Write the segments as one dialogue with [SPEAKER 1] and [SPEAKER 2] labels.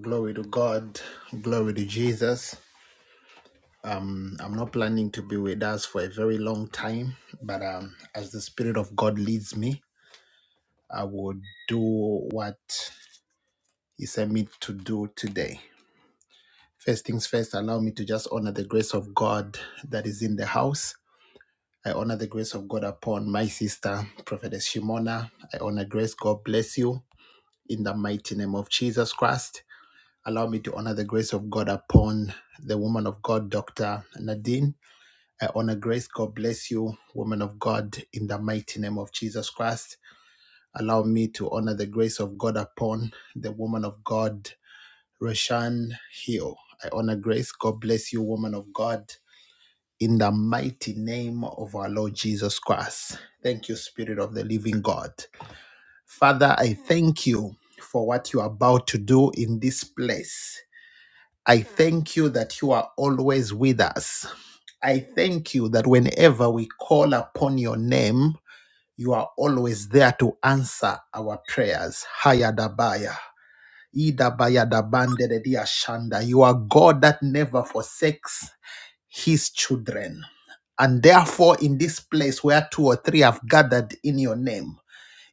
[SPEAKER 1] Glory to God. Glory to Jesus. Um, I'm not planning to be with us for a very long time, but um, as the Spirit of God leads me, I will do what He sent me to do today. First things first, allow me to just honor the grace of God that is in the house. I honor the grace of God upon my sister, Prophetess Shimona. I honor grace. God bless you in the mighty name of Jesus Christ. Allow me to honor the grace of God upon the woman of God, Dr. Nadine. I honor grace. God bless you, woman of God, in the mighty name of Jesus Christ. Allow me to honor the grace of God upon the woman of God, Roshan Hill. I honor grace. God bless you, woman of God, in the mighty name of our Lord Jesus Christ. Thank you, Spirit of the living God. Father, I thank you for what you are about to do in this place. I thank you that you are always with us. I thank you that whenever we call upon your name, you are always there to answer our prayers. Hayadabaya. Idabayadabanderediashanda. You are God that never forsakes his children. And therefore, in this place where two or three have gathered in your name,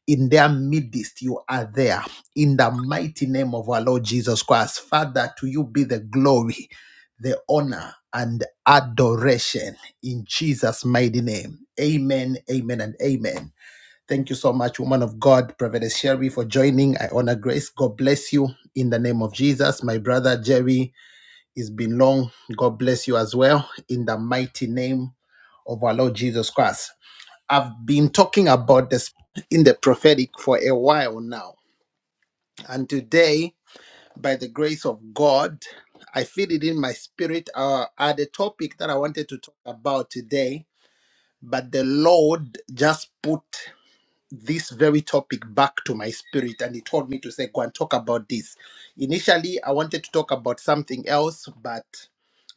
[SPEAKER 1] in their midst you are there in the mighty name of our lord jesus christ father to you be the glory the honor and adoration in jesus mighty name amen amen and amen thank you so much woman of god prophetess sherry for joining i honor grace god bless you in the name of jesus my brother jerry it's been long god bless you as well in the mighty name of our lord jesus christ I've been talking about this in the prophetic for a while now. And today, by the grace of God, I feel it in my spirit. Uh, at the topic that I wanted to talk about today, but the Lord just put this very topic back to my spirit and He told me to say, Go and talk about this. Initially, I wanted to talk about something else, but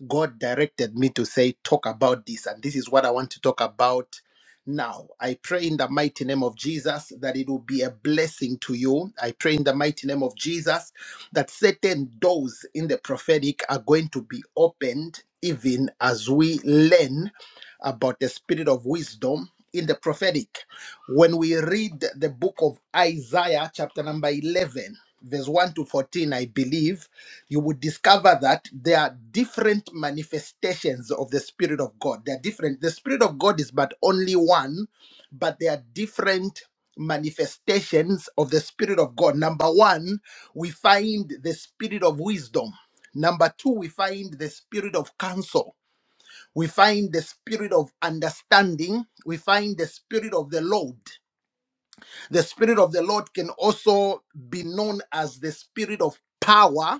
[SPEAKER 1] God directed me to say, talk about this, and this is what I want to talk about now. I pray in the mighty name of Jesus that it will be a blessing to you. I pray in the mighty name of Jesus that certain doors in the prophetic are going to be opened, even as we learn about the spirit of wisdom in the prophetic. When we read the book of Isaiah, chapter number 11, verse 1 to 14, I believe, you would discover that there are different manifestations of the Spirit of God. They are different. The Spirit of God is but only one, but there are different manifestations of the Spirit of God. Number one, we find the Spirit of wisdom. Number two, we find the Spirit of counsel. We find the Spirit of understanding. We find the Spirit of the Lord. The Spirit of the Lord can also be known as the Spirit of power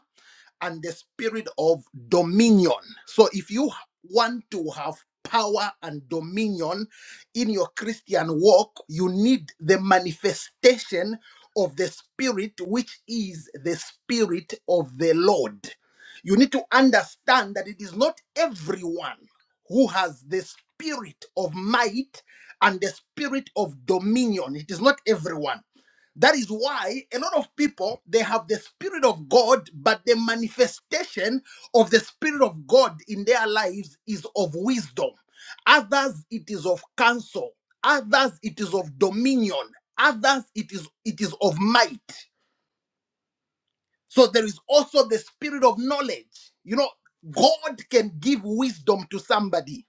[SPEAKER 1] and the Spirit of dominion. So if you want to have power and dominion in your Christian walk, you need the manifestation of the Spirit, which is the Spirit of the Lord. You need to understand that it is not everyone who has the spirit of might and the spirit of dominion. It is not everyone. That is why a lot of people they have the spirit of God, but the manifestation of the spirit of God in their lives is of wisdom. Others it is of counsel. Others it is of dominion. Others it is it is of might. So there is also the spirit of knowledge. You know, God can give wisdom to somebody.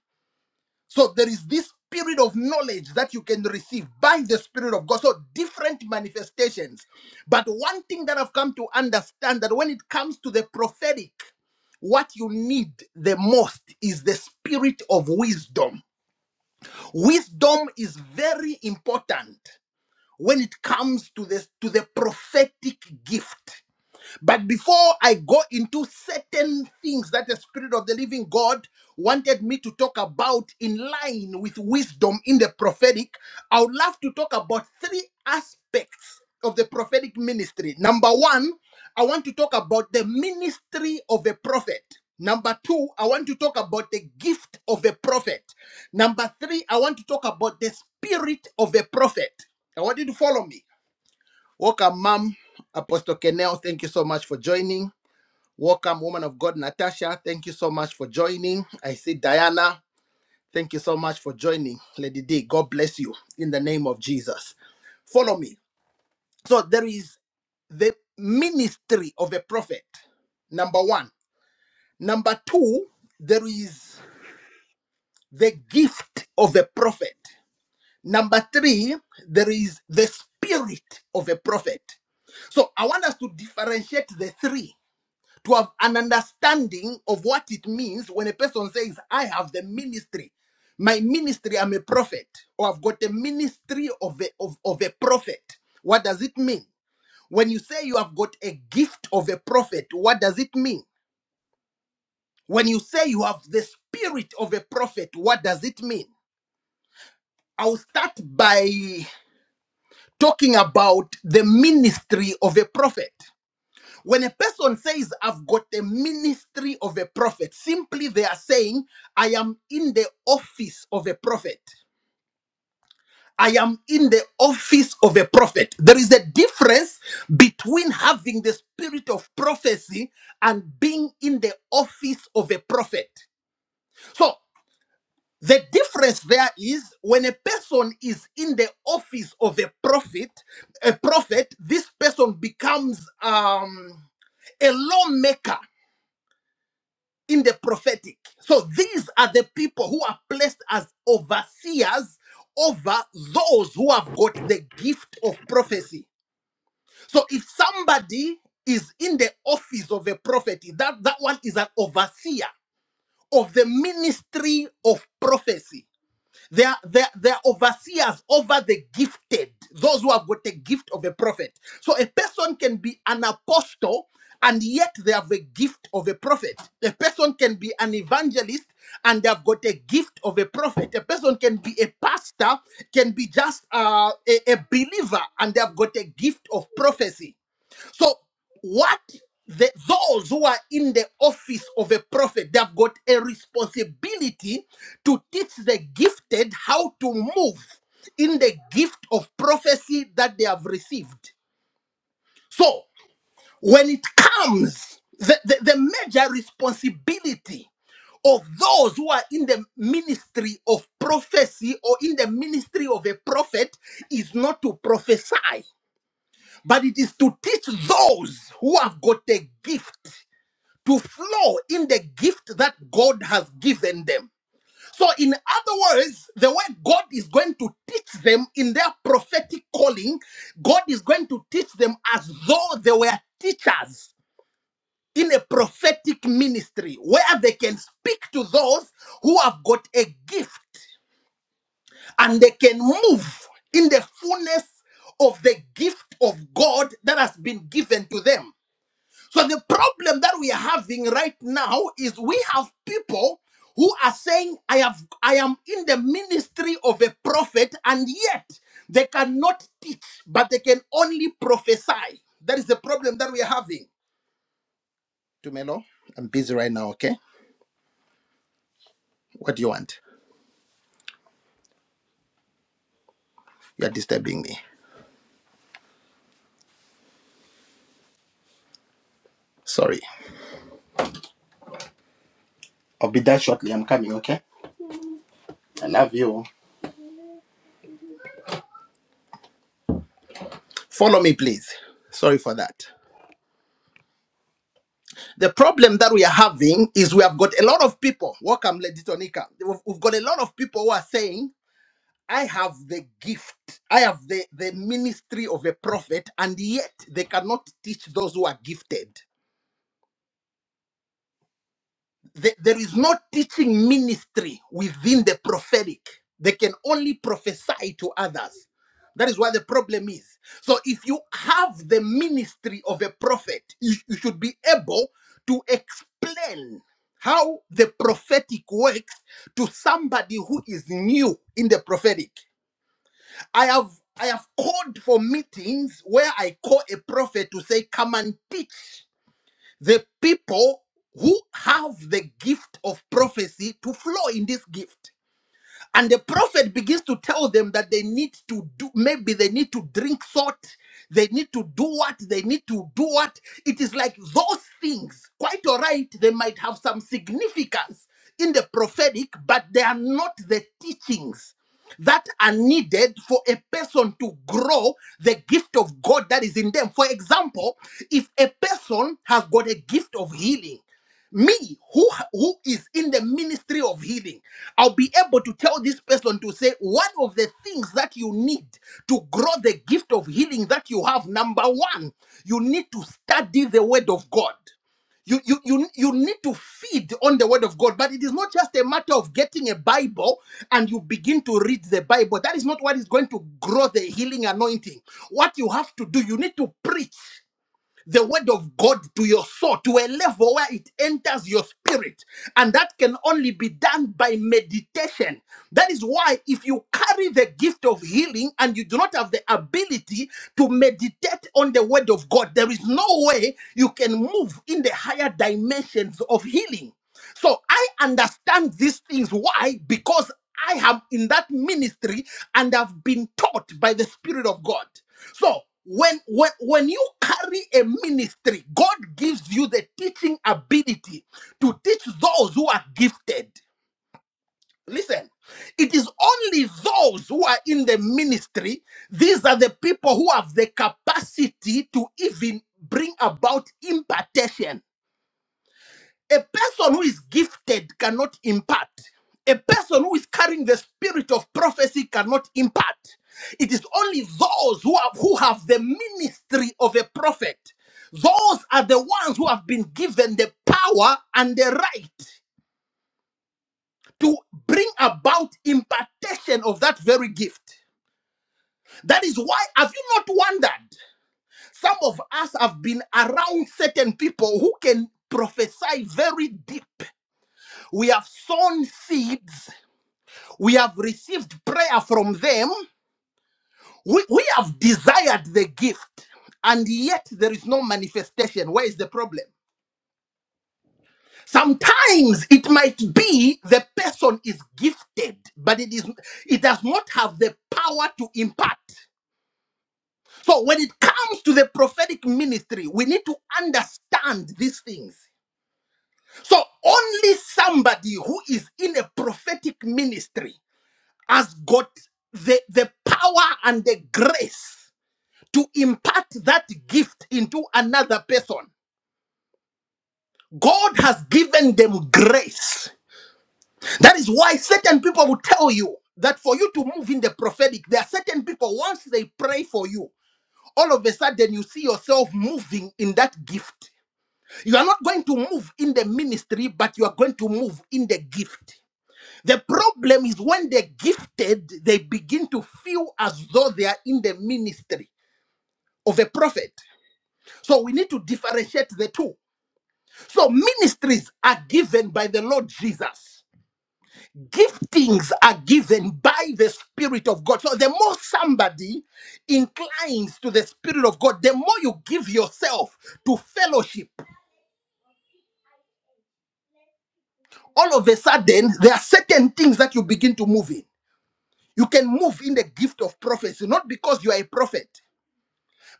[SPEAKER 1] So there is this spirit of knowledge that you can receive by the spirit of God. So different manifestations. But one thing that I've come to understand that when it comes to the prophetic, what you need the most is the spirit of wisdom. Wisdom is very important when it comes to the to the prophetic gift but before I go into certain things that the Spirit of the Living God wanted me to talk about in line with wisdom in the prophetic, I would love to talk about three aspects of the prophetic ministry. Number one, I want to talk about the ministry of a prophet. Number two, I want to talk about the gift of a prophet. Number three, I want to talk about the spirit of a prophet. I want you to follow me. Welcome, Mom. Apostle Kenel, thank you so much for joining. Welcome, woman of God, Natasha. Thank you so much for joining. I see Diana. Thank you so much for joining. Lady D, God bless you in the name of Jesus. Follow me. So there is the ministry of a prophet, number one. Number two, there is the gift of a prophet. Number three, there is the spirit of a prophet. So I want us to differentiate the three to have an understanding of what it means when a person says, I have the ministry. My ministry, I'm a prophet, or I've got a ministry of a, of, of a prophet. What does it mean? When you say you have got a gift of a prophet, what does it mean? When you say you have the spirit of a prophet, what does it mean? I'll start by talking about the ministry of a prophet. When a person says, I've got the ministry of a prophet, simply they are saying, I am in the office of a prophet. I am in the office of a prophet. There is a difference between having the spirit of prophecy and being in the office of a prophet. So, the difference there is when a person is in the office of a prophet, a prophet, this person becomes um, a lawmaker in the prophetic. So these are the people who are placed as overseers over those who have got the gift of prophecy. So if somebody is in the office of a prophet, that, that one is an overseer of the ministry of prophecy. They are, they, are, they are overseers over the gifted, those who have got the gift of a prophet. So a person can be an apostle and yet they have a gift of a prophet. A person can be an evangelist and they have got a gift of a prophet. A person can be a pastor, can be just uh, a, a believer and they have got a gift of prophecy so, what the, those who are in the office of a prophet, they have got a responsibility to teach the gifted how to move in the gift of prophecy that they have received. So, when it comes, the, the, the major responsibility of those who are in the ministry of prophecy or in the ministry of a prophet is not to prophesy but it is to teach those who have got a gift to flow in the gift that God has given them. So, in other words, the way God is going to teach them in their prophetic calling, God is going to teach them as though they were teachers in a prophetic ministry where they can speak to those who have got a gift and they can move in the fullness of the gift of God that has been given to them. So the problem that we are having right now is we have people who are saying, I have I am in the ministry of a prophet, and yet they cannot teach, but they can only prophesy. That is the problem that we are having. Tumelo, I'm busy right now, okay? What do you want? You're disturbing me. Sorry. I'll be there shortly. I'm coming, okay? I love you. Follow me, please. Sorry for that. The problem that we are having is we have got a lot of people. Welcome, Lady Tonika. We've, we've got a lot of people who are saying, I have the gift, I have the, the ministry of a prophet, and yet they cannot teach those who are gifted. The- there is no teaching ministry within the prophetic. They can only prophesy to others. That is where the problem is. So, if you have the ministry of a prophet, you, you should be able to explain how the prophetic works to somebody who is new in the prophetic. I have I have called for meetings where I call a prophet to say, "Come and teach." the people who have the gift of prophecy to flow in this gift. And the prophet begins to tell them that they need to do, maybe they need to drink salt, they need to do what, they need to do what. It is like those things, quite all right, they might have some significance in the prophetic, but they are not the teachings that are needed for a person to grow the gift of God that is in them. For example, if a person has got a gift of healing, me who who is in the ministry of healing i'll be able to tell this person to say one of the things that you need to grow the gift of healing that you have number 1 you need to study the word of god you, you you you need to feed on the word of god but it is not just a matter of getting a bible and you begin to read the bible that is not what is going to grow the healing anointing what you have to do you need to preach the word of God to your soul to a level where it enters your spirit. And that can only be done by meditation. That is why, if you carry the gift of healing and you do not have the ability to meditate on the word of God, there is no way you can move in the higher dimensions of healing. So I understand these things. Why? Because I am in that ministry and I've been taught by the Spirit of God. So when when when you carry a ministry, God gives you the teaching ability to teach those who are gifted. Listen, it is only those who are in the ministry, these are the people who have the capacity to even bring about impartation. A person who is gifted cannot impart. A person who is carrying the spirit of prophecy cannot impart. It is only those who have, who have the ministry of a prophet. Those are the ones who have been given the power and the right to bring about impartation of that very gift. That is why, have you not wondered? Some of us have been around certain people who can prophesy very deep. We have sown seeds We have received prayer from them. We, we have desired the gift, and yet there is no manifestation. Where is the problem? Sometimes it might be the person is gifted, but it is it does not have the power to impart. So when it comes to the prophetic ministry, we need to understand these things. So only somebody who is in a prophetic ministry has got the, the power and the grace to impart that gift into another person. God has given them grace. That is why certain people will tell you that for you to move in the prophetic, there are certain people, once they pray for you, all of a sudden you see yourself moving in that gift. You are not going to move in the ministry, but you are going to move in the gift. The problem is when they're gifted, they begin to feel as though they are in the ministry of a prophet. So we need to differentiate the two. So ministries are given by the Lord Jesus. Giftings are given by the Spirit of God. So the more somebody inclines to the Spirit of God, the more you give yourself to fellowship. All of a sudden, there are certain things that you begin to move in. You can move in the gift of prophecy, not because you are a prophet,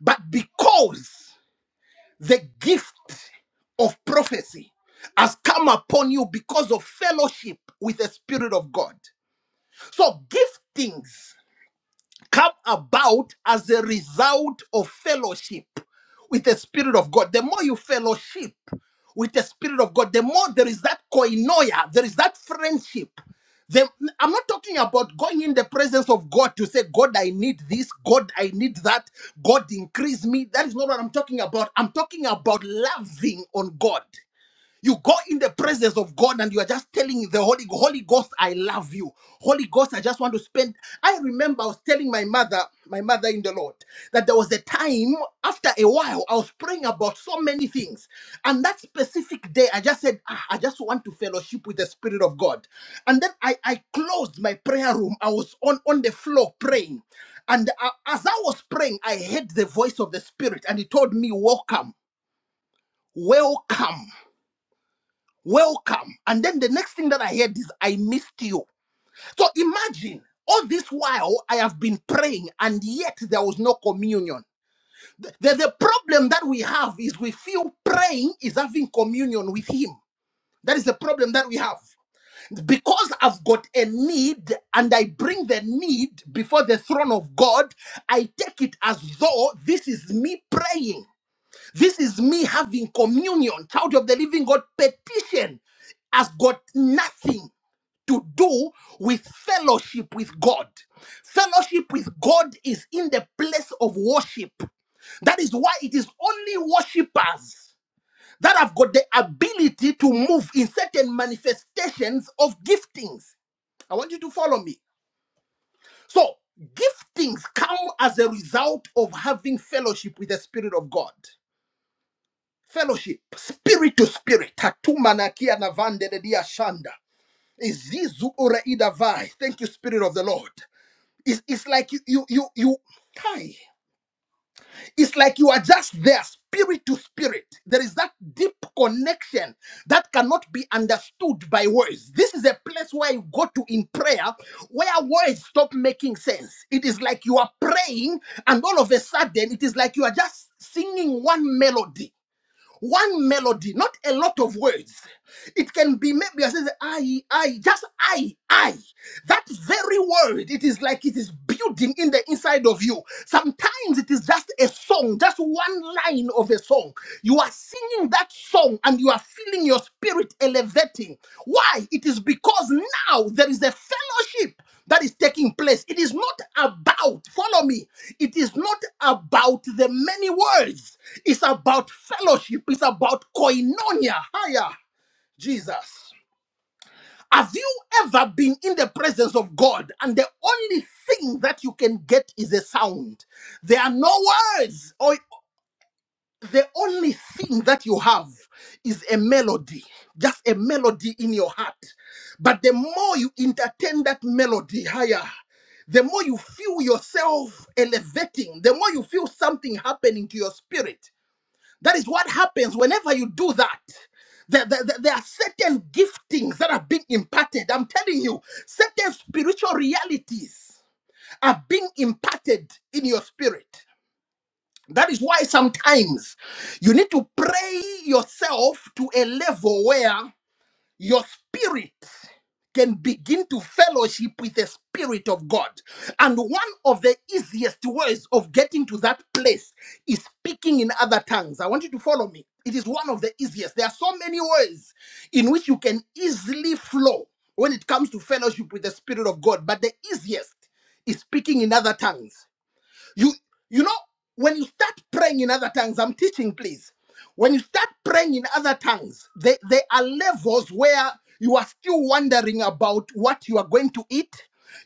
[SPEAKER 1] but because the gift of prophecy has come upon you because of fellowship with the Spirit of God. So giftings come about as a result of fellowship with the Spirit of God. The more you fellowship with the Spirit of God, the more there is that koinonia, there is that friendship. The- I'm not talking about going in the presence of God to say, God, I need this, God, I need that, God, increase me. That is not what I'm talking about. I'm talking about loving on God. You go in the presence of God and you are just telling the Holy Holy Ghost, I love you. Holy Ghost, I just want to spend. I remember I was telling my mother, my mother in the Lord, that there was a time after a while I was praying about so many things. And that specific day, I just said, "Ah, I just want to fellowship with the Spirit of God. And then I, I closed my prayer room. I was on, on the floor praying. And uh, as I was praying, I heard the voice of the Spirit and he told me, Welcome, welcome welcome. And then the next thing that I heard is, I missed you. So imagine all this while I have been praying and yet there was no communion. The, the, the problem that we have is we feel praying is having communion with Him. That is the problem that we have. Because I've got a need and I bring the need before the throne of God, I take it as though this is me praying. This is me having communion, child of the living God. Petition has got nothing to do with fellowship with God. Fellowship with God is in the place of worship. That is why it is only worshippers that have got the ability to move in certain manifestations of giftings. I want you to follow me. So, giftings come as a result of having fellowship with the Spirit of God fellowship, spirit to spirit. Tatumana kia na vande de dia shanda. Izizu ora idavai. Thank you, Spirit of the Lord. It's, it's like you you you you Kai. It's like you are just there, spirit to spirit. There is that deep connection that cannot be understood by words. This is a place where you go to in prayer where words stop making sense. It is like you are praying, and all of a sudden, it is like you are just singing one melody. One melody, not a lot of words. It can be maybe I says I, I, just I, I. That very word, it is like it is building in the inside of you. Sometimes it is just a song, just one line of a song. You are singing that song and you are feeling your spirit elevating. Why? It is because now there is a fellowship that is taking place. It is not about, follow me, it is not about the many words. It's about fellowship, it's about koinonia. Higher, Jesus. Have you ever been in the presence of God and the only thing that you can get is a sound? There are no words. or the only thing that you have is a melody, just a melody in your heart. But the more you entertain that melody higher, the more you feel yourself elevating, the more you feel something happening to your spirit. That is what happens whenever you do that. There, there, there- there are certain giftings that are being imparted. I'm telling you, certain spiritual realities are being imparted in your spirit. That is why sometimes you need to pray yourself to a level where your spirit can begin to fellowship with the Spirit of God. And one of the easiest ways of getting to that place is speaking in other tongues. I want you to follow me. It is one of the easiest. There are so many ways in which you can easily flow when it comes to fellowship with the Spirit of God, but the easiest is speaking in other tongues. You you know when you start praying in other tongues, I'm teaching, please. When you start praying in other tongues, there, there are levels where you are still wondering about what you are going to eat.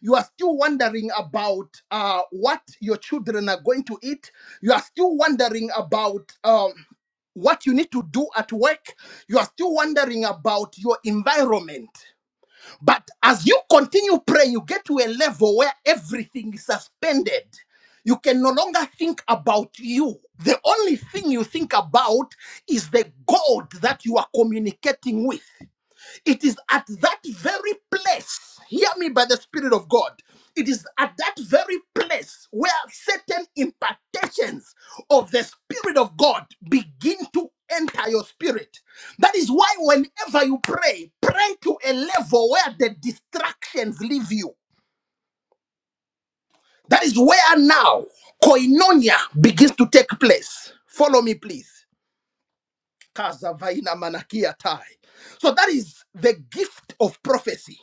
[SPEAKER 1] You are still wondering about uh, what your children are going to eat. You are still wondering about um, what you need to do at work. You are still wondering about your environment. But as you continue praying, you get to a level where everything is suspended. You can no longer think about you. The only thing you think about is the God that you are communicating with. It is at that very place, hear me by the Spirit of God. It is at that very place where certain impartations of the Spirit of God begin to enter your spirit. That is why, whenever you pray, pray to a level where the distractions leave you. That is where now koinonia begins to take place. Follow me, please. Kazavaina manakia tai. So that is the gift of prophecy.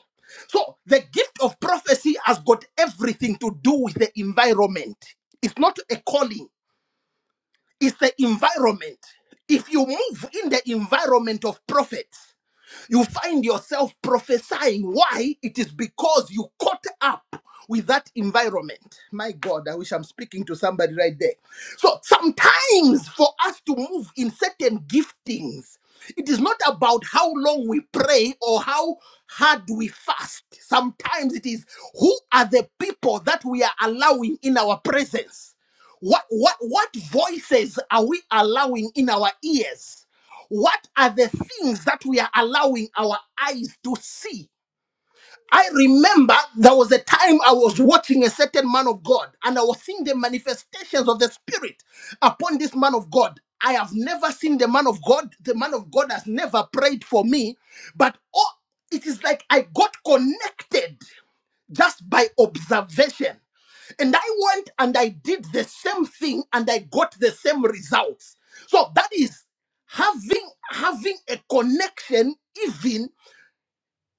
[SPEAKER 1] So the gift of prophecy has got everything to do with the environment. It's not a calling, it's the environment. If you move in the environment of prophets, you find yourself prophesying. Why? It is because you caught up with that environment. My God, I wish I'm speaking to somebody right there. So sometimes for us to move in certain giftings, it is not about how long we pray or how hard we fast. Sometimes it is who are the people that we are allowing in our presence? What what what voices are we allowing in our ears? What are the things that we are allowing our eyes to see? I remember there was a time I was watching a certain man of God and I was seeing the manifestations of the Spirit upon this man of God. I have never seen the man of God. The man of God has never prayed for me, but oh, it is like I got connected just by observation. And I went and I did the same thing and I got the same results. So that is having having a connection even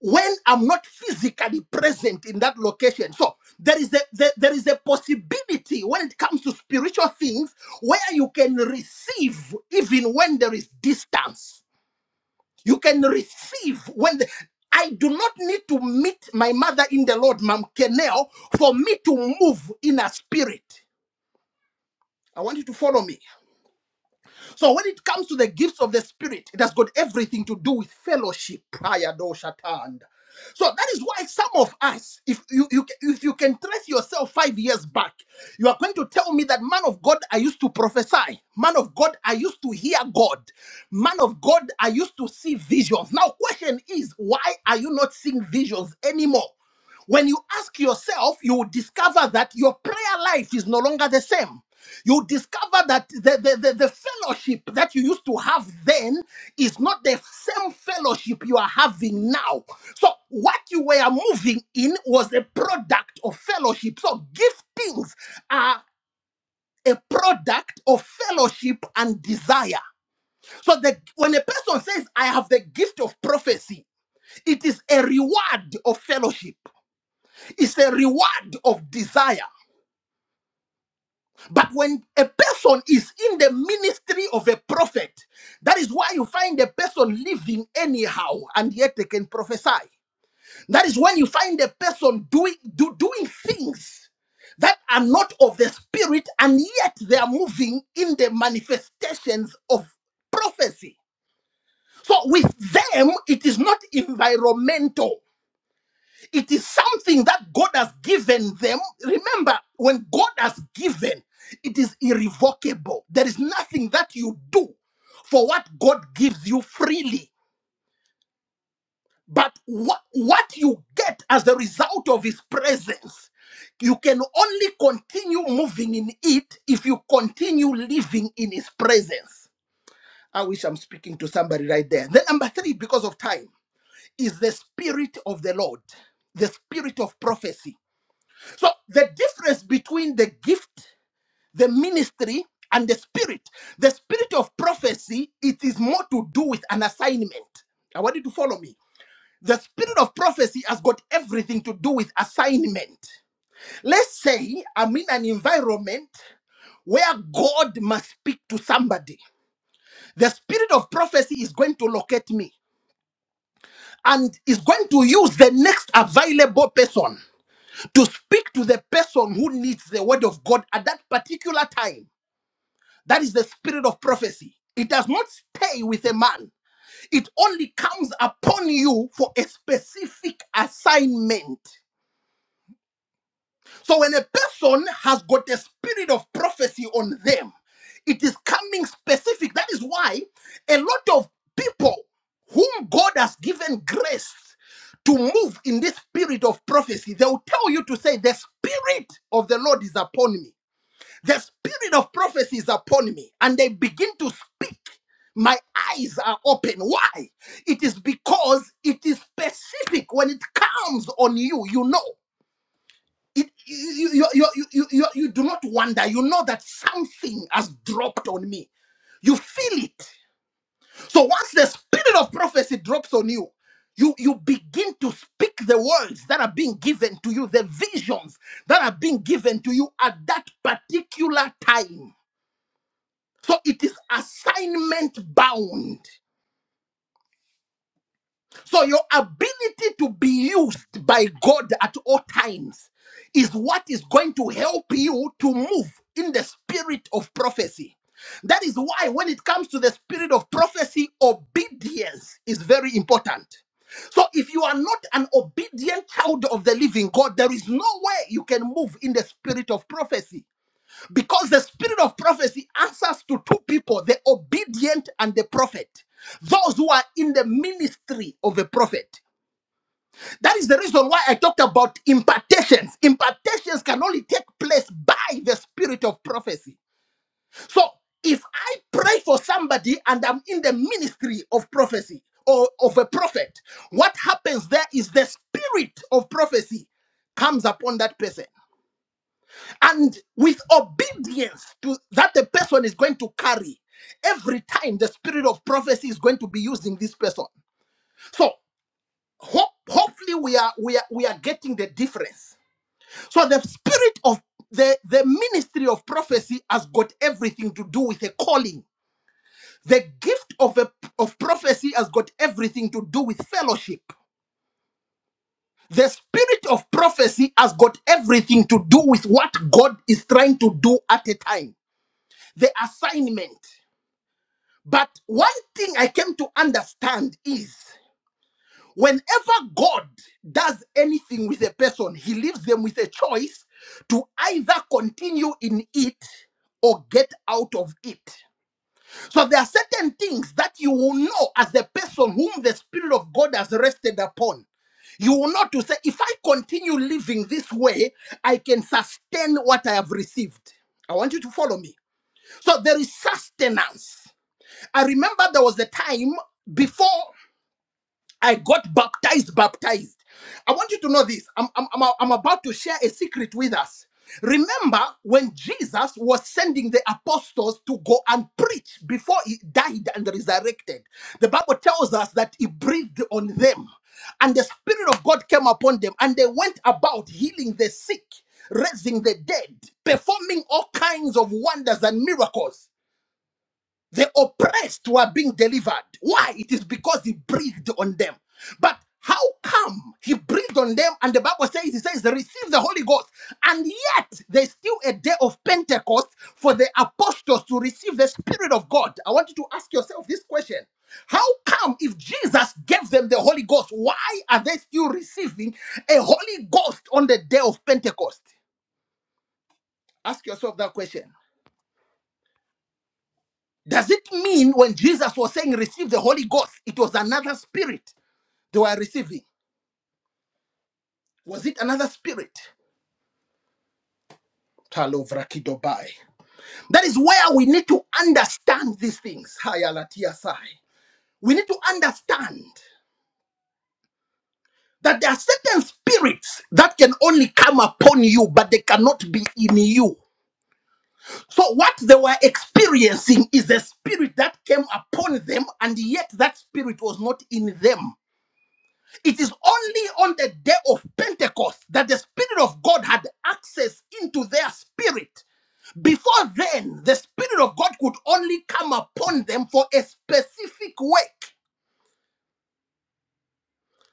[SPEAKER 1] when I'm not physically present in that location. So there is a there, there is a possibility when it comes to spiritual things where you can receive even when there is distance you can receive when the, I do not need to meet my mother in the Lord, Mam Kenel, for me to move in a spirit. I want you to follow me. So when it comes to the gifts of the Spirit, it has got everything to do with fellowship. Ayadoshatand. So that is why some of us, if you, you if you can trace yourself five years back, you are going to tell me that man of God, I used to prophesy. Man of God, I used to hear God. Man of God, I used to see visions. Now, question is, why are you not seeing visions anymore? When you ask yourself, you will discover that your prayer life is no longer the same. You discover that the, the, the, the fellowship that you used to have then is not the same fellowship you are having now. So, what you were moving in was a product of fellowship. So, giftings are a product of fellowship and desire. So, the, when a person says, I have the gift of prophecy, it is a reward of fellowship. Is a reward of desire. But when a person is in the ministry of a prophet, that is why you find a person living anyhow and yet they can prophesy. That is when you find a person doing do, doing things that are not of the spirit and yet they are moving in the manifestations of prophecy. So with them, it is not environmental. It is something that God has given them. Remember, when God has given, it is irrevocable. There is nothing that you do for what God gives you freely. But what, what you get as a result of His presence, you can only continue moving in it if you continue living in His presence. I wish I'm speaking to somebody right there. Then, number three, because of time, is the Spirit of the Lord, the Spirit of prophecy. So the difference between the gift, the ministry, and the spirit, the spirit of prophecy, it is more to do with an assignment. I want you to follow me. The spirit of prophecy has got everything to do with assignment. Let's say I'm in an environment where God must speak to somebody. The spirit of prophecy is going to locate me and is going to use the next available person. to speak to the person who needs the word of God at that particular time. That is the spirit of prophecy. It does not stay with a man, it only comes upon you for a specific assignment. So when a person has got the spirit of prophecy on them, it is coming specific. That is why a lot of people whom God has given grace to move in this spirit of prophecy, they will tell you to say, The spirit of the Lord is upon me The spirit of prophecy is upon me, and they begin to speak. My eyes are open. Why? It is because it is specific when it comes on you. You know. It, you, you, you, you, you, you you do not wonder. You know that something has dropped on me. You feel it. So once the spirit of prophecy drops on you, you, you begin to speak the words that are being given to you, the visions that are being given to you at that particular time. So it is assignment bound. So your ability to be used by God at all times is what is going to help you to move in the spirit of prophecy. That is why, when it comes to the spirit of prophecy, obedience is very important. So, if you are not an obedient child of the living God, there is no way you can move in the spirit of prophecy. Because the spirit of prophecy answers to two people the obedient and the prophet, those who are in the ministry of a prophet. That is the reason why I talked about impartations. Impartations can only take place by the spirit of prophecy. So if I pray for somebody and I'm in the ministry of prophecy or of a prophet, what happens there is the spirit of prophecy comes upon that person. And with obedience to that the person is going to carry, every time the spirit of prophecy is going to be used in this person. So ho- hopefully we are we are we are getting the difference. So the spirit of the, the ministry of prophecy has got everything to do with a calling. The gift of a, of prophecy has got everything to do with fellowship. The spirit of prophecy has got everything to do with what God is trying to do at a time. The assignment. But one thing I came to understand is whenever God does anything with a person, he leaves them with a choice to either continue in it or get out of it. So there are certain things that you will know as the person whom the Spirit of God has rested upon. You will know to say, if I continue living this way, I can sustain what I have received. I want you to follow me. So there is sustenance. I remember there was a time before I got baptized, baptized. I want you to know this. I'm, I'm, I'm, I'm about to share a secret with us. Remember when Jesus was sending the apostles to go and preach before he died and resurrected, the Bible tells us that he breathed on them, and the Spirit of God came upon them, and they went about healing the sick, raising the dead, performing all kinds of wonders and miracles. The oppressed were being delivered. Why? It is because he breathed on them. But how come he breathed on them? And the Bible says, He says, they receive the Holy Ghost. And yet, there's still a day of Pentecost for the apostles to receive the Spirit of God. I want you to ask yourself this question How come if Jesus gave them the Holy Ghost, why are they still receiving a Holy Ghost on the day of Pentecost? Ask yourself that question. Does it mean when Jesus was saying receive the Holy Ghost, it was another spirit they were receiving? Was it another spirit? Talovrakidobai. That is where we need to understand these things. Hayalatiasai. We need to understand that there are certain spirits that can only come upon you, but they cannot be in you. So, what they were experiencing is a spirit that came upon them, and yet that spirit was not in them. It is only on the day of Pentecost that the Spirit of God had access into their spirit. Before then, the Spirit of God could only come upon them for a specific work.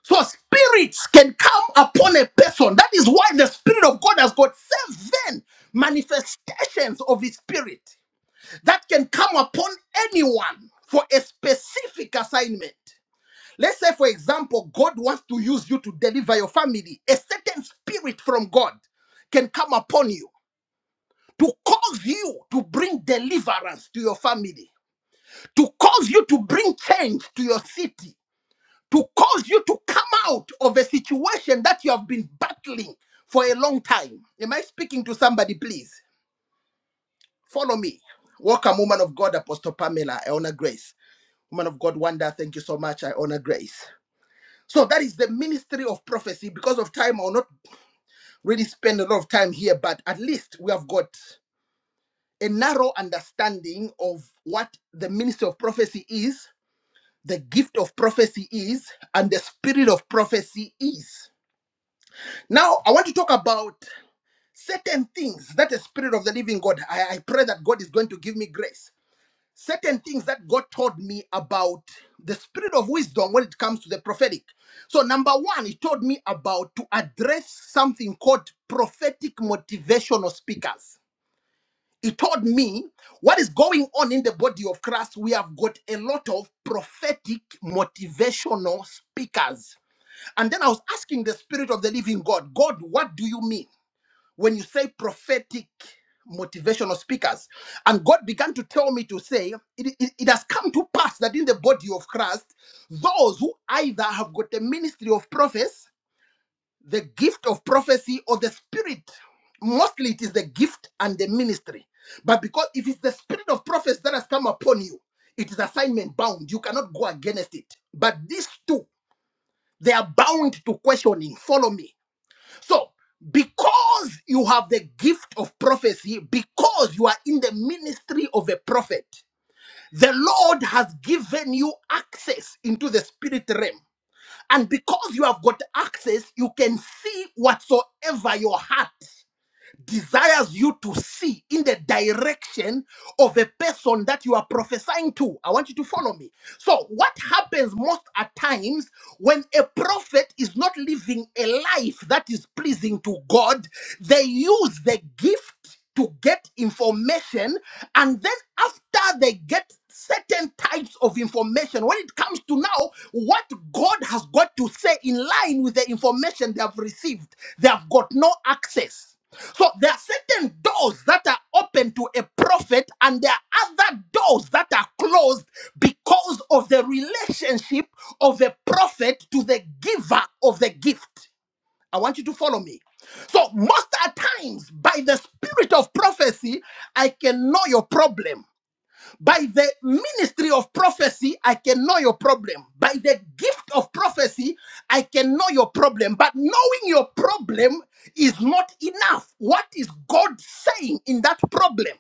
[SPEAKER 1] So spirits can come upon a person. That is why the Spirit of God has got seven manifestations of His Spirit that can come upon anyone for a specific assignment. Let's say, for example, God wants to use you to deliver your family. A certain spirit from God can come upon you to cause you to bring deliverance to your family, to cause you to bring change to your city, to cause you to come out of a situation that you have been battling for a long time. Am I speaking to somebody, please? Follow me. Welcome, woman of God, Apostle Pamela. I honor grace. Woman of God, Wanda, thank you so much. I honor grace. So that is the ministry of prophecy. Because of time, I'll not really spend a lot of time here, but at least we have got a narrow understanding of what the ministry of prophecy is, the gift of prophecy is, and the spirit of prophecy is. Now, I want to talk about certain things that the spirit of the living God, I, I pray that God is going to give me grace certain things that God taught me about the spirit of wisdom when it comes to the prophetic. So, number one, He told me about to address something called prophetic motivational speakers. He told me what is going on in the body of Christ. We have got a lot of prophetic motivational speakers. And then I was asking the spirit of the living God, God, what do you mean? when you say prophetic motivational speakers and god began to tell me to say it, it, it has come to pass that in the body of christ those who either have got the ministry of prophets the gift of prophecy or the spirit mostly it is the gift and the ministry but because if it's the spirit of prophets that has come upon you it is assignment bound you cannot go against it but these two they are bound to questioning follow me so, because you have the gift of prophecy, because you are in the ministry of a prophet, the Lord has given you access into the spirit realm. And because you have got access, you can see whatsoever your heart desires you to see in the direction of a person that you are prophesying to. I want you to follow me. So, what happens most at times when a prophet is not living a life that is pleasing to God, they use the gift to get information and then after they get certain types of information when it comes to now what god has got to say in line with the information they have received they have got no access so there are certain doors that are open to a prophet and there are other doors that are closed because of the relationship of the prophet to the giver of the gift I want you to follow me. So, most at times, by the spirit of prophecy, I can know your problem. By the ministry of prophecy, I can know your problem. By the gift of prophecy, I can know your problem. But knowing your problem is not enough. What is God saying in that problem?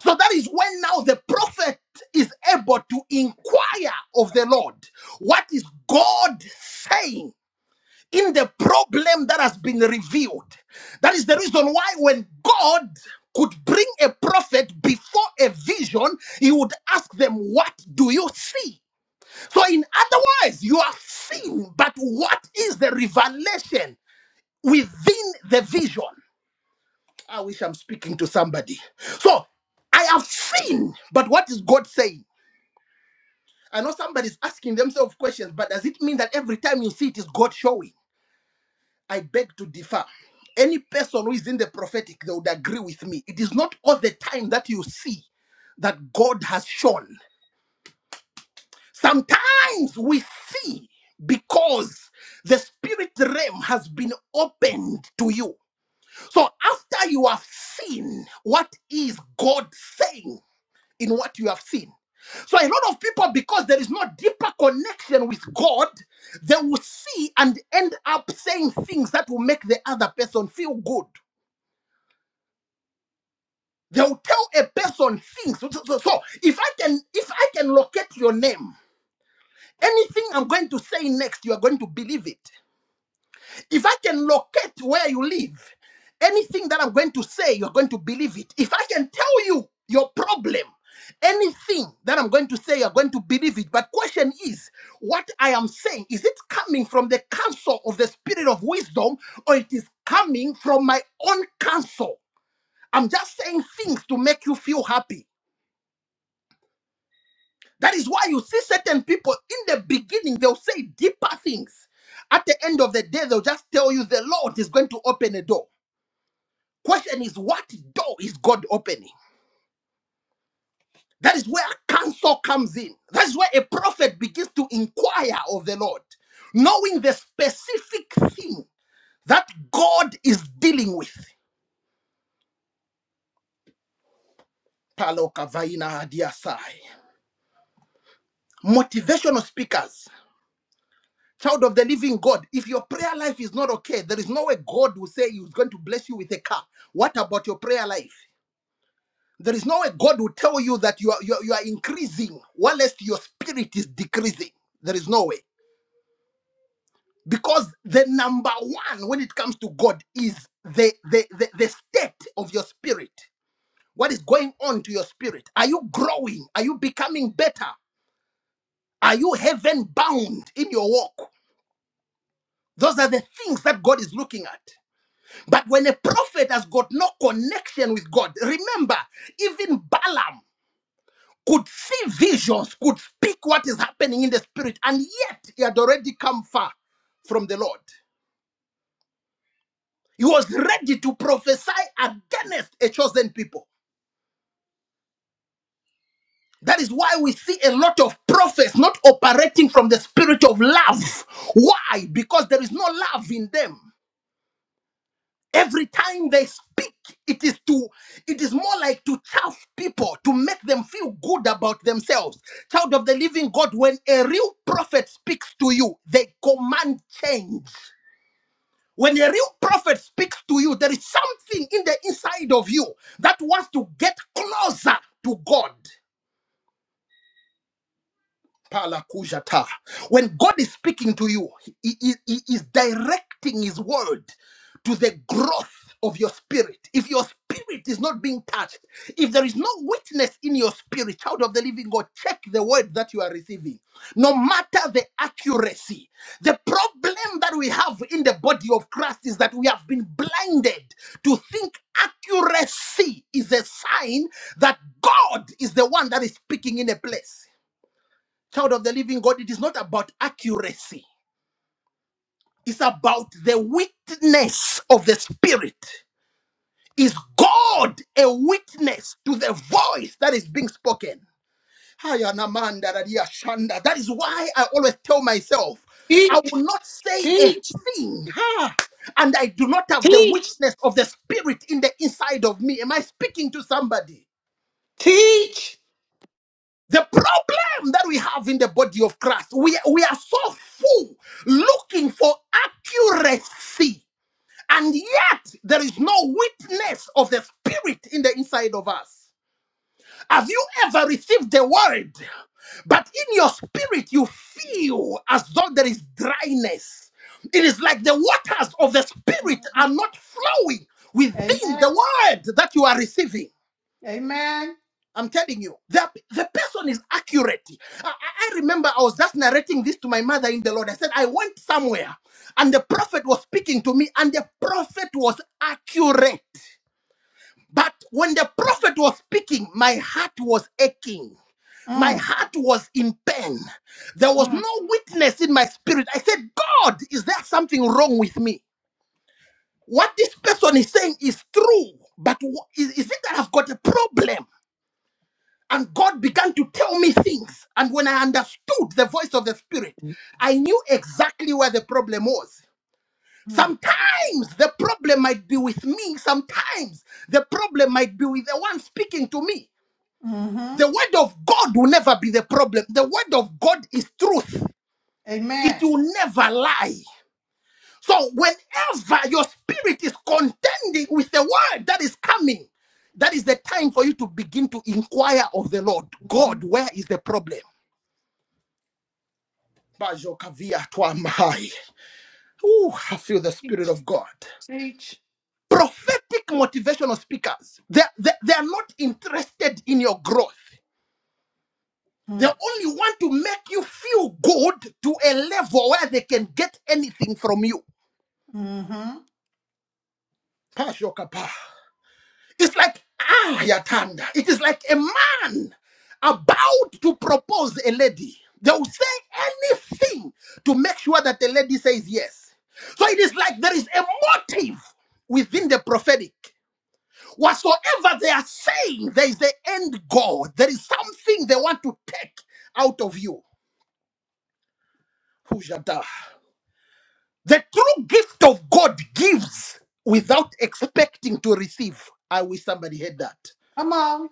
[SPEAKER 1] So that is when now the prophet is able to inquire of the Lord. What is God saying? in the problem that has been revealed. That is the reason why when God could bring a prophet before a vision, he would ask them, What do you see? So, in other words, you have seen, but what is the revelation within the vision? I wish I'm speaking to somebody. So, I have seen, but what is God saying? I know somebody's asking themselves questions, but does it mean that every time you see it is God showing? I beg to differ. Any person who is in the prophetic, they would agree with me. It is not all the time that you see that God has shown. Sometimes we see because the spirit realm has been opened to you. So after you have seen, what is God saying in what you have seen? So a lot of people, because there is no deeper connection with God, they will see and end up saying things that will make the other person feel good. They will tell a person things. So, so- so so, if I can if I can locate your name, anything I'm going to say next, you are going to believe it. If I can locate where you live, anything that I'm going to say, you're going to believe it. If I can tell you your problem, anything that I'm going to say, you're going to believe it. But question is, what I am saying, is it coming from the counsel of the spirit of wisdom or it is coming from my own counsel? I'm just saying things to make you feel happy. That is why you see certain people in the beginning, they'll say deeper things. At the end of the day, they'll just tell you the Lord is going to open a door. Question is, what door is God opening? That is where counsel comes in. That's where a prophet begins to inquire of the Lord, knowing the specific thing that God is dealing with. Palo kavaina hadiasai. Motivational speakers. Child of the living God, if your prayer life is not okay, there is no way God will say He's going to bless you with a car. What about your prayer life? There is no way God will tell you that you are, you are, you are increasing, while lest your spirit is decreasing. There is no way. Because the number one when it comes to God is the, the, the, the state of your spirit. What is going on to your spirit? Are you growing? Are you becoming better? Are you heaven bound in your walk? Those are the things that God is looking at. But when a prophet has got no connection with God, remember, even Balaam could see visions, could speak what is happening in the spirit, and yet he had already come far from the Lord. He was ready to prophesy against a chosen people. That is why we see a lot of prophets not operating from the spirit of love. Why? Because there is no love in them. Every time they speak, it is to it is more like to chaff people to make them feel good about themselves. Child of the living God, when a real prophet speaks to you, they command change. When a real prophet speaks to you, there is something in the inside of you that wants to get closer to God. Palakujata. When God is speaking to you, he, he, he is directing His word to the growth of your spirit. If your spirit is not being touched, if there is no witness in your spirit, child of the living God, check the word that you are receiving. No matter the accuracy, the problem that we have in the body of Christ is that we have been blinded to think accuracy is a sign that God is the one that is speaking in a place. Child of the living God, it is not about accuracy, it's about the witness of the Spirit. Is God a witness to the voice that is being spoken? Haya na manda da dia shanda. That is why I always tell myself, I
[SPEAKER 2] Teach,
[SPEAKER 1] will not say a
[SPEAKER 2] teach,
[SPEAKER 1] thing, ha, and I do not have the
[SPEAKER 2] teach,
[SPEAKER 1] witness of the Spirit in the inside of me. Am I speaking to somebody?
[SPEAKER 2] teach.
[SPEAKER 1] The problem that we have in the body of Christ, we, we are so full looking for accuracy, and yet there is no witness of the spirit in the inside of us. Have you ever received the word, but in your spirit you feel as though there is dryness? It is like the waters of the spirit are not flowing
[SPEAKER 2] Amen.
[SPEAKER 1] within the word that you are receiving. I'm telling you, the, the person is accurate. I, I I remember I was just narrating this to my mother in the Lord. I said, I went somewhere and the prophet was speaking to me, and the prophet was accurate. But when the prophet was speaking, my heart was aching. My
[SPEAKER 2] Mm,
[SPEAKER 1] heart was in pain. There was
[SPEAKER 2] mm,
[SPEAKER 1] no witness in my spirit. I said, God, is there something wrong with me? What this person is saying is true, but wh- is, is it that I've got a problem? And God began to tell me things. And when I understood the voice of the Spirit, I knew exactly where the problem was.
[SPEAKER 2] mm,
[SPEAKER 1] Sometimes the problem might be with me, sometimes the problem might be with the one speaking to me.
[SPEAKER 2] mm-hmm.
[SPEAKER 1] The word of God will never be the problem. The word of God is truth, it
[SPEAKER 2] Amen.
[SPEAKER 1] will never lie. So, whenever your spirit is contending with the word that is coming, that is the time for you to begin to inquire of the Lord
[SPEAKER 2] Mm-hmm.
[SPEAKER 1] God, where is the problem? Bajokavia Twamai. Ooh, I feel the Spirit
[SPEAKER 2] Teach,
[SPEAKER 1] of God.
[SPEAKER 2] teach.
[SPEAKER 1] Prophetic motivational speakers, they're, they're, they're not interested in your growth. They
[SPEAKER 2] Mm,
[SPEAKER 1] only want to make you feel good to a level where they can get anything from you.
[SPEAKER 2] mm-hmm.
[SPEAKER 1] Pashokapa. It's like ah, Yatanda. It is like a man about to propose a lady. They will say anything to make sure that the lady says yes. So it is like there is a motive within the prophetic. Whatsoever they are saying, there is an end goal. There is something they want to take out of you. Hujada. The true gift of God gives without expecting to receive. I wish somebody had that.
[SPEAKER 2] Come on.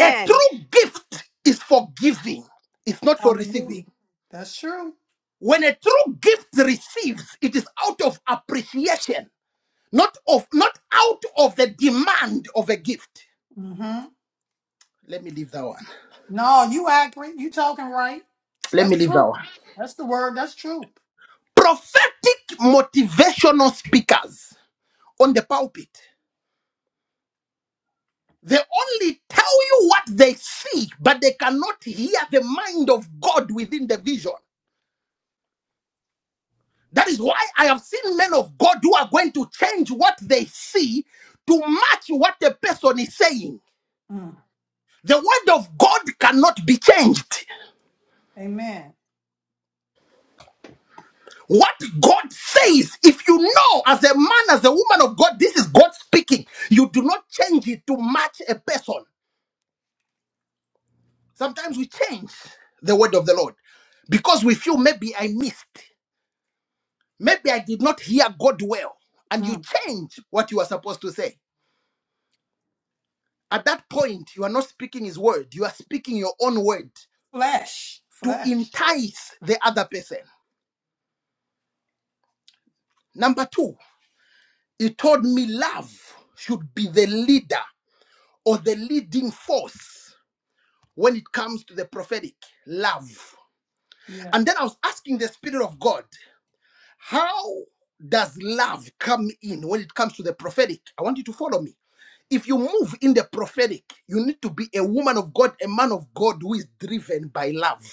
[SPEAKER 1] A true gift is for giving, it's not for
[SPEAKER 2] Hallelujah.
[SPEAKER 1] receiving.
[SPEAKER 2] That's true.
[SPEAKER 1] When a true gift receives, it is out of appreciation, not of not out of the demand of a gift.
[SPEAKER 2] Mm-hmm.
[SPEAKER 1] Let me leave that one.
[SPEAKER 2] No, you accurate. You talking right.
[SPEAKER 1] Let
[SPEAKER 2] That's
[SPEAKER 1] me leave that
[SPEAKER 2] true.
[SPEAKER 1] one.
[SPEAKER 2] That's the word. That's true.
[SPEAKER 1] Prophetic motivational speakers on the pulpit. They only tell you what they see, but they cannot hear the mind of God within the vision. That is why I have seen men of God who are going to change what they see to match what the person is saying.
[SPEAKER 2] Mm.
[SPEAKER 1] The word of God cannot be changed.
[SPEAKER 2] Amen.
[SPEAKER 1] What God says, if you know as a man, as a woman of God, this is God speaking, you do not change it to match a person. Sometimes we change the word of the Lord because we feel maybe I missed, maybe I did not hear God well, and you
[SPEAKER 2] Mm.
[SPEAKER 1] change what you are supposed to say. At that point, you are not speaking his word, you are speaking your own word
[SPEAKER 2] Flesh,
[SPEAKER 1] to
[SPEAKER 2] flesh.
[SPEAKER 1] entice the other person. Number two, he told me love should be the leader or the leading force when it comes to the prophetic. Love.
[SPEAKER 2] Yeah.
[SPEAKER 1] And then I was asking the Spirit of God, how does love come in when it comes to the prophetic? I want you to follow me if you move in the prophetic, you need to be a woman of God, a man of God who is driven by love.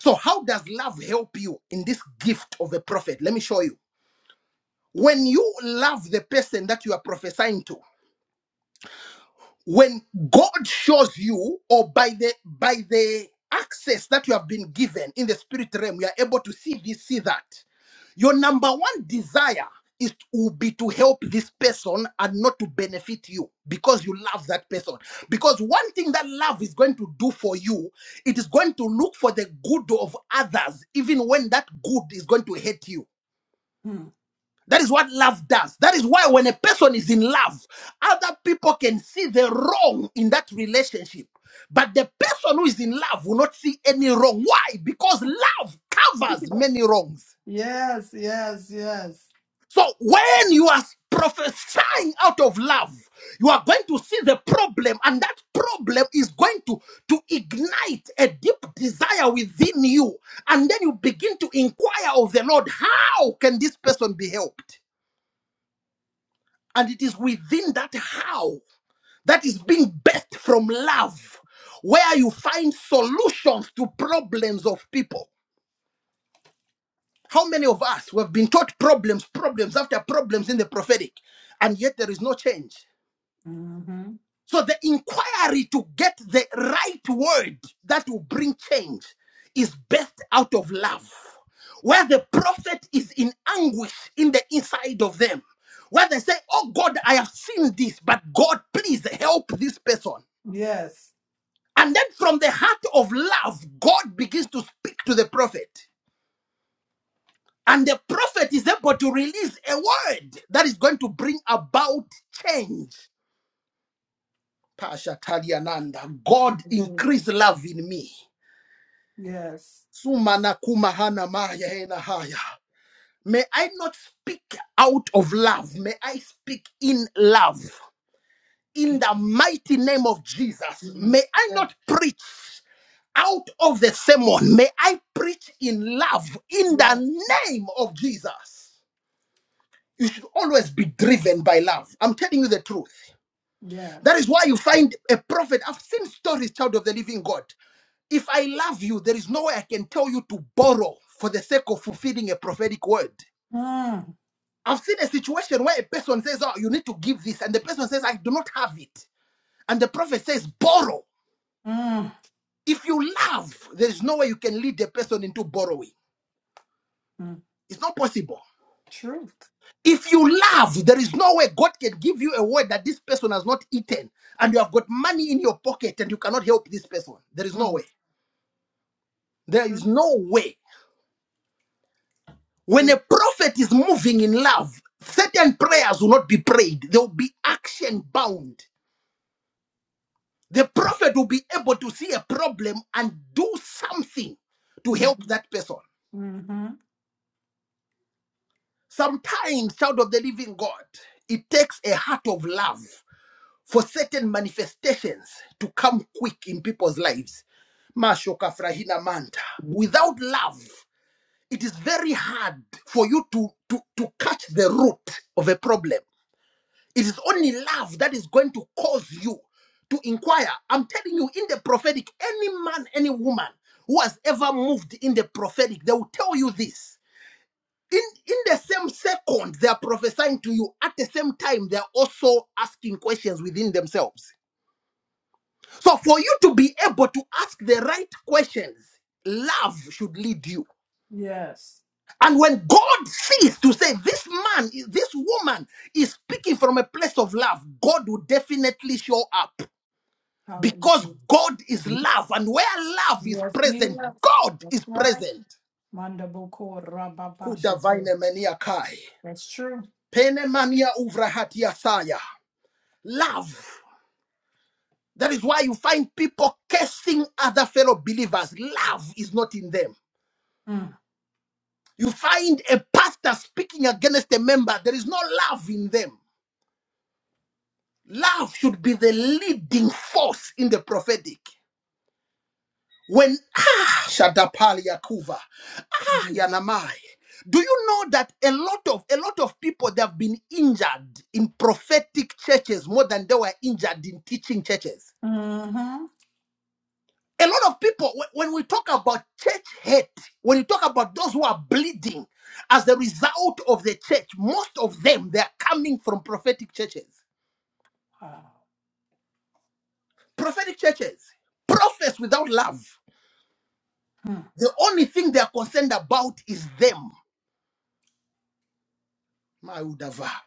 [SPEAKER 1] So, how does love help you in this gift of a prophet? Let me show you. When you love the person that you are prophesying to, when god shows you or by the by the access that you have been given in the spirit realm you are able to see this see that your number one desire is to, will be to help this person and not to benefit you because you love that person because one thing that love is going to do for you it is going to look for the good of others even when that good is going to hurt you
[SPEAKER 2] Mm.
[SPEAKER 1] that is what love does. That is why when a person is in love, other people can see the wrong in that relationship. But the person who is in love will not see any wrong. Why? Because love covers many wrongs.
[SPEAKER 2] yes, yes, yes.
[SPEAKER 1] So when you are prophesying out of love, you are going to see the problem, and that problem is going to, to ignite a deep desire within you. And then you begin to inquire of the Lord, how can this person be helped? And it is within that how that is being birthed from love, where you find solutions to problems of people. How many of us we have been taught problems, problems after problems in the prophetic, and yet there is no change?
[SPEAKER 2] hmm
[SPEAKER 1] So the inquiry to get the right word that will bring change is birthed out of love. Where the prophet is in anguish in the inside of them. Where they say, Oh God, I have seen this, but God, please help this person.
[SPEAKER 2] Yes.
[SPEAKER 1] And then from the heart of love, God begins to speak to the prophet. And the prophet is able to release a word that is going to bring about change. Pasha Taliananda, God
[SPEAKER 2] Hallelujah.
[SPEAKER 1] increase love in me.
[SPEAKER 2] Yes.
[SPEAKER 1] Sumana kumahana maya hena haya. May I not speak out of love. May I speak in love. In the mighty name of Jesus. May
[SPEAKER 2] Yes.
[SPEAKER 1] I not preach out of the sermon. May I preach in love. In
[SPEAKER 2] Yes. Yes.
[SPEAKER 1] the name of Jesus. You should always be driven by love. I'm telling you the truth.
[SPEAKER 2] Yes.
[SPEAKER 1] That is why you find a prophet. I've seen stories, child of the living God. If I love you, there is no way I can tell you to borrow for the sake of fulfilling a prophetic word.
[SPEAKER 2] Mm,
[SPEAKER 1] I've seen a situation where a person says, Oh, you need to give this. And the person says, I do not have it. And the prophet says, Borrow.
[SPEAKER 2] mm,
[SPEAKER 1] If you love, there is no way you can lead the person into borrowing.
[SPEAKER 2] mm.
[SPEAKER 1] It's not possible.
[SPEAKER 2] Truth.
[SPEAKER 1] If you love, there is no way God can give you a word that this person has not eaten and you have got money in your pocket and you cannot help this person. There is no
[SPEAKER 2] Mm.
[SPEAKER 1] way. There is
[SPEAKER 2] Truth.
[SPEAKER 1] no way. When a
[SPEAKER 2] Truth.
[SPEAKER 1] prophet is moving in love, certain prayers will not be prayed. They will be action bound. The prophet will be able to see a problem and do something to help
[SPEAKER 2] Mm-hmm.
[SPEAKER 1] that person.
[SPEAKER 2] Mm-hmm.
[SPEAKER 1] Sometimes, child of the living God, it takes a heart of love for certain manifestations to come quick in people's lives. Mashoka Frahina Manta. Without love, it is very hard for you to, to, to catch the root of a problem. It is only love that is going to cause you to inquire. I'm telling you, in the prophetic, any man, any woman who has ever moved in the prophetic, they will tell you this. In, in the same second, they are prophesying to you. At the same time, they are also asking questions within themselves. So, for you to be able to ask the right questions, love should lead you.
[SPEAKER 2] Yes.
[SPEAKER 1] And when God sees to say this man, this woman is speaking from a place of love, God will definitely show up. Because
[SPEAKER 2] Hallelujah.
[SPEAKER 1] God is love, and where love is
[SPEAKER 2] Yes, he
[SPEAKER 1] present,
[SPEAKER 2] does.
[SPEAKER 1] God
[SPEAKER 2] That's
[SPEAKER 1] is
[SPEAKER 2] right.
[SPEAKER 1] present.
[SPEAKER 2] Mandabo ko
[SPEAKER 1] Kudavaine
[SPEAKER 2] rababashitu.
[SPEAKER 1] menia kai.
[SPEAKER 2] That's true.
[SPEAKER 1] Pene mania uvrahatia saya. Love. That is why you find people cursing other fellow believers. Love is not in them.
[SPEAKER 2] Mm.
[SPEAKER 1] You find a pastor speaking against a member, there is no love in them. Love should be the leading force in the prophetic. When ah Shadapalia Kuva, ah Yanamai. Do you know that a lot of a lot of people they have been injured in prophetic churches more than they were injured in teaching churches?
[SPEAKER 2] Mm-hmm.
[SPEAKER 1] A lot of people, wh- when we talk about church hate, when you talk about those who are bleeding as the result of the church, most of them they are coming from prophetic churches.
[SPEAKER 2] Wow.
[SPEAKER 1] Prophetic churches, prophets without love.
[SPEAKER 2] Mm.
[SPEAKER 1] The only thing they are concerned about is them. My Udava.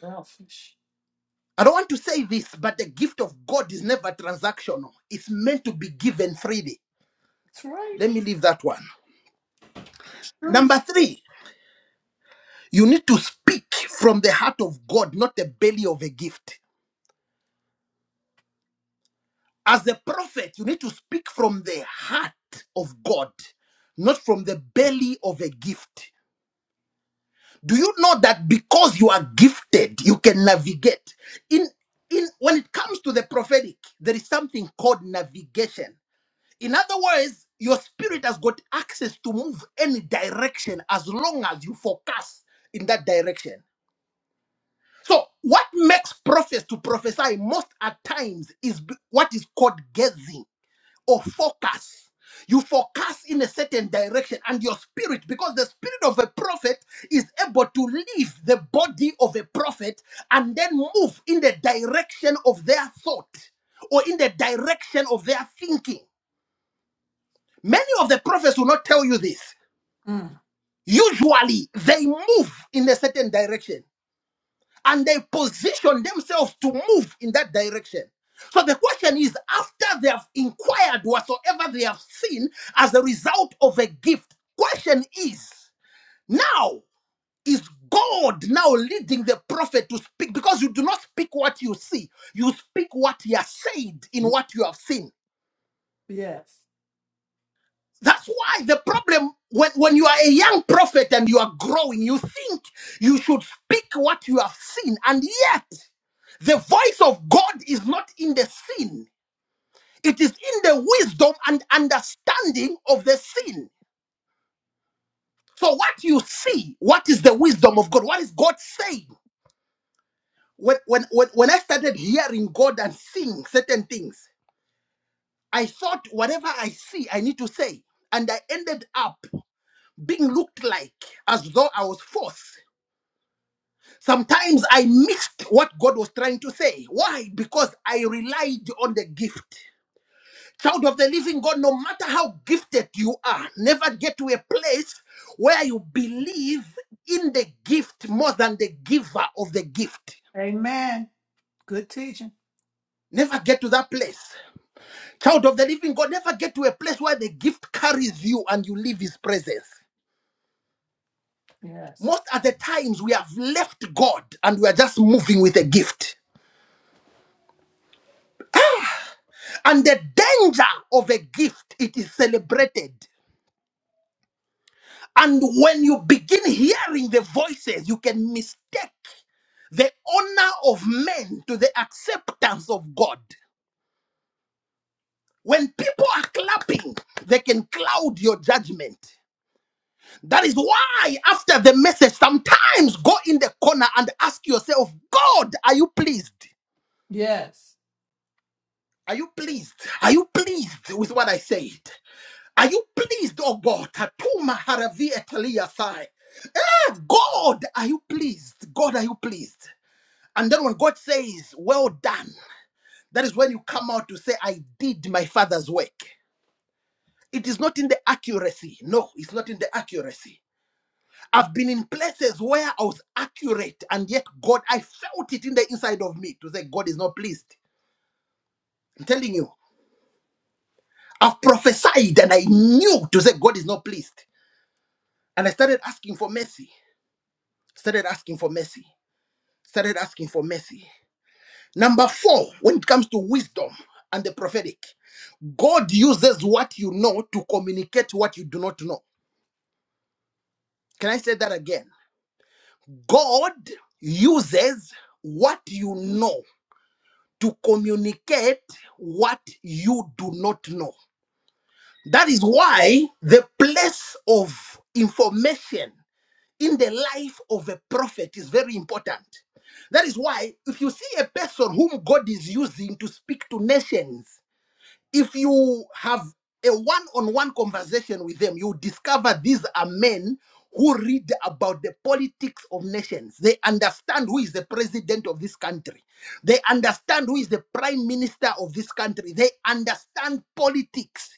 [SPEAKER 2] Selfish.
[SPEAKER 1] I don't want to say this, but the gift of God is never transactional. It's meant to be given freely.
[SPEAKER 2] That's right.
[SPEAKER 1] Let me leave that one.
[SPEAKER 2] It's truth.
[SPEAKER 1] Number three, you need to speak from the heart of God, not the belly of a gift. As a prophet, you need to speak from the heart of God, not from the belly of a gift. Do you know that because you are gifted, you can navigate? In in when it comes to the prophetic, there is something called navigation. In other words, your spirit has got access to move any direction as long as you focus in that direction. So, what makes prophets to prophesy most at times is b- what is called gazing or focus. You focus in a certain direction, and your spirit, because the spirit of a prophet is able to leave the body of a prophet and then move in the direction of their thought or in the direction of their thinking. Many of the prophets will not tell you this.
[SPEAKER 2] Mm.
[SPEAKER 1] Usually, they move in a certain direction and they position themselves to move in that direction. So the question is after they have inquired whatsoever they have seen as a result of a gift, question is now is God now leading the prophet to speak? Because you do not speak what you see, you speak what he has said in what you have seen.
[SPEAKER 2] Yes.
[SPEAKER 1] That's why the problem when, when you are a young prophet and you are growing, you think you should speak what you have seen, and yet the voice of God is not in the sin, it is in the wisdom and understanding of the sin. So, what you see, what is the wisdom of God? What is God saying? When, when, when, when I started hearing God and seeing certain things, I thought whatever I see, I need to say. And I ended up being looked like as though I was forced. Sometimes I missed what God was trying to say. Why? Because I relied on the gift. Child of the living God, no matter how gifted you are, never get to a place where you believe in the gift more than the giver of the gift.
[SPEAKER 2] Amen. Good teaching.
[SPEAKER 1] Never get to that place. Child of the living God, never get to a place where the gift carries you and you leave his presence.
[SPEAKER 2] Yes.
[SPEAKER 1] Most of the times we have left God and we are just moving with a gift. And the danger of a gift, it is celebrated. And when you begin hearing the voices, you can mistake the honor of men to the acceptance of God. When people are clapping, they can cloud your judgment. That is why, after the message, sometimes go in the corner and ask yourself, God, are you pleased?
[SPEAKER 2] Yes.
[SPEAKER 1] Are you pleased? Are you pleased with what I said? Are you pleased, oh God? Tatuma haravia talia sai. God, are you pleased? God, are you pleased? And then when God says, Well done, that is when you come out to say, I did my father's work. It is not in the accuracy. No, it's not in the accuracy. I've been in places where I was accurate, and yet God, I felt it in the inside of me to say, God is not pleased. I'm telling you, I've prophesied and I knew to say, God is not pleased. And I started asking for mercy, started asking for mercy, started asking for mercy. Number four, when it comes to wisdom and the prophetic, God uses what you know to communicate what you do not know. Can I say that again? God uses what you know to communicate what you do not know. That is why the place of information in the life of a prophet is very important. That is why, if you see a person whom God is using to speak to nations, if you have a one-on-one conversation with them you discover these are men who read about the politics of nations they understand who is the president of this country they understand who is the prime minister of this country they understand politics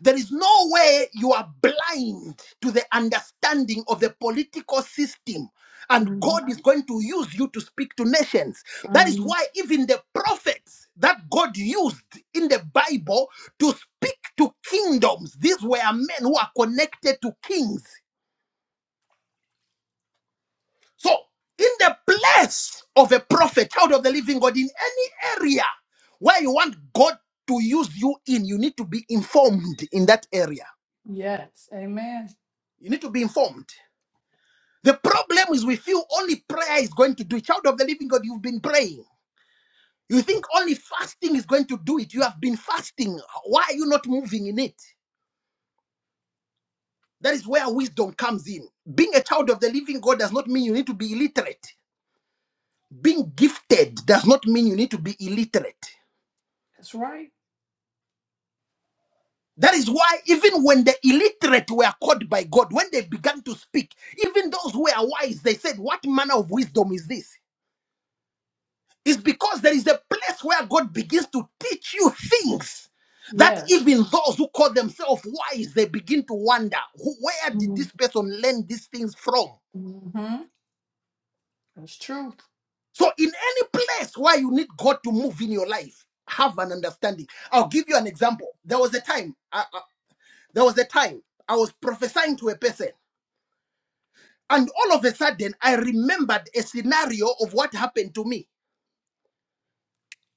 [SPEAKER 1] there is no way you are blind to the understanding of the political system, and
[SPEAKER 2] hmm
[SPEAKER 1] God is going to use you to speak to nations. That is
[SPEAKER 2] hmm
[SPEAKER 1] why, even the prophets that God used in the Bible to speak to kingdoms, these were men who are connected to kings. So, in the place of a prophet, child of the living God, in any area where you want God to use you in, you need to be informed in that area.
[SPEAKER 2] Yes. Amen.
[SPEAKER 1] You need to be informed. The problem is with you, only prayer is going to do it. Child of the living God, you've been praying. You think only fasting is going to do it. You have been fasting. Why are you not moving in it? That is where wisdom comes in. Being a child of the living God does not mean you need to be illiterate. Being gifted does not mean you need to be illiterate.
[SPEAKER 2] That's right.
[SPEAKER 1] That is why, even when the illiterate were called by God, when they began to speak, even those who were wise, they said, What manner of wisdom is this? It's because there is a place where God begins to teach you things that
[SPEAKER 2] Yes.
[SPEAKER 1] even those who call themselves wise, they begin to wonder, "Who- where did this person learn these things from?
[SPEAKER 2] Mm-hmm. That's true.
[SPEAKER 1] So, in any place where you need God to move in your life, have an understanding. I'll give you an example. There was a time, I- I- there was a time I was prophesying to a person, and all of a sudden, I remembered a scenario of what happened to me.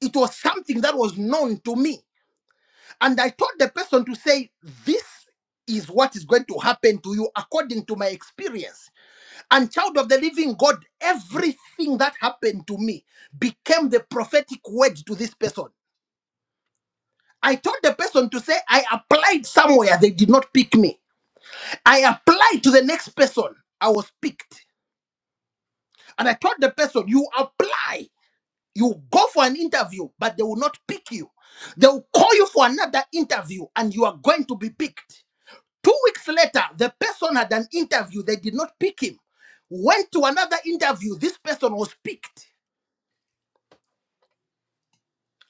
[SPEAKER 1] It was something that was known to me And I told the person to say, This is what is going to happen to you according to my experience. And child of the living God, everything that happened to me became the prophetic word to this person. I told the person to say, I applied somewhere, they did not pick me. I applied to the next person, I was picked. And I told the person, You apply, you go for an interview, but they will not pick you. They will call you for another interview, and you are going to be picked. Two weeks later, the person had an interview. They did not pick him. Went to another interview. This person was picked.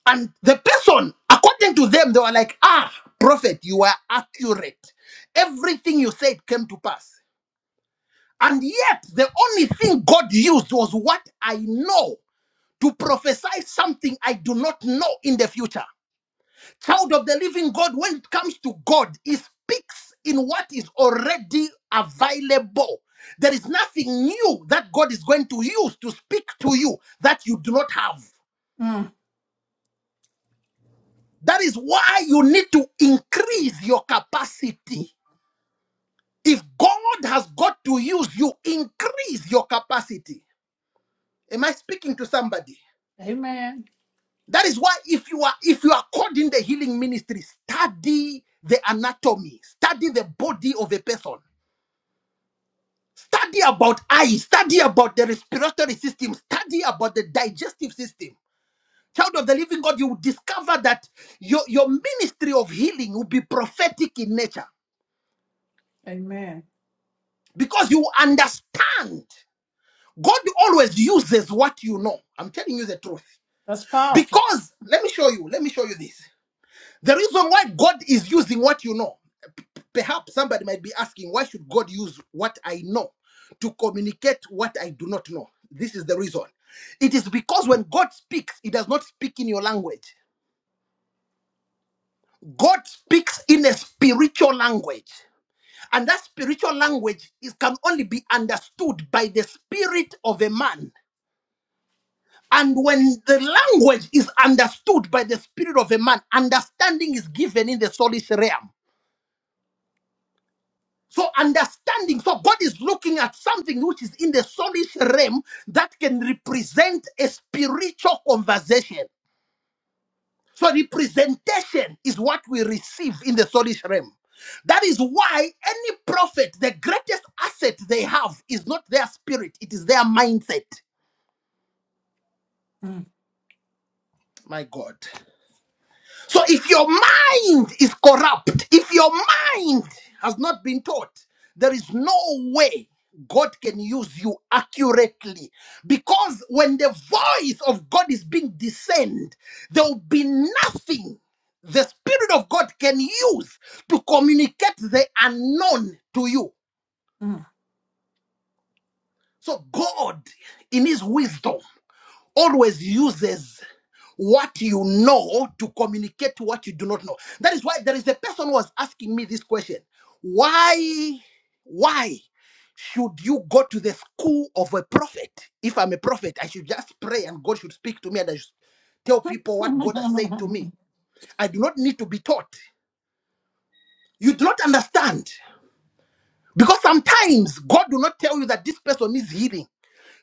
[SPEAKER 1] And the person, according to them, they were like, ah, prophet, you were accurate. Everything you said came to pass. And yet, the only thing God used was what I know to prophesy something I do not know in the future. Child of the living God, when it comes to God, He speaks in what is already available. There is nothing new that God is going to use to speak to you that you do not have.
[SPEAKER 2] Mm.
[SPEAKER 1] That is why you need to increase your capacity. If God has got to use you, increase your capacity. Am I speaking to somebody?
[SPEAKER 2] Amen.
[SPEAKER 1] That is why if you are if you are called in the healing ministry, study the anatomy, study the body of a person. Study about eyes. Study about the respiratory system. Study about the digestive system. Child of the living God, you will discover that your, your ministry of healing will be prophetic in nature
[SPEAKER 2] Amen.
[SPEAKER 1] because you understand. God always uses what you know. I'm telling you the truth.
[SPEAKER 2] That's powerful.
[SPEAKER 1] Because, let me show you, let me show you this. The reason why God is using what you know. Perhaps somebody might be asking, why should God use what I know to communicate what I do not know? This is the reason. It is because when God speaks, He does not speak in your language. God speaks in a spiritual language. And that spiritual language is, can only be understood by the spirit of a man. And when the language is understood by the spirit of a man, understanding is given in the soulish realm. So understanding, so God is looking at something which is in the soulish realm that can represent a spiritual conversation. So representation is what we receive in the soulish realm. That is why any prophet, the greatest asset they have is not their spirit, it is their mindset.
[SPEAKER 2] Mm.
[SPEAKER 1] My God. So if your mind is corrupt, if your mind has not been taught, there is no way God can use you accurately. Because when the voice of God is being discerned, there will be nothing the Spirit of God can use to communicate the unknown to you.
[SPEAKER 2] Mm.
[SPEAKER 1] So God, in His wisdom, always uses what you know to communicate what you do not know. That is why there is a person who was asking me this question. Why, why should you go to the school of a prophet? If I'm a prophet, I should just pray and God should speak to me and I should tell people what God has said to me. I do not need to be taught. You do not understand. Because sometimes God will not tell you that this person needs healing.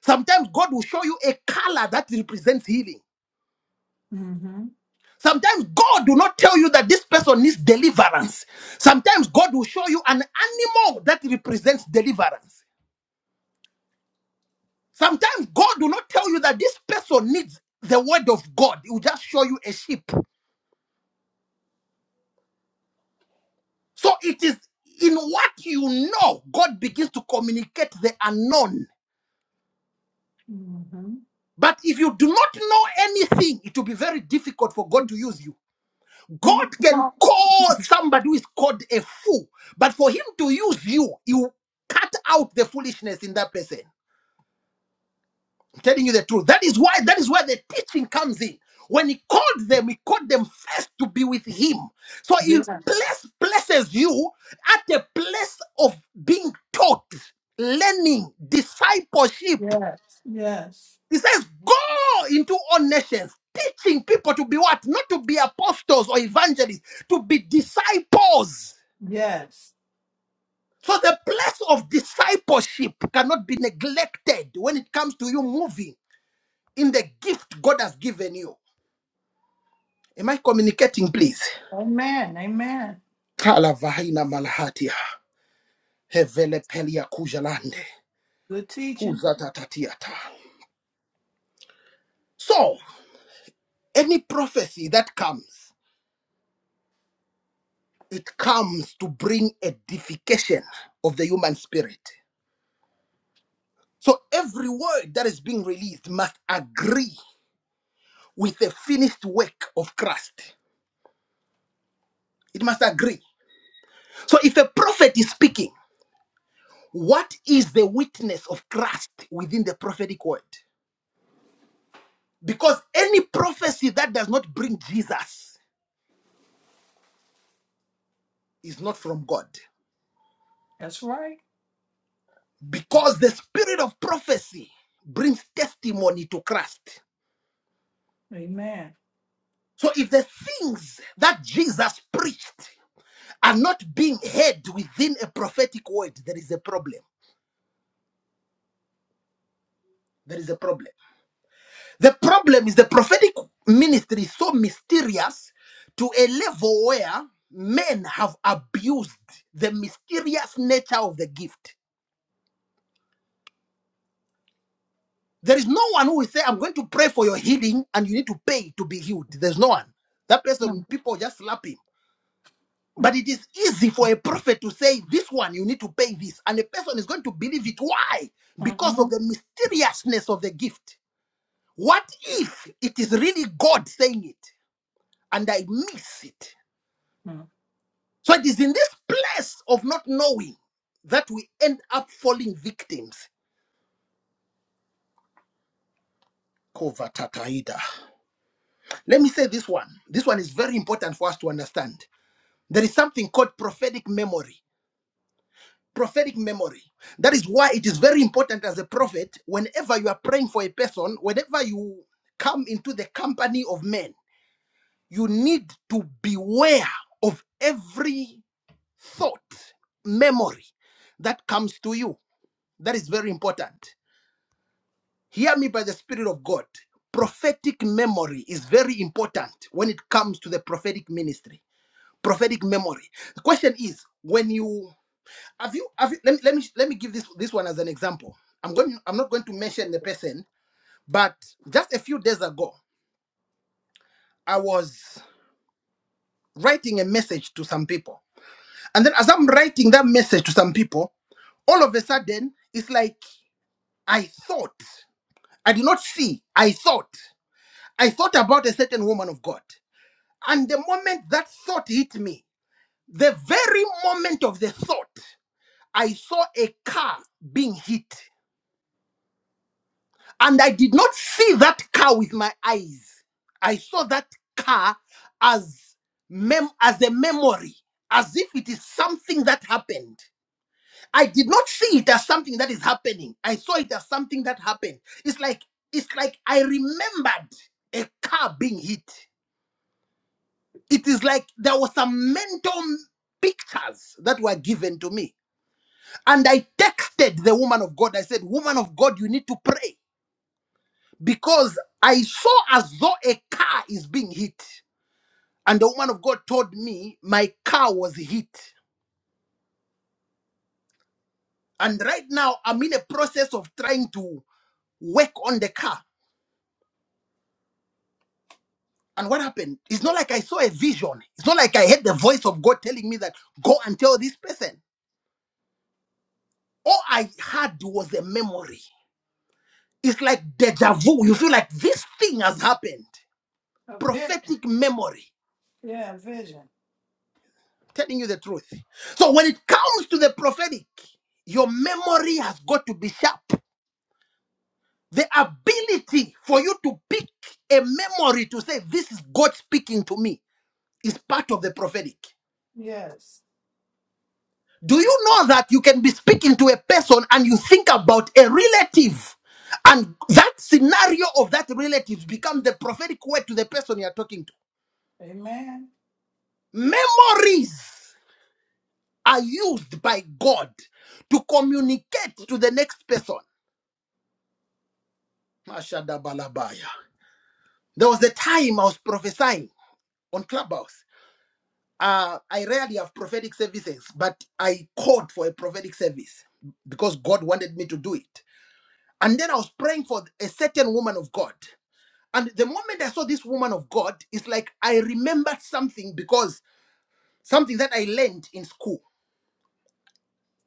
[SPEAKER 1] Sometimes God will show you a color that represents healing.
[SPEAKER 2] mm-hmm.
[SPEAKER 1] Sometimes God do not tell you that this person needs deliverance. Sometimes God will show you an animal that represents deliverance. Sometimes God do not tell you that this person needs the word of God. He will just show you a sheep. So it is in what you know, God begins to communicate the unknown.
[SPEAKER 2] Mm-hmm.
[SPEAKER 1] But if you do not know anything, it will be very difficult for God to use you. God can call somebody who is called a fool, but for him to use you, you cut out the foolishness in that person. I'm telling you the truth. That is why that is where the teaching comes in. When he called them, he called them first to be with him. So he
[SPEAKER 2] Yes.
[SPEAKER 1] place, places you at a place of being taught, learning, discipleship.
[SPEAKER 2] Yes. Yes.
[SPEAKER 1] He says, Go into all nations, teaching people to be what? Not to be apostles or evangelists, to be disciples.
[SPEAKER 2] Yes.
[SPEAKER 1] So the place of discipleship cannot be neglected when it comes to you moving in the gift God has given you. Am I communicating, please?
[SPEAKER 2] Amen. Amen.
[SPEAKER 1] Kala vahina malhatia. Hevele pelia kujalande.
[SPEAKER 2] Good teaching.
[SPEAKER 1] Huzatatatiata. So, any prophecy that comes, it comes to bring edification of the human spirit. So, every word that is being released must agree with the finished work of Christ. It must agree. So if a prophet is speaking, what is the witness of Christ within the prophetic word? Because any prophecy that does not bring Jesus is not from God.
[SPEAKER 2] That's right.
[SPEAKER 1] Because the spirit of prophecy brings testimony to Christ.
[SPEAKER 2] Amen.
[SPEAKER 1] So if the things that Jesus preached are not being heard within a prophetic word, there is a problem. There is a problem. The problem is the prophetic ministry is so mysterious to a level where men have abused the mysterious nature of the gift. There is no one who will say, I'm going to pray for your healing and you need to pay to be healed. There's no one. That person, people just slap him. But it is easy for a prophet to say, This one, you need to pay this. And a person is going to believe it. Why? Because
[SPEAKER 2] Mm-hmm.
[SPEAKER 1] of the mysteriousness of the gift. What if it is really God saying it and I miss it?
[SPEAKER 2] Mm.
[SPEAKER 1] So it is in this place of not knowing that we end up falling victims. Kovatataida. Let me say this one. This one is very important for us to understand. There is something called prophetic memory. Prophetic memory. That is why it is very important as a prophet, whenever you are praying for a person, whenever you come into the company of men, you need to beware of every thought, memory that comes to you. That is very important. Hear me by the Spirit of God. Prophetic memory is very important when it comes to the prophetic ministry. Prophetic memory. The question is, when you have you have you, let me let me let me give this this one as an example. I'm going I'm not going to mention the person, but just a few days ago, I was writing a message to some people. And then as I'm writing that message to some people, all of a sudden it's like I thought. I did not see. I thought. I thought about a certain woman of God. And the moment that thought hit me, the very moment of the thought, I saw a car being hit. And I did not see that car with my eyes. I saw that car as mem- as a memory, as if it is something that happened. I did not see it as something that is happening. I saw it as something that happened. It's like it's like I remembered a car being hit. it is like there were some mental pictures that were given to me. And I texted the woman of God. I said, Woman of God, you need to pray because I saw as though a car is being hit. And the woman of God told me my car was hit. And right now, I'm in a process of trying to work on the car. And what happened? It's not like I saw a vision. It's not like I heard the voice of God telling me that go and tell this person. All I had was a memory. It's like deja vu. You feel like this thing has happened.
[SPEAKER 2] A vision.
[SPEAKER 1] Prophetic memory,
[SPEAKER 2] Yeah, a vision.
[SPEAKER 1] telling you the truth. So when it comes to the prophetic, your memory has got to be sharp. The ability for you to pick a memory to say, This is God speaking to me, is part of the prophetic.
[SPEAKER 2] Yes.
[SPEAKER 1] Do you know that you can be speaking to a person and you think about a relative, and that scenario of that relative becomes the prophetic word to the person you're talking to?
[SPEAKER 2] Amen.
[SPEAKER 1] Memories. are used by God to communicate to the next person. Mashadabalabaya. There was a time I was prophesying on Clubhouse. Uh, I rarely have prophetic services, but I called for a prophetic service because God wanted me to do it. And then I was praying for a certain woman of God. And the moment I saw this woman of God, it's like I remembered something because something that I learned in school.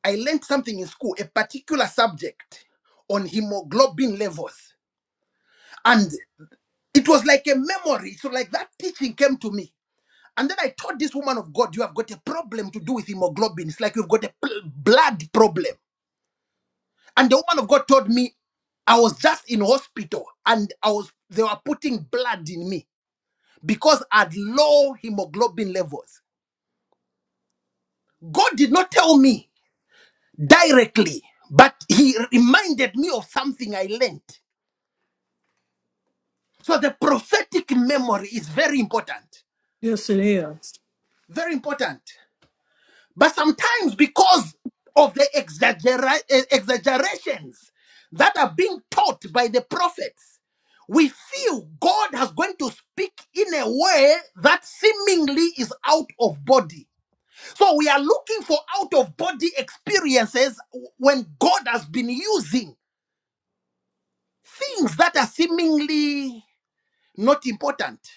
[SPEAKER 1] I learned something in school, a particular subject on hemoglobin levels. And it was like a memory. So, like that teaching came to me. And then I told this woman of God, You have got a problem to do with hemoglobin. It's like you've got a pl- blood problem. And the woman of God told me, I was just in hospital and I was they were putting blood in me because I had low hemoglobin levels. God did not tell me directly, but He reminded me of something I learned. So the prophetic memory is very important.
[SPEAKER 2] Yes, it is.
[SPEAKER 1] Very important. But sometimes, because of the exaggera- eh, exaggerations that are being taught by the prophets, we feel God has going to speak in a way that seemingly is out of body. So we are looking for out of body experiences when God has been using things that are seemingly not important.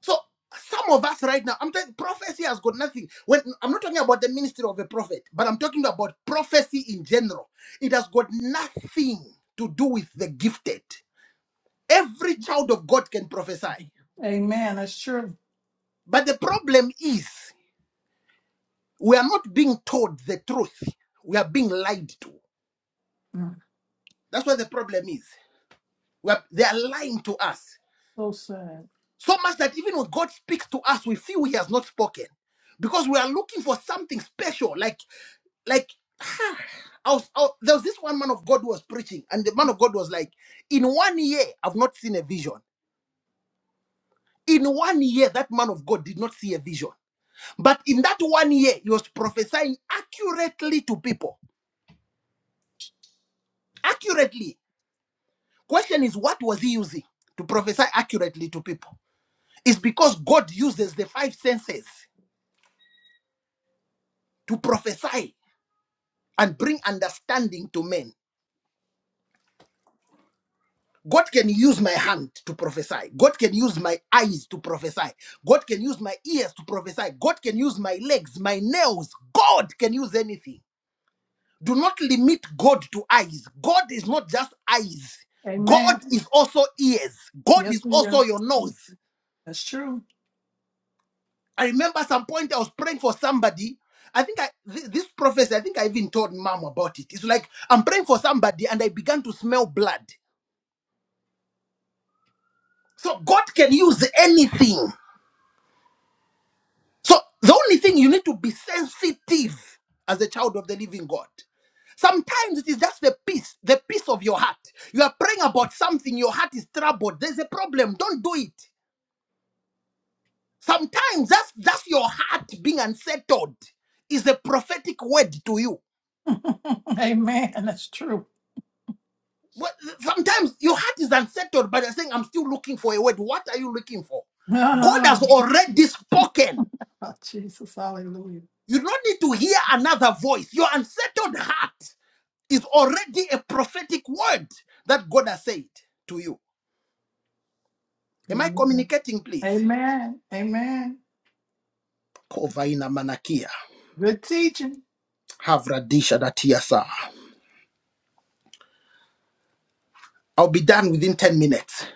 [SPEAKER 1] So some of us right now, I'm telling prophecy has got nothing. When I'm not talking about the ministry of a prophet, but I'm talking about prophecy in general. It has got nothing to do with the gifted. Every child of God can prophesy.
[SPEAKER 2] Amen. That's true.
[SPEAKER 1] But the problem is we are not being told the truth. We are being lied to.
[SPEAKER 2] Mm.
[SPEAKER 1] That's what the problem is. We are, they are lying to us.
[SPEAKER 2] So sad.
[SPEAKER 1] So much that even when God speaks to us, we feel he has not spoken. Because we are looking for something special, like like I was, I was- there was this one man of God who was preaching, and the man of God was like, In one year, I've not seen a vision. In one year, that man of God did not see a vision. But in that one year, he was prophesying accurately to people. Accurately. Question is, what was he using to prophesy accurately to people? It's because God uses the five senses to prophesy and bring understanding to men. God can use my hand to prophesy. God can use my eyes to prophesy. God can use my ears to prophesy. God can use my legs, my nails. God can use anything. Do not limit God to eyes. God is not just eyes,
[SPEAKER 2] Amen.
[SPEAKER 1] God is also ears. God
[SPEAKER 2] Yes,
[SPEAKER 1] is
[SPEAKER 2] it is.
[SPEAKER 1] also your nose.
[SPEAKER 2] That's true.
[SPEAKER 1] I remember some point I was praying for somebody. I think I thi- this prophecy, I think I even told mom about it. It's like I'm praying for somebody and I began to smell blood. So God can use anything. So the only thing you need to be sensitive as a child of the living God. Sometimes it is just the peace, the peace of your heart. You are praying about something, your heart is troubled. There's a problem. Don't do it. Sometimes that's that's your heart being unsettled is a prophetic word to you.
[SPEAKER 2] Amen. That's true.
[SPEAKER 1] What- Sometimes your heart is unsettled, but you're saying, I'm still looking for a word. What are you looking for? God has already spoken.
[SPEAKER 2] Ah, Jesus. Hallelujah.
[SPEAKER 1] You don't need to hear another voice. Your unsettled heart is already a prophetic word that God has said to you. Am I
[SPEAKER 2] Amen.
[SPEAKER 1] communicating, please?
[SPEAKER 2] Amen. Amen.
[SPEAKER 1] Kovaina manakia.
[SPEAKER 2] Good teaching.
[SPEAKER 1] Havradisha datiasa. I'll be done within 10 minutes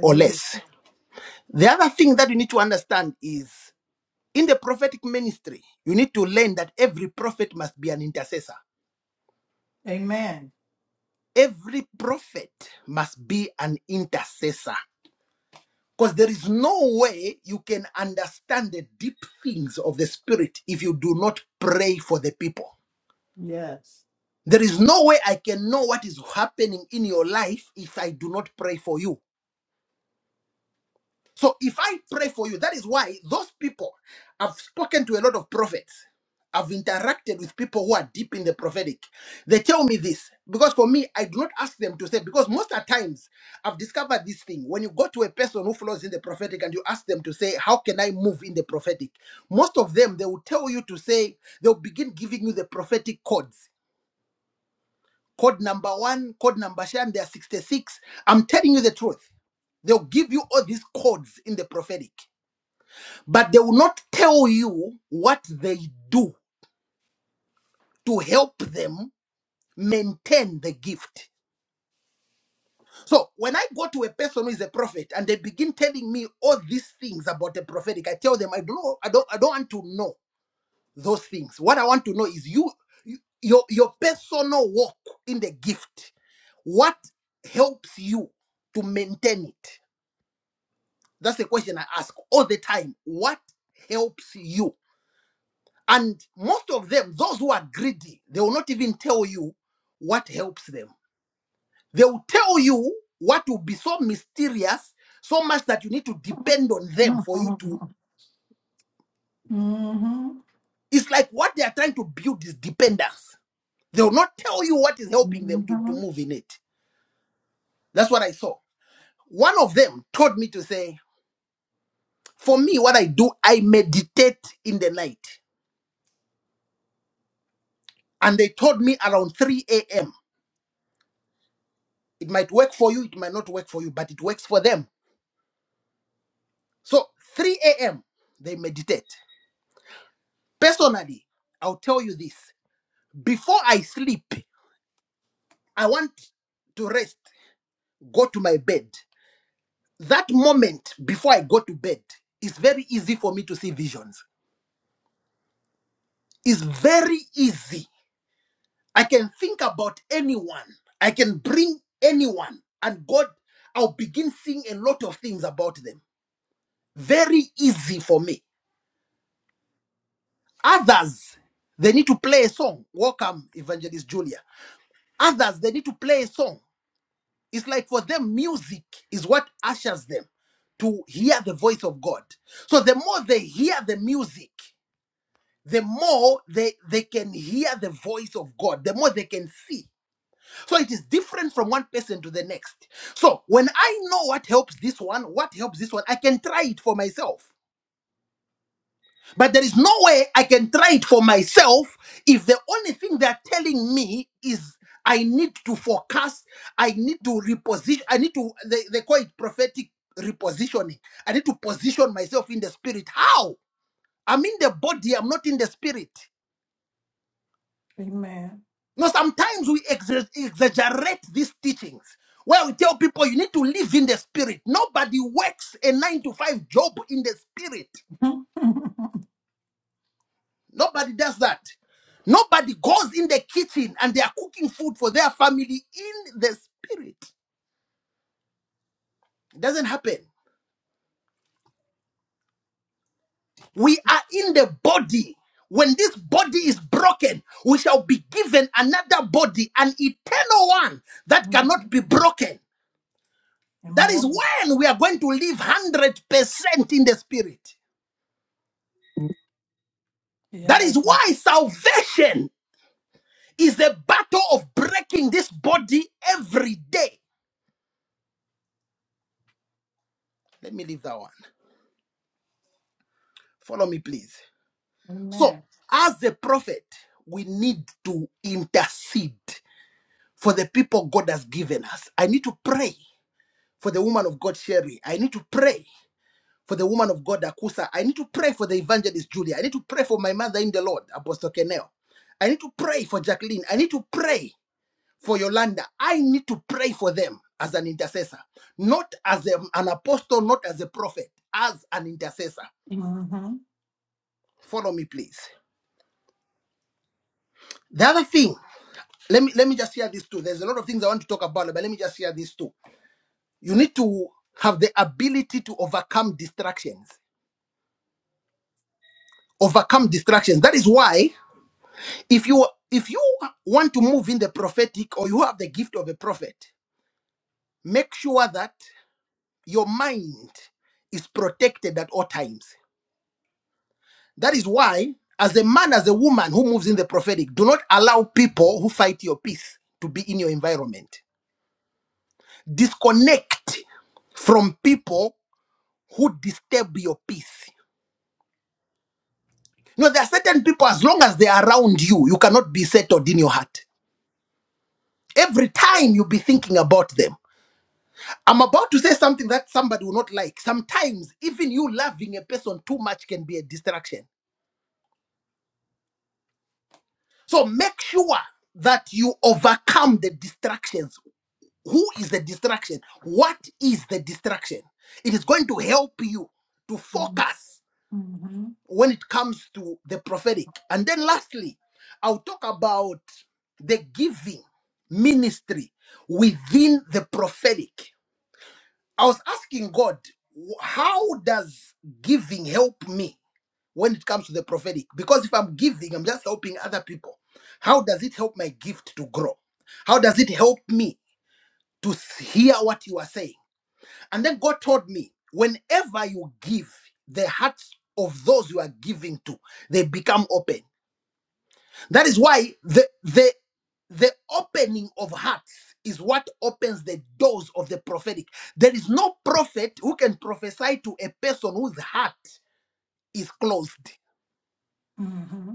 [SPEAKER 1] or less. The other thing that you need to understand is in the prophetic ministry, you need to learn that every prophet must be an intercessor.
[SPEAKER 2] Amen.
[SPEAKER 1] Every prophet must be an intercessor. Because there is no way you can understand the deep things of the Spirit if you do not pray for the people.
[SPEAKER 2] Yes.
[SPEAKER 1] There is no way I can know what is happening in your life if I do not pray for you. So if I pray for you, that is why those people, I've spoken to a lot of prophets. I've interacted with people who are deep in the prophetic. They tell me this because for me, I do not ask them to say, because most of times I've discovered this thing. When you go to a person who flows in the prophetic and you ask them to say, How can I move in the prophetic? Most of them, they will tell you to say, they'll begin giving you the prophetic codes. Code number one, code number seven, there are 66. I'm telling you the truth. They'll give you all these codes in the prophetic but they will not tell you what they do to help them maintain the gift. So when I go to a person who is a prophet and they begin telling me all these things about the prophetic, I tell them I don't know, I don't I don't want to know those things. What I want to know is you you- your your personal walk in the gift. What helps you to maintain it? That's the question I ask all the time. What helps you? And most of them, those who are greedy, they will not even tell you what helps them. They will tell you what will be so mysterious, so much that you need to depend on them for you to.
[SPEAKER 2] hmm hmm
[SPEAKER 1] It's like what they are trying to build is dependence. They will not tell you what is helping them to, to move in it. That's what I saw. One of them told me to say, for me, what I do, I meditate in the night. And they told me around 3 a.m. It might work for you, it might not work for you, but it works for them So 3 a.m. they meditate. Personally, I'll tell you this. Before I sleep, I want to rest, go to my bed. That moment before I go to bed is very easy for me to see visions. It's very easy. I can think about anyone. I can bring anyone and God I'll begin seeing a lot of things about them. Very easy for me. Others, they need to play a song. Welcome, Evangelist Julia Others, they need to play a song. It's like for them, music is what ushers them to hear the voice of God. So the more they hear the music, the more they, they can hear the voice of God, the more they can see. So it is different from one person to the next. So when I know what helps this one, what helps this one, I can try it for myself. But there is no way I can try it for myself if the only thing they're telling me is I need to forecast, I need to reposition, I need to, they, they call it prophetic repositioning. I need to position myself in the spirit. How? I'm in the body, I'm not in the spirit.
[SPEAKER 2] Amen.
[SPEAKER 1] Now, sometimes we exa- exaggerate these teachings where we tell people you need to live in the spirit. Nobody works a nine to five job in the spirit. Nobody does that. Nobody goes in the kitchen and they are cooking food for their family in the spirit. It doesn't happen. We are in the body. When this body is broken, we shall be given another body, an eternal one that cannot
[SPEAKER 2] Mhm.
[SPEAKER 1] be broken.
[SPEAKER 2] And
[SPEAKER 1] That is
[SPEAKER 2] more.
[SPEAKER 1] when we are going to live 100% in the spirit. That is
[SPEAKER 2] Yes.
[SPEAKER 1] why salvation is a battle of breaking this body every day. Let me leave that one. Follow me, please. So,
[SPEAKER 2] Amen.
[SPEAKER 1] as a prophet, we need to intercede for the people God has given us. I need to pray for the woman of God, Sherry. I need to pray for the woman of God, Akusa. I need to pray for the evangelist, Julia. I need to pray for my mother in the Lord, Apostle Kenel. I need to pray for Jacqueline. I need to pray for Yolanda. I need to pray for them as an intercessor, not as a- an apostle, not as a prophet, as an intercessor.
[SPEAKER 2] Mm-hmm.
[SPEAKER 1] Follow me, please. The other thing let me let me just share this too. There's a lot of things I want to talk about, but let me just share this too. You need to have the ability to overcome distractions. Overcome distractions. That is why if you if you want to move in the prophetic or you have the gift of a prophet, make sure that your mind is protected at all times. That is why, as a man, as a woman who moves in the prophetic, do not allow people who fight your peace to be in your environment. Disconnect from people who disturb your peace. You know, there are certain people, as long as they are around you, you cannot be settled in your heart. Every time you be thinking about them. I'm about to say something that somebody will not like. Sometimes, even you loving a person too much can be a distraction. So make sure that you overcome the distractions. Who is the distraction? What is the distraction? It is going to help you to focus
[SPEAKER 2] Mm-hmm.
[SPEAKER 1] when it comes to the prophetic. And then lastly, I'll talk about the giving ministry within the prophetic. I was asking God, "Wh- how does giving help me when it comes to the prophetic? Because if I'm giving, I'm just helping other people. How does it help my gift to grow? How does it help me to s- hear what you are saying? And then God told me, whenever you give, the hearts of those you are giving to, they become open. That is why the the the opening of hearts is what opens the doors of the prophetic. There is no prophet who can prophesy to a person whose heart is closed.
[SPEAKER 2] Mm-hmm.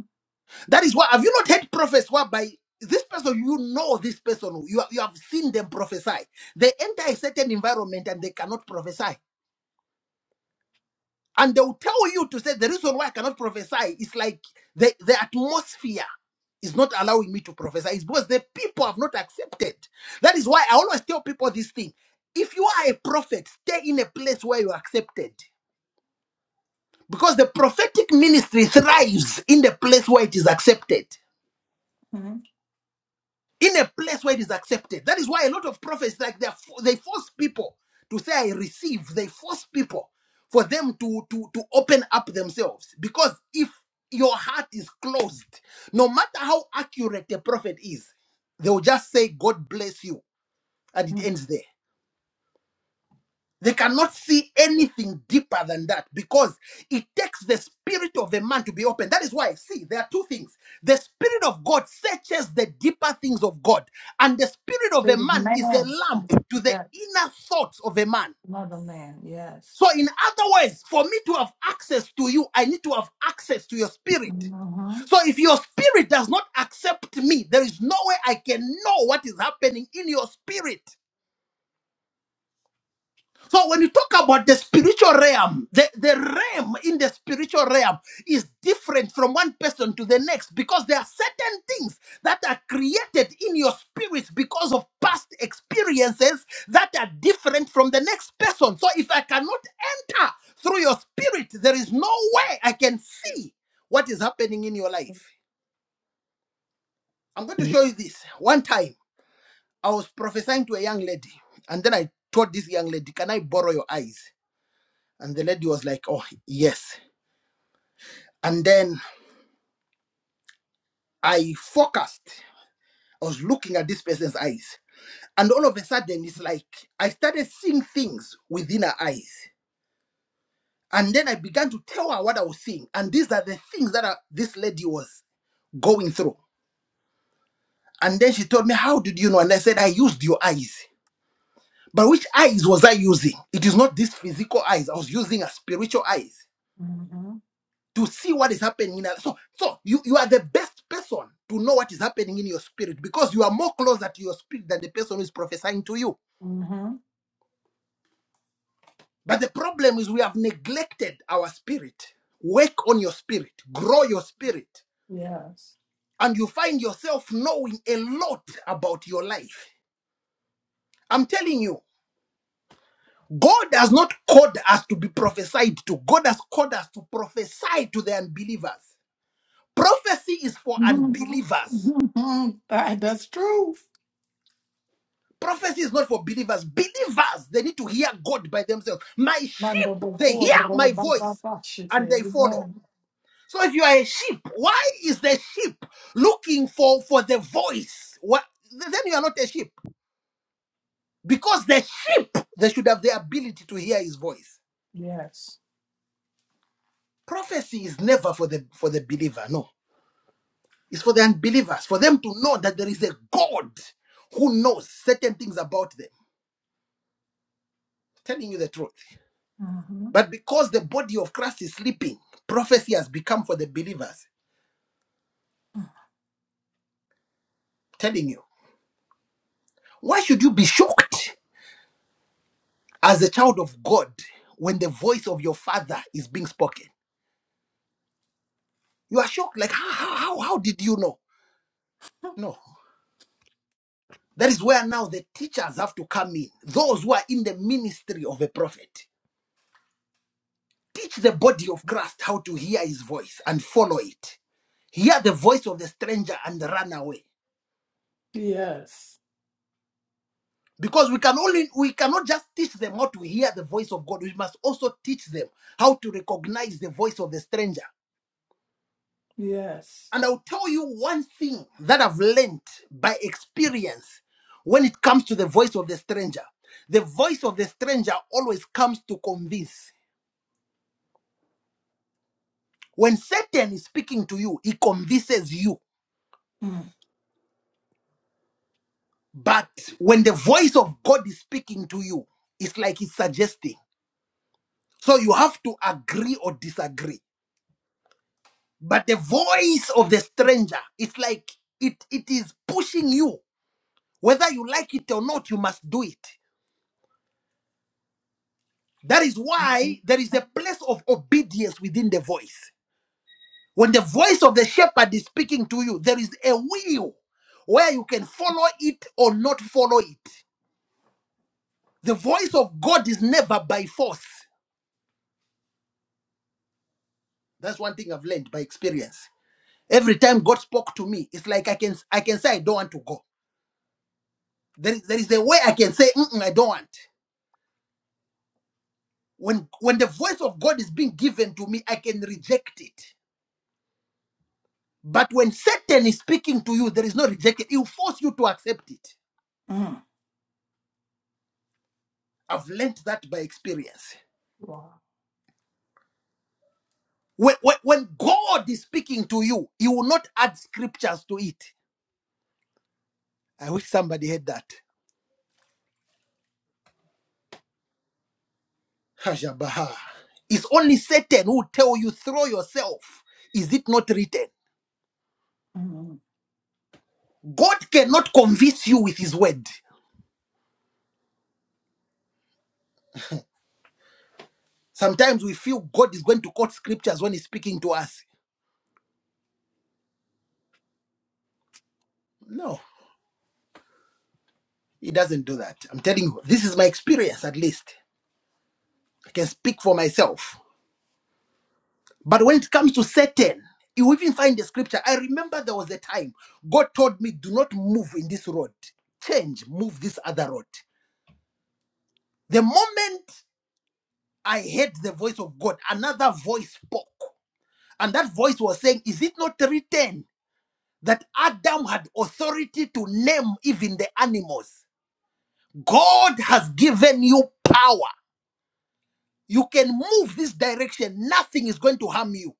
[SPEAKER 1] That is why have you not heard prophets whereby this person you know this person you, you have seen them prophesy they enter a certain environment and they cannot prophesy And they will tell you to say the reason why I cannot prophesy is like the, the atmosphere is not allowing me to prophesy. It's because the people have not accepted. That is why I always tell people this thing. If you are a prophet, stay in a place where you're accepted. Because the prophetic ministry thrives in the place where it is accepted.
[SPEAKER 2] Mm-hmm.
[SPEAKER 1] in a place where it is accepted. That is why a lot of prophets, like they, are, fo- they force people to say, "I receive." They force people for them to to to open up themselves because if your heart is closed, no matter how accurate a prophet is, they will just say, "God bless you," and it ends there. They cannot see anything deeper than that because it takes the spirit of a man to be open. That is why, see, there are two things. The spirit of God searches the deeper things of God, and the spirit of a
[SPEAKER 2] Fruit of
[SPEAKER 1] man is a
[SPEAKER 2] man.
[SPEAKER 1] lamp to the
[SPEAKER 2] Yes.
[SPEAKER 1] inner thoughts of a man.
[SPEAKER 2] Another man. Yes.
[SPEAKER 1] So, in other words, for me to have access to you, I need to have access to your spirit.
[SPEAKER 2] Mm-hmm.
[SPEAKER 1] So, if your spirit does not accept me, there is no way I can know what is happening in your spirit. So when you talk about the spiritual realm, the, the realm in the spiritual realm is different from one person to the next because there are certain things that are created in your spirit because of past experiences that are different from the next person. So if I cannot enter through your spirit, there is no way I can see what is happening in your life. I'm going to show you this. One time I was prophesying to a young lady, and then I told this young lady, Can I borrow your eyes? And the lady was like, Oh, yes. And then I focused, I was looking at this person's eyes. And all of a sudden, it's like I started seeing things within her eyes. And then I began to tell her what I was seeing. And these are the things that I- this lady was going through. And then she told me, How did you know? And I said, I used your eyes. But which eyes was I using? It is not these physical eyes. I was using a spiritual eyes.
[SPEAKER 2] Mm-hmm.
[SPEAKER 1] to see what is happening in us. So, so you, you are the best person to know what is happening in your spirit because you are more closer to your spirit than the person who is prophesying to you.
[SPEAKER 2] Mm-hmm.
[SPEAKER 1] But the problem is we have neglected our spirit. Work on your spirit, grow your spirit,
[SPEAKER 2] Yes.
[SPEAKER 1] and you find yourself knowing a lot about your life. I'm telling you, God has not called us to be prophesied to. God has called us to prophesy to the unbelievers. Prophecy is for unbelievers.
[SPEAKER 2] Mm-hmm. That's true.
[SPEAKER 1] Prophecy is not for believers. Believers, they need to hear God by themselves. My
[SPEAKER 2] Manda
[SPEAKER 1] sheep, they hear
[SPEAKER 2] bokora
[SPEAKER 1] my voice
[SPEAKER 2] bababa shite.
[SPEAKER 1] and they follow.
[SPEAKER 2] Amen.
[SPEAKER 1] So if you are a sheep, why is the sheep looking for, for the voice? What, then you are not a sheep. Because the sheep, they should have the ability to hear his voice.
[SPEAKER 2] Yes.
[SPEAKER 1] Prophecy is never for the for the believer, no. It's for the unbelievers, for them to know that there is a God who knows certain things about them. Telling you the truth.
[SPEAKER 2] Mm-hmm.
[SPEAKER 1] But because the body of Christ is sleeping, prophecy has become for the believers. Telling you, why should you be shocked as a child of God when the voice of your father is being spoken? You are shocked, like, how, how, how how did you know? No. That is where now the teachers have to come in, those who are in the ministry of a prophet. Teach the body of Christ how to hear his voice and follow it. Hear the voice of the stranger and run away.
[SPEAKER 2] Yes.
[SPEAKER 1] because we can only we cannot just teach them how to hear the voice of god we must also teach them how to recognize the voice of the stranger
[SPEAKER 2] Yes.
[SPEAKER 1] and i'll tell you one thing that i've learned by experience when it comes to the voice of the stranger the voice of the stranger always comes to convince when satan is speaking to you he convinces you but when the voice of god is speaking to you it's like it's suggesting so you have to agree or disagree but the voice of the stranger it's like it it is pushing you whether you like it or not you must do it that is
[SPEAKER 2] Mm-hmm.
[SPEAKER 1] why there is a place of obedience within the voice when the voice of the shepherd is speaking to you there is a will where you can follow it or not follow it the voice of god is never by force that's one thing i've learned by experience every time god spoke to me it's like i can i can say i don't want to go there is, there is a way i can say "Mm-mm, i don't want when when the voice of god is being given to me i can reject it but when satan is speaking to you there is no rejection he will force you to accept it
[SPEAKER 2] Mm.
[SPEAKER 1] i've learned that by experience
[SPEAKER 2] Wow.
[SPEAKER 1] when, when, when god is speaking to you he will not add scriptures to it i wish somebody had that Hajabaha. it's only satan who will tell you throw yourself is it not written
[SPEAKER 2] Mm-hmm.
[SPEAKER 1] god cannot convince you with his word sometimes we feel god is going to quote scriptures when he's speaking to us no He doesn't do that. I'm telling you, this is my experience at least. I can speak for myself. But when it comes to Satan, you even find the scripture. I remember there was a time God told me, do not move in this road. Change, move this other road. The moment I heard the voice of God, another voice spoke. And that voice was saying, Is it not written that Adam had authority to name even the animals? God has given you power you can move this direction nothing is going to harm you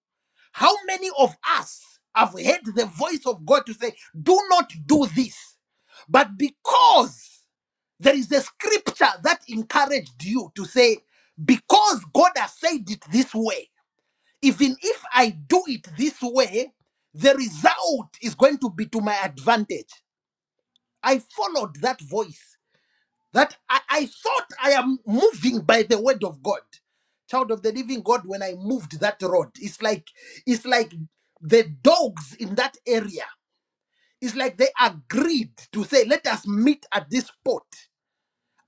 [SPEAKER 1] how many of us have heard the voice of god to say do not do this but because there is a scripture that encouraged you to say because god has said it this way even if i do it this way the result is going to be to my advantage i followed that voice that I, I thought I am moving by the word of God. Child of the living God, when I moved that road, it's like it's like the dogs in that area. It's like they agreed to say, let us meet at this spot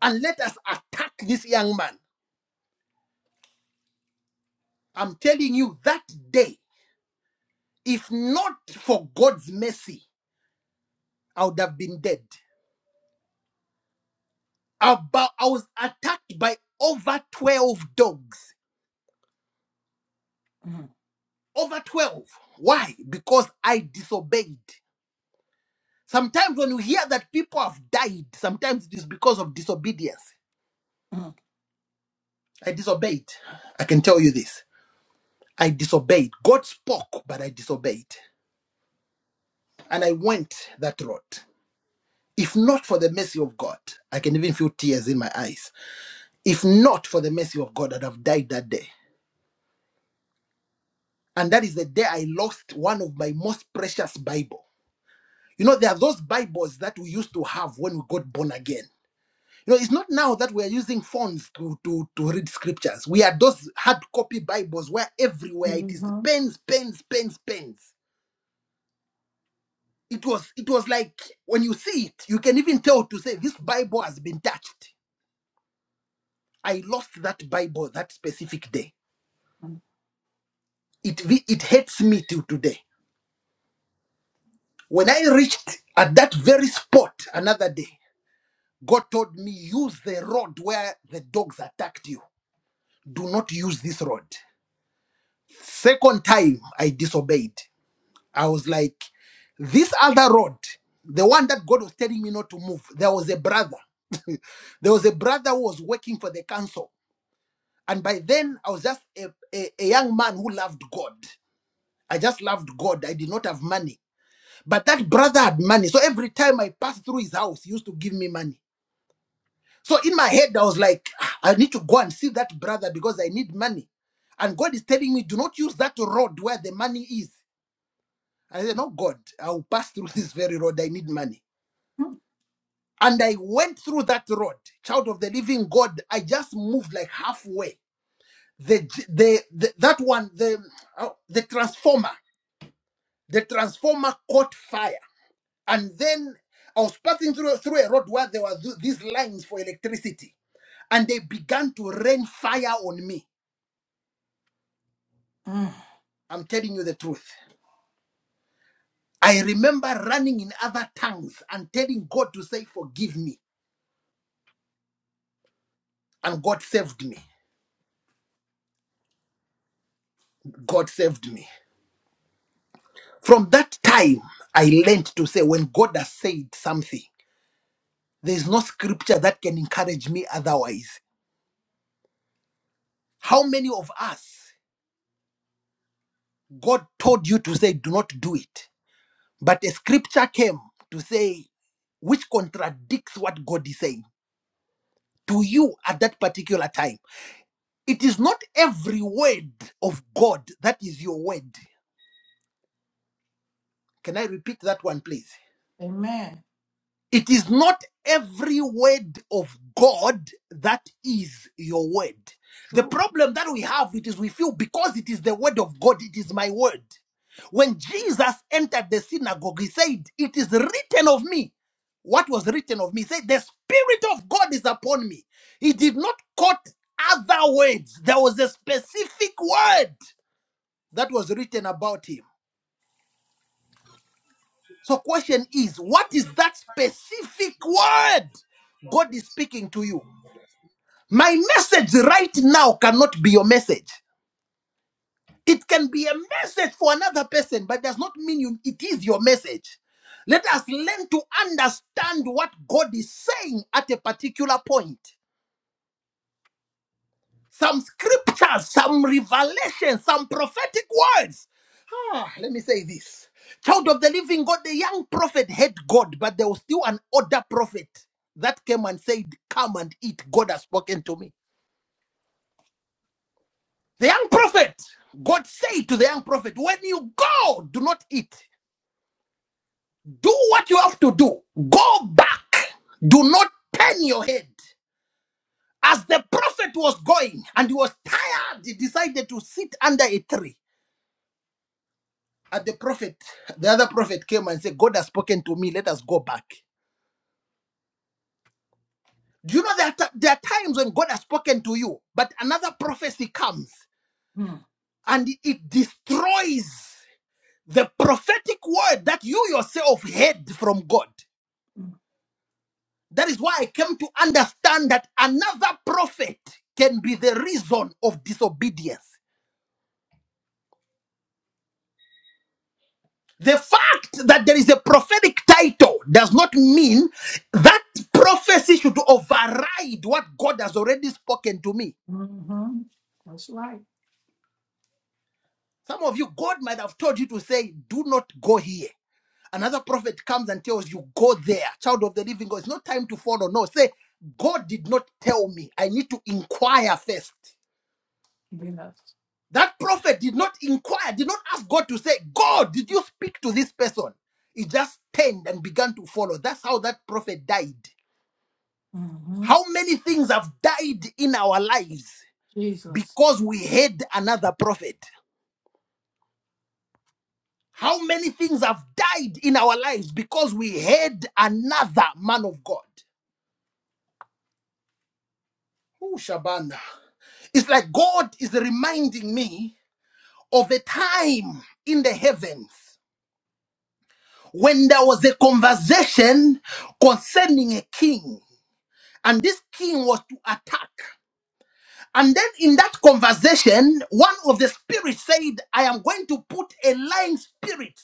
[SPEAKER 1] and let us attack this young man. I'm telling you, that day, if not for God's mercy, I would have been dead. About I was attacked by over 12 dogs.
[SPEAKER 2] Mm-hmm.
[SPEAKER 1] Over 12. Why? Because I disobeyed. Sometimes when we hear that people have died, sometimes it is because of disobedience. I disobeyed. I can tell you this. I disobeyed. God spoke, but I disobeyed. And I went that road. If not for the mercy of God, I can even feel tears in my eyes. If not for the mercy of God, I'd have died that day. And that is the day I lost one of my most precious Bible. You know, there are those Bibles that we used to have when we got born again. You know, it's not now that we are using phones to, to, to read scriptures. We are those hard copy Bibles where everywhere it is
[SPEAKER 2] Mm-hmm.
[SPEAKER 1] pens, pens, pens, pens. It was it was like when you see it, you can even tell to say this Bible has been touched. I lost that Bible that specific day. It vi- it hates me till today. When I reached at that very spot another day, God told me use the road where the dogs attacked you. Do not use this road. Second time I disobeyed. I was like, this other road, the one that God was telling me not to move, there was a brother. There was a brother who was working for the council. And by then, I was just a, a, a young man who loved God. I just loved God. I did not have money. But that brother had money. So every time I passed through his house, he used to give me money. So in my head, I was like, "Ah, I need to go and see that brother because I need money. And God is telling me, do not use that road where the money is. I said, No, God, I'll pass through this very road. I need money.
[SPEAKER 2] mm
[SPEAKER 1] And I went through that road, child of the living God. I just moved like halfway. The the, the that one the uh, the transformer, the transformer caught fire, and then I was passing through through a road where there were th- these lines for electricity, and they began to rain fire on me. I'm telling you the truth. I remember running in other tongues and telling God to say, "Forgive me," and God saved me. God saved me. From that time, I learned to say, when God has said something, there is no scripture that can encourage me otherwise. How many of us, God told you to say, do not do it, but a scripture came to say, which contradicts what God is saying to you at that particular time? It is not every word of God that is your word. Can I repeat that one, please?
[SPEAKER 2] Amen.
[SPEAKER 1] It is not every word of God that is your word. The
[SPEAKER 2] True.
[SPEAKER 1] problem that we have it is we feel because it is the word of God, it is my word. When Jesus entered the synagogue, he said, It is written of me. What was written of me? He said, The Spirit of God is upon me. He did not quote other words. There was a specific word that was written about him. So question is, what is that specific word God is speaking to you? My message right now cannot be your message. It can be a message for another person, but does not mean you, it is your message. Let us learn to understand what God is saying at a particular point. some scriptures, some revelation, some prophetic words. Ah, let me say this. Child of the living God, the young prophet had God, but there was still an older prophet that came and said, Come and eat. God has spoken to me. The young prophet, God said to the young prophet, When you go, do not eat. Do what you have to do. Go back. Do not turn your head. As the prophet was going and he was tired, he decided to sit under a tree. at the prophet, the other prophet came and said, God has spoken to me, let us go back. Do you know that there are t- there are times when God has spoken to you, but another prophecy comes
[SPEAKER 2] Mm-hmm.
[SPEAKER 1] and it destroys the prophetic word that you yourself heard from God? That is why I came to understand that another prophet can be the reason of disobedience. The fact that there is a prophetic title does not mean that prophecy should override what God has already spoken to me.
[SPEAKER 2] Mm-hmm. That's right.
[SPEAKER 1] Some of you, God might have told you to say, Do not go here. Another prophet comes and tells you, Go there, child of the living God. It's not time to follow. No, say, God did not tell me. I need to inquire first.
[SPEAKER 2] Yes.
[SPEAKER 1] That prophet did not inquire, did not ask God to say, God, did you speak to this person? He just turned and began to follow. That's how that prophet died.
[SPEAKER 2] Mm-hmm.
[SPEAKER 1] How many things have died in our lives
[SPEAKER 2] Jesus.
[SPEAKER 1] because we heard another prophet? How many things have died in our lives because we heard another man of God? Ooh, Shabana. It's like God is reminding me of a time in the heavens when there was a conversation concerning a king, and this king was to attack. And then in that conversation, one of the spirits said, I am going to put a lying spirit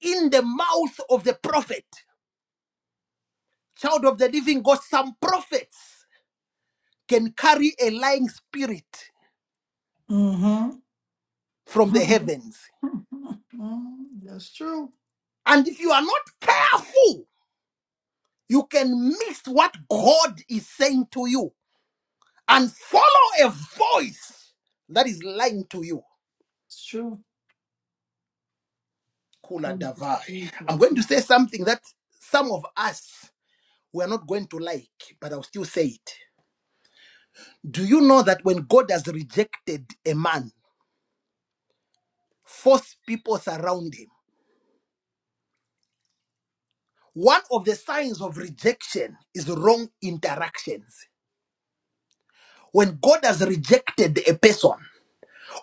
[SPEAKER 1] in the mouth of the prophet. Child of the living God, some prophets can carry a lying spirit
[SPEAKER 2] Mm-hmm.
[SPEAKER 1] from the heavens.
[SPEAKER 2] That's true.
[SPEAKER 1] And if you are not careful, you can miss what God is saying to you and follow a voice that is lying to you.
[SPEAKER 2] It's true.
[SPEAKER 1] Kula
[SPEAKER 2] Jesus.
[SPEAKER 1] Davai.
[SPEAKER 2] Jesus.
[SPEAKER 1] I'm going to say something that some of us we are not going to like, but I'll still say it. Do you know that when God has rejected a man, false people surround him? One of the signs of rejection is wrong interactions. When God has rejected a person,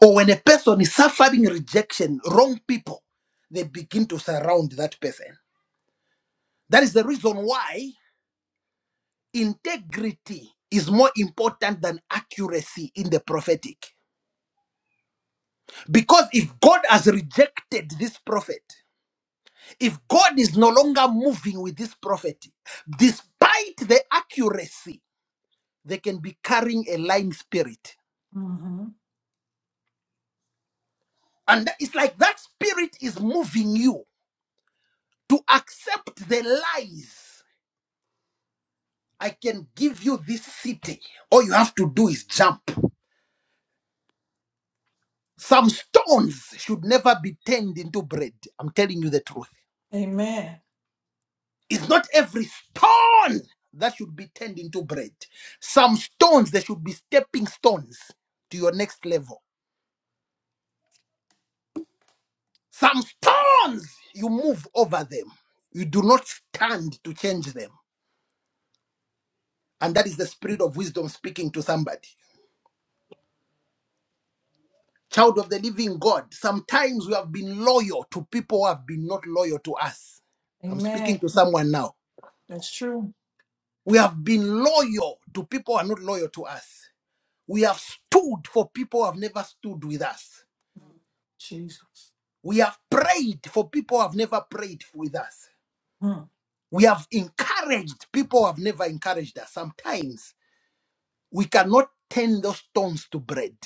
[SPEAKER 1] or when a person is suffering rejection, wrong people, they begin to surround that person. That is the reason why integrity is more important than accuracy in the prophetic. Because if God has rejected this prophet, If God is no longer moving with this prophecy, despite the accuracy, they can be carrying a lying spirit.
[SPEAKER 2] Mm-hmm.
[SPEAKER 1] And that- it's like that spirit is moving you to accept the lies. I can give you this city. All you have to do is jump. Some stones should never be turned into bread. I'm telling you the truth.
[SPEAKER 2] Amen.
[SPEAKER 1] It's not every stone that should be turned into bread. Some stones, they should be stepping stones to your next level. Some stones, you move over them. You do not stand to change them. And that is the spirit of wisdom speaking to somebody. Child of the living God, sometimes we have been loyal to people who have been not loyal to us. I'm speaking
[SPEAKER 2] Amen.
[SPEAKER 1] to someone now.
[SPEAKER 2] That's true.
[SPEAKER 1] We have been loyal to people who are not loyal to us. We have stood for people who have never stood with us.
[SPEAKER 2] Jesus.
[SPEAKER 1] We have prayed for people who have never prayed with us.
[SPEAKER 2] Mm.
[SPEAKER 1] We have encouraged people who have never encouraged us sometimes we cannot turn those stones to bread.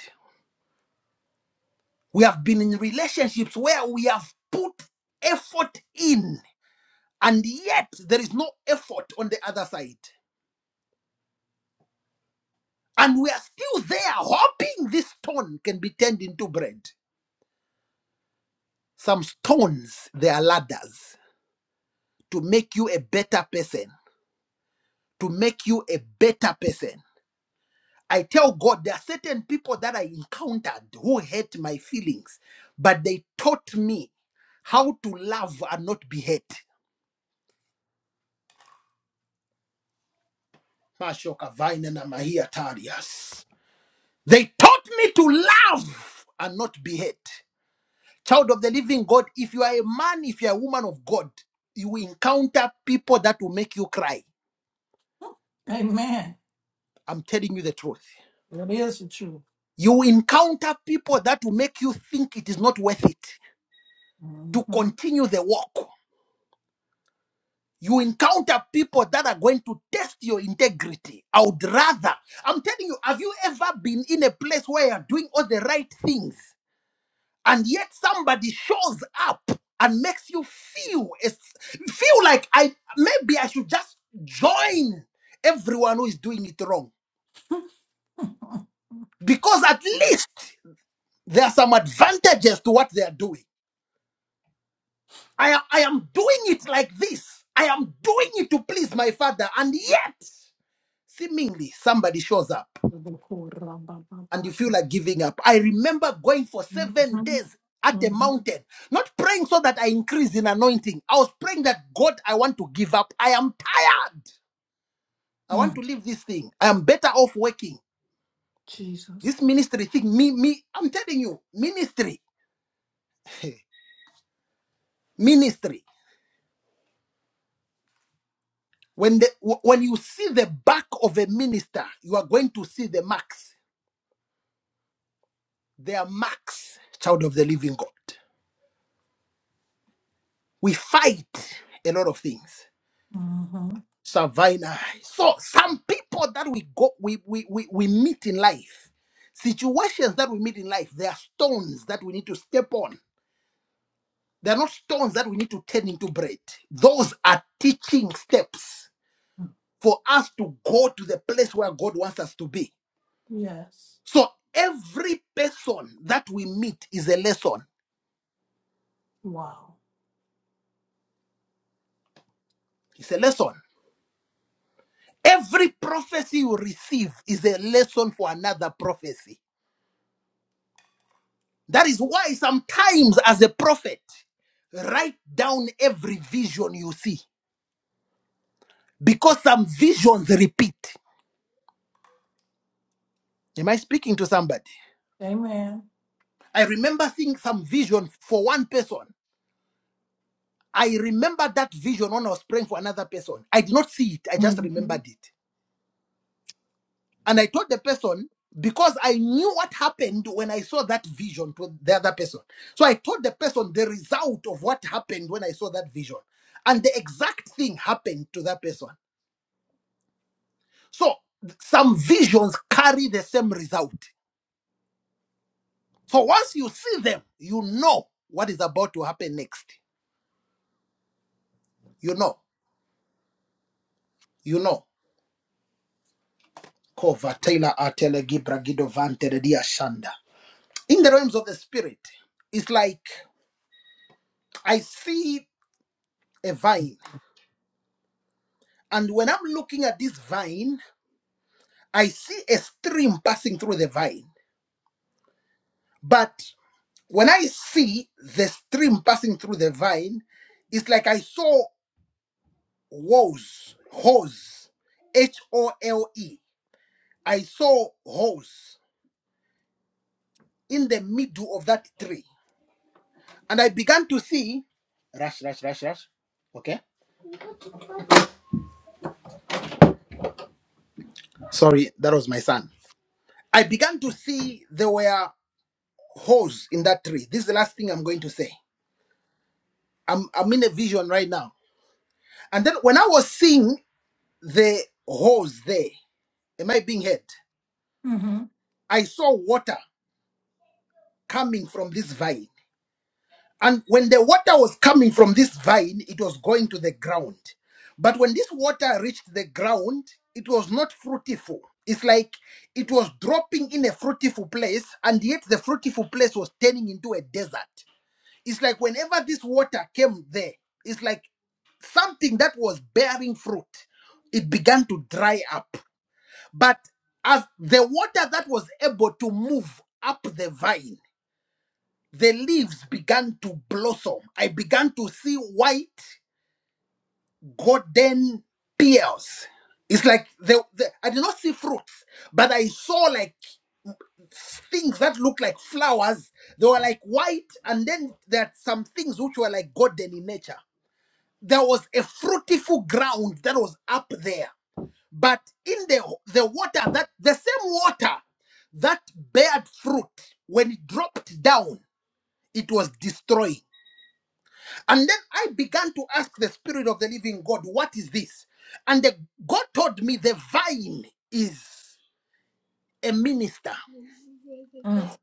[SPEAKER 1] We have been in relationships where we have put effort in, and yet there is no effort on the other side. And we are still there hoping this stone can be turned into bread. Some stones, they are ladders to make you a better person, to make you a better person. I tell God there are certain people that I encountered who hurt my feelings, but they taught me how to love and not be hurt. Mashoka vaina na mahia tarias. They taught me to love and not be hurt. Child of the living God, if you are a man, if you are a woman of God, you will encounter people that will make you cry.
[SPEAKER 2] Amen.
[SPEAKER 1] I'm telling you the truth.
[SPEAKER 2] That is the truth.
[SPEAKER 1] You will encounter people that will make you think it is not worth it to
[SPEAKER 2] Mm-hmm.
[SPEAKER 1] continue the walk. you encounter people that are going to test your integrity. I would rather, I'm telling you, have you ever been in a place where you're doing all the right things and yet somebody shows up and makes you feel it's, feel like I maybe I should just join everyone who is doing it wrong because at least there are some advantages to what they are doing. I I am doing it like this. I am doing it to please my father and yet seemingly somebody shows up and you feel like giving up. I remember going for seven days at a
[SPEAKER 2] Mm-hmm.
[SPEAKER 1] mountain, not praying so that I increase in anointing. I was praying that God, I want to give up. I am tired. I want to
[SPEAKER 2] Mm,
[SPEAKER 1] leave this thing. I am better off working. This
[SPEAKER 2] Jesus.
[SPEAKER 1] ministry thing, me, me, I'm telling you, ministry, ministry. When the wh- when you see the back of a minister, you are going to see the marks. They are marks, child of the living God. We fight a lot of things
[SPEAKER 2] hmm
[SPEAKER 1] Savannah. So some people that we go we, we we we meet in life, situations that we meet in life, they are stones that we need to step on. They're not stones that we need to turn into bread. Those are teaching steps for us to go to the place where God wants us to be.
[SPEAKER 2] Yes.
[SPEAKER 1] So every person that we meet is a lesson.
[SPEAKER 2] Wow.
[SPEAKER 1] It's a lesson. Every prophecy you receive is a lesson for another prophecy. That is why sometimes, as a prophet, write down every vision you see because some visions repeat. Am I speaking to somebody?
[SPEAKER 2] Amen.
[SPEAKER 1] I remember seeing some vision for one person. I remember that vision when I was praying for another person. I did not see it, I just
[SPEAKER 2] Mm-hmm.
[SPEAKER 1] remembered it. And I told the person because I knew what happened when I saw that vision to the other person. So I told the person the result of what happened when I saw that vision. And the exact thing happened to that person. So some visions carry the same result. So once you see them, you know what is about to happen next. You know, you know. Kova Taylor Atele Gibra Gido Vante de Dia Shanda. In the realms of the spirit, it's like I see a vine, and when I'm looking at this vine, I see a stream passing through the vine. But when I see the stream passing through the vine, it's like I saw. Woes, hose, H O L E. I saw hose in the middle of that tree. And I began to see, rush, rush, rush, rush. Okay. Sorry, that was my son. I began to see there were holes in that tree. This is the last thing I'm going to say. I'm, I'm in a vision right now. And then when I was seeing the holes there, am I being heard?
[SPEAKER 2] Mm-hmm.
[SPEAKER 1] I saw water coming from this vine. And when the water was coming from this vine, it was going to the ground. But when this water reached the ground, it was not fruitful. It's like it was dropping in a fruitful place, and yet the fruitful place was turning into a desert. It's like whenever this water came there, it's like something that was bearing fruit, it began to dry up. But as the water that was able to move up the vine, the leaves began to blossom. I began to see white golden pears. It's like the, the I did not see fruits, but I saw like things that looked like flowers. They were like white, and then there are some things which were like golden in nature. There was a fruitful ground that was up there, but in the the water that the same water that bared fruit when it dropped down, it was destroyed And then I began to ask the Spirit of the Living God, what is this? And the, God told me the vine is a minister.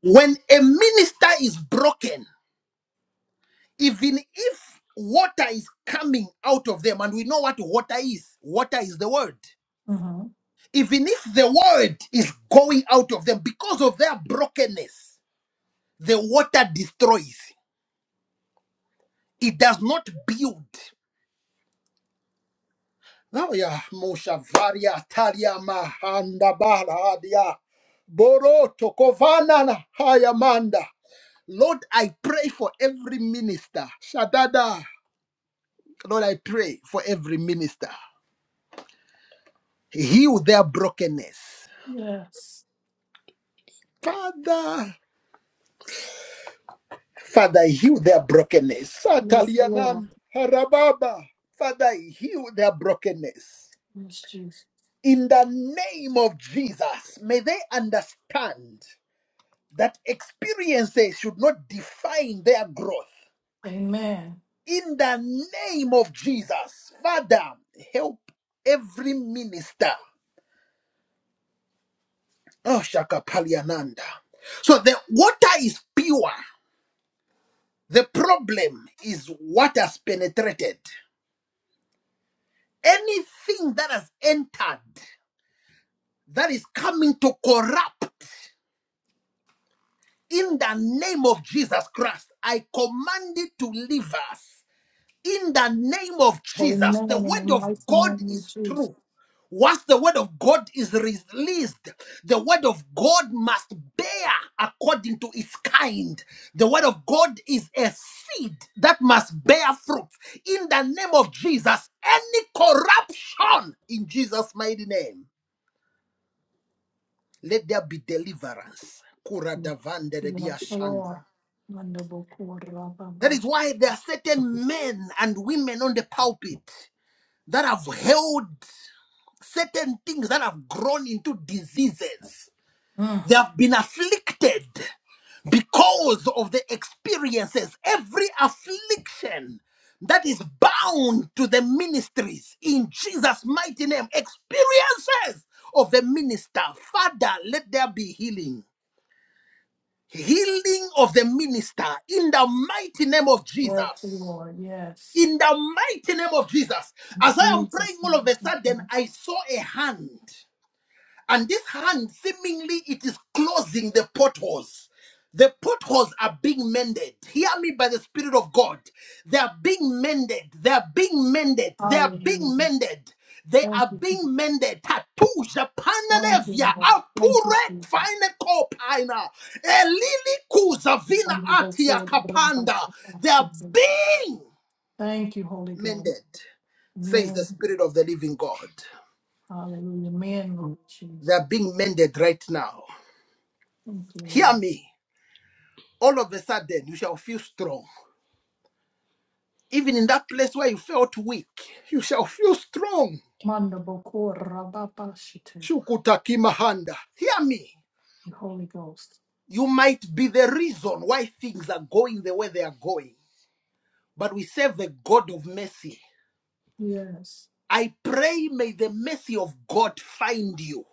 [SPEAKER 1] When a minister is broken, even if water is coming out of them, and we know what water is water is the word.
[SPEAKER 2] Mm-hmm.
[SPEAKER 1] Even if the word is going out of them because of their brokenness, the water destroys, it does not build. Oh yeah, Moshavaria Taria Mahandabaradia Boro Tokovanana Hayamanda. Lord, I pray for every minister. Shadada. Lord, I pray for every minister. Heal their brokenness.
[SPEAKER 2] Yes.
[SPEAKER 1] Father, Father, heal their brokenness.
[SPEAKER 2] Yes, Lord.
[SPEAKER 1] Satalianan Harababa. Father, heal their brokenness.
[SPEAKER 2] Yes, Jesus.
[SPEAKER 1] In the name of Jesus, may they understand. that experiences should not define their growth.
[SPEAKER 2] Amen.
[SPEAKER 1] In the name of Jesus, Father, help every minister. Oh, Shaka Paliananda. So the water is pure. The problem is what has penetrated. Anything that has entered that is coming to corrupt in the name of Jesus Christ, I command it to leave us. in the name of Jesus.
[SPEAKER 2] Amen.
[SPEAKER 1] The
[SPEAKER 2] In the
[SPEAKER 1] word of
[SPEAKER 2] mighty name
[SPEAKER 1] God
[SPEAKER 2] of
[SPEAKER 1] is
[SPEAKER 2] Jesus.
[SPEAKER 1] true. Once the word of God is released, the word of God must bear according to its kind. The word of God is a seed that must bear fruit. In the name of Jesus, any corruption in Jesus' mighty name, let there be deliverance.
[SPEAKER 2] Yes,
[SPEAKER 1] Kuradavanderediashanda.
[SPEAKER 2] Lord. Wonderful quarter of our
[SPEAKER 1] That is
[SPEAKER 2] bus.
[SPEAKER 1] why there are certain men and women on the pulpit that have held certain things that have grown into diseases.
[SPEAKER 2] Mm.
[SPEAKER 1] They have been afflicted because of the experiences. Every affliction that is bound to the ministries in Jesus' mighty name, experiences of the minister. Father, let there be healing. Healing of the minister in the mighty name of
[SPEAKER 2] Yes,
[SPEAKER 1] Jesus.
[SPEAKER 2] Lord. Yes.
[SPEAKER 1] In the mighty name of Jesus.
[SPEAKER 2] In
[SPEAKER 1] As I am praying
[SPEAKER 2] Jesus.
[SPEAKER 1] all of a sudden,
[SPEAKER 2] name.
[SPEAKER 1] I saw a hand. And this hand, seemingly, it is closing the potholes. The potholes are being mended. Hear me by the Spirit of God. They are being mended. They are being mended. They are being
[SPEAKER 2] Hallelujah.
[SPEAKER 1] mended. They
[SPEAKER 2] Thank
[SPEAKER 1] are
[SPEAKER 2] you. Jesus.
[SPEAKER 1] being mended. Tattoo
[SPEAKER 2] Thank
[SPEAKER 1] Japananevia
[SPEAKER 2] you, Lord. Thank you,
[SPEAKER 1] Apuret
[SPEAKER 2] Jesus.
[SPEAKER 1] Fine Kopina Elili Kuzavina Atia Kapanda. They are
[SPEAKER 2] Thank
[SPEAKER 1] being
[SPEAKER 2] you, Holy Ghost.
[SPEAKER 1] mended, says the
[SPEAKER 2] Amen.
[SPEAKER 1] Spirit of the Living God.
[SPEAKER 2] Hallelujah. Amen, Lord
[SPEAKER 1] They are
[SPEAKER 2] Jesus.
[SPEAKER 1] being mended right now.
[SPEAKER 2] Thank you,
[SPEAKER 1] Hear
[SPEAKER 2] Lord.
[SPEAKER 1] me. all of a sudden you shall feel strong. Even in that place where you felt weak, you shall feel strong.
[SPEAKER 2] Manda bokora baba shite.
[SPEAKER 1] Shukutakimahanda. Hear me.
[SPEAKER 2] Holy Ghost.
[SPEAKER 1] You might be the reason why things are going the way they are going, but we serve the God of mercy.
[SPEAKER 2] Yes.
[SPEAKER 1] I pray, may the mercy of God find you.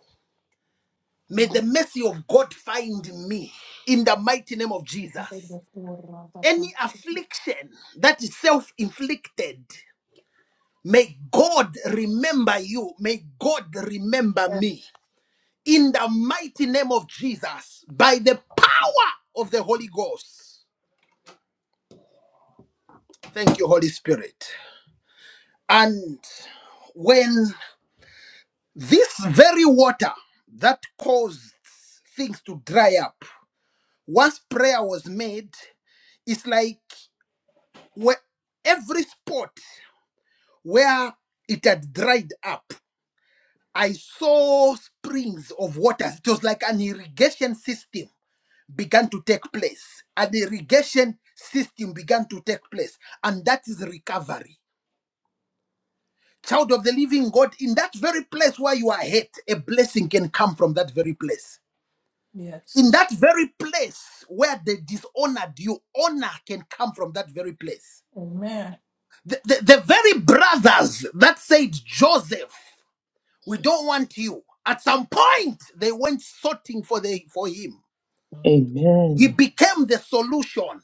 [SPEAKER 1] May the
[SPEAKER 2] Amen.
[SPEAKER 1] mercy of God find me in the mighty name of
[SPEAKER 2] Manda
[SPEAKER 1] Jesus.
[SPEAKER 2] Bokora
[SPEAKER 1] Any
[SPEAKER 2] baba.
[SPEAKER 1] affliction that is self inflicted, May God remember you. May God remember
[SPEAKER 2] Yes.
[SPEAKER 1] me. In the mighty name of Jesus, by the power of the Holy Ghost. Thank you, Holy Spirit. And when this very water that caused things to dry up, once prayer was made, it's like where every spot where it had dried up I saw springs of waters. It was like an irrigation system began to take place. An irrigation system began to take place. And that is recovery. Child of the living God, in that very place where you are hurt, a blessing can come from that very place.
[SPEAKER 2] Yes.
[SPEAKER 1] In
[SPEAKER 2] yes.
[SPEAKER 1] that very place where they dishonored you, honor can come from that very place.
[SPEAKER 2] Amen.
[SPEAKER 1] The, the, the very brothers that said Joseph We don't want you. At some point, they went sorting for, the, for him. He
[SPEAKER 3] Amen.
[SPEAKER 1] became the solution.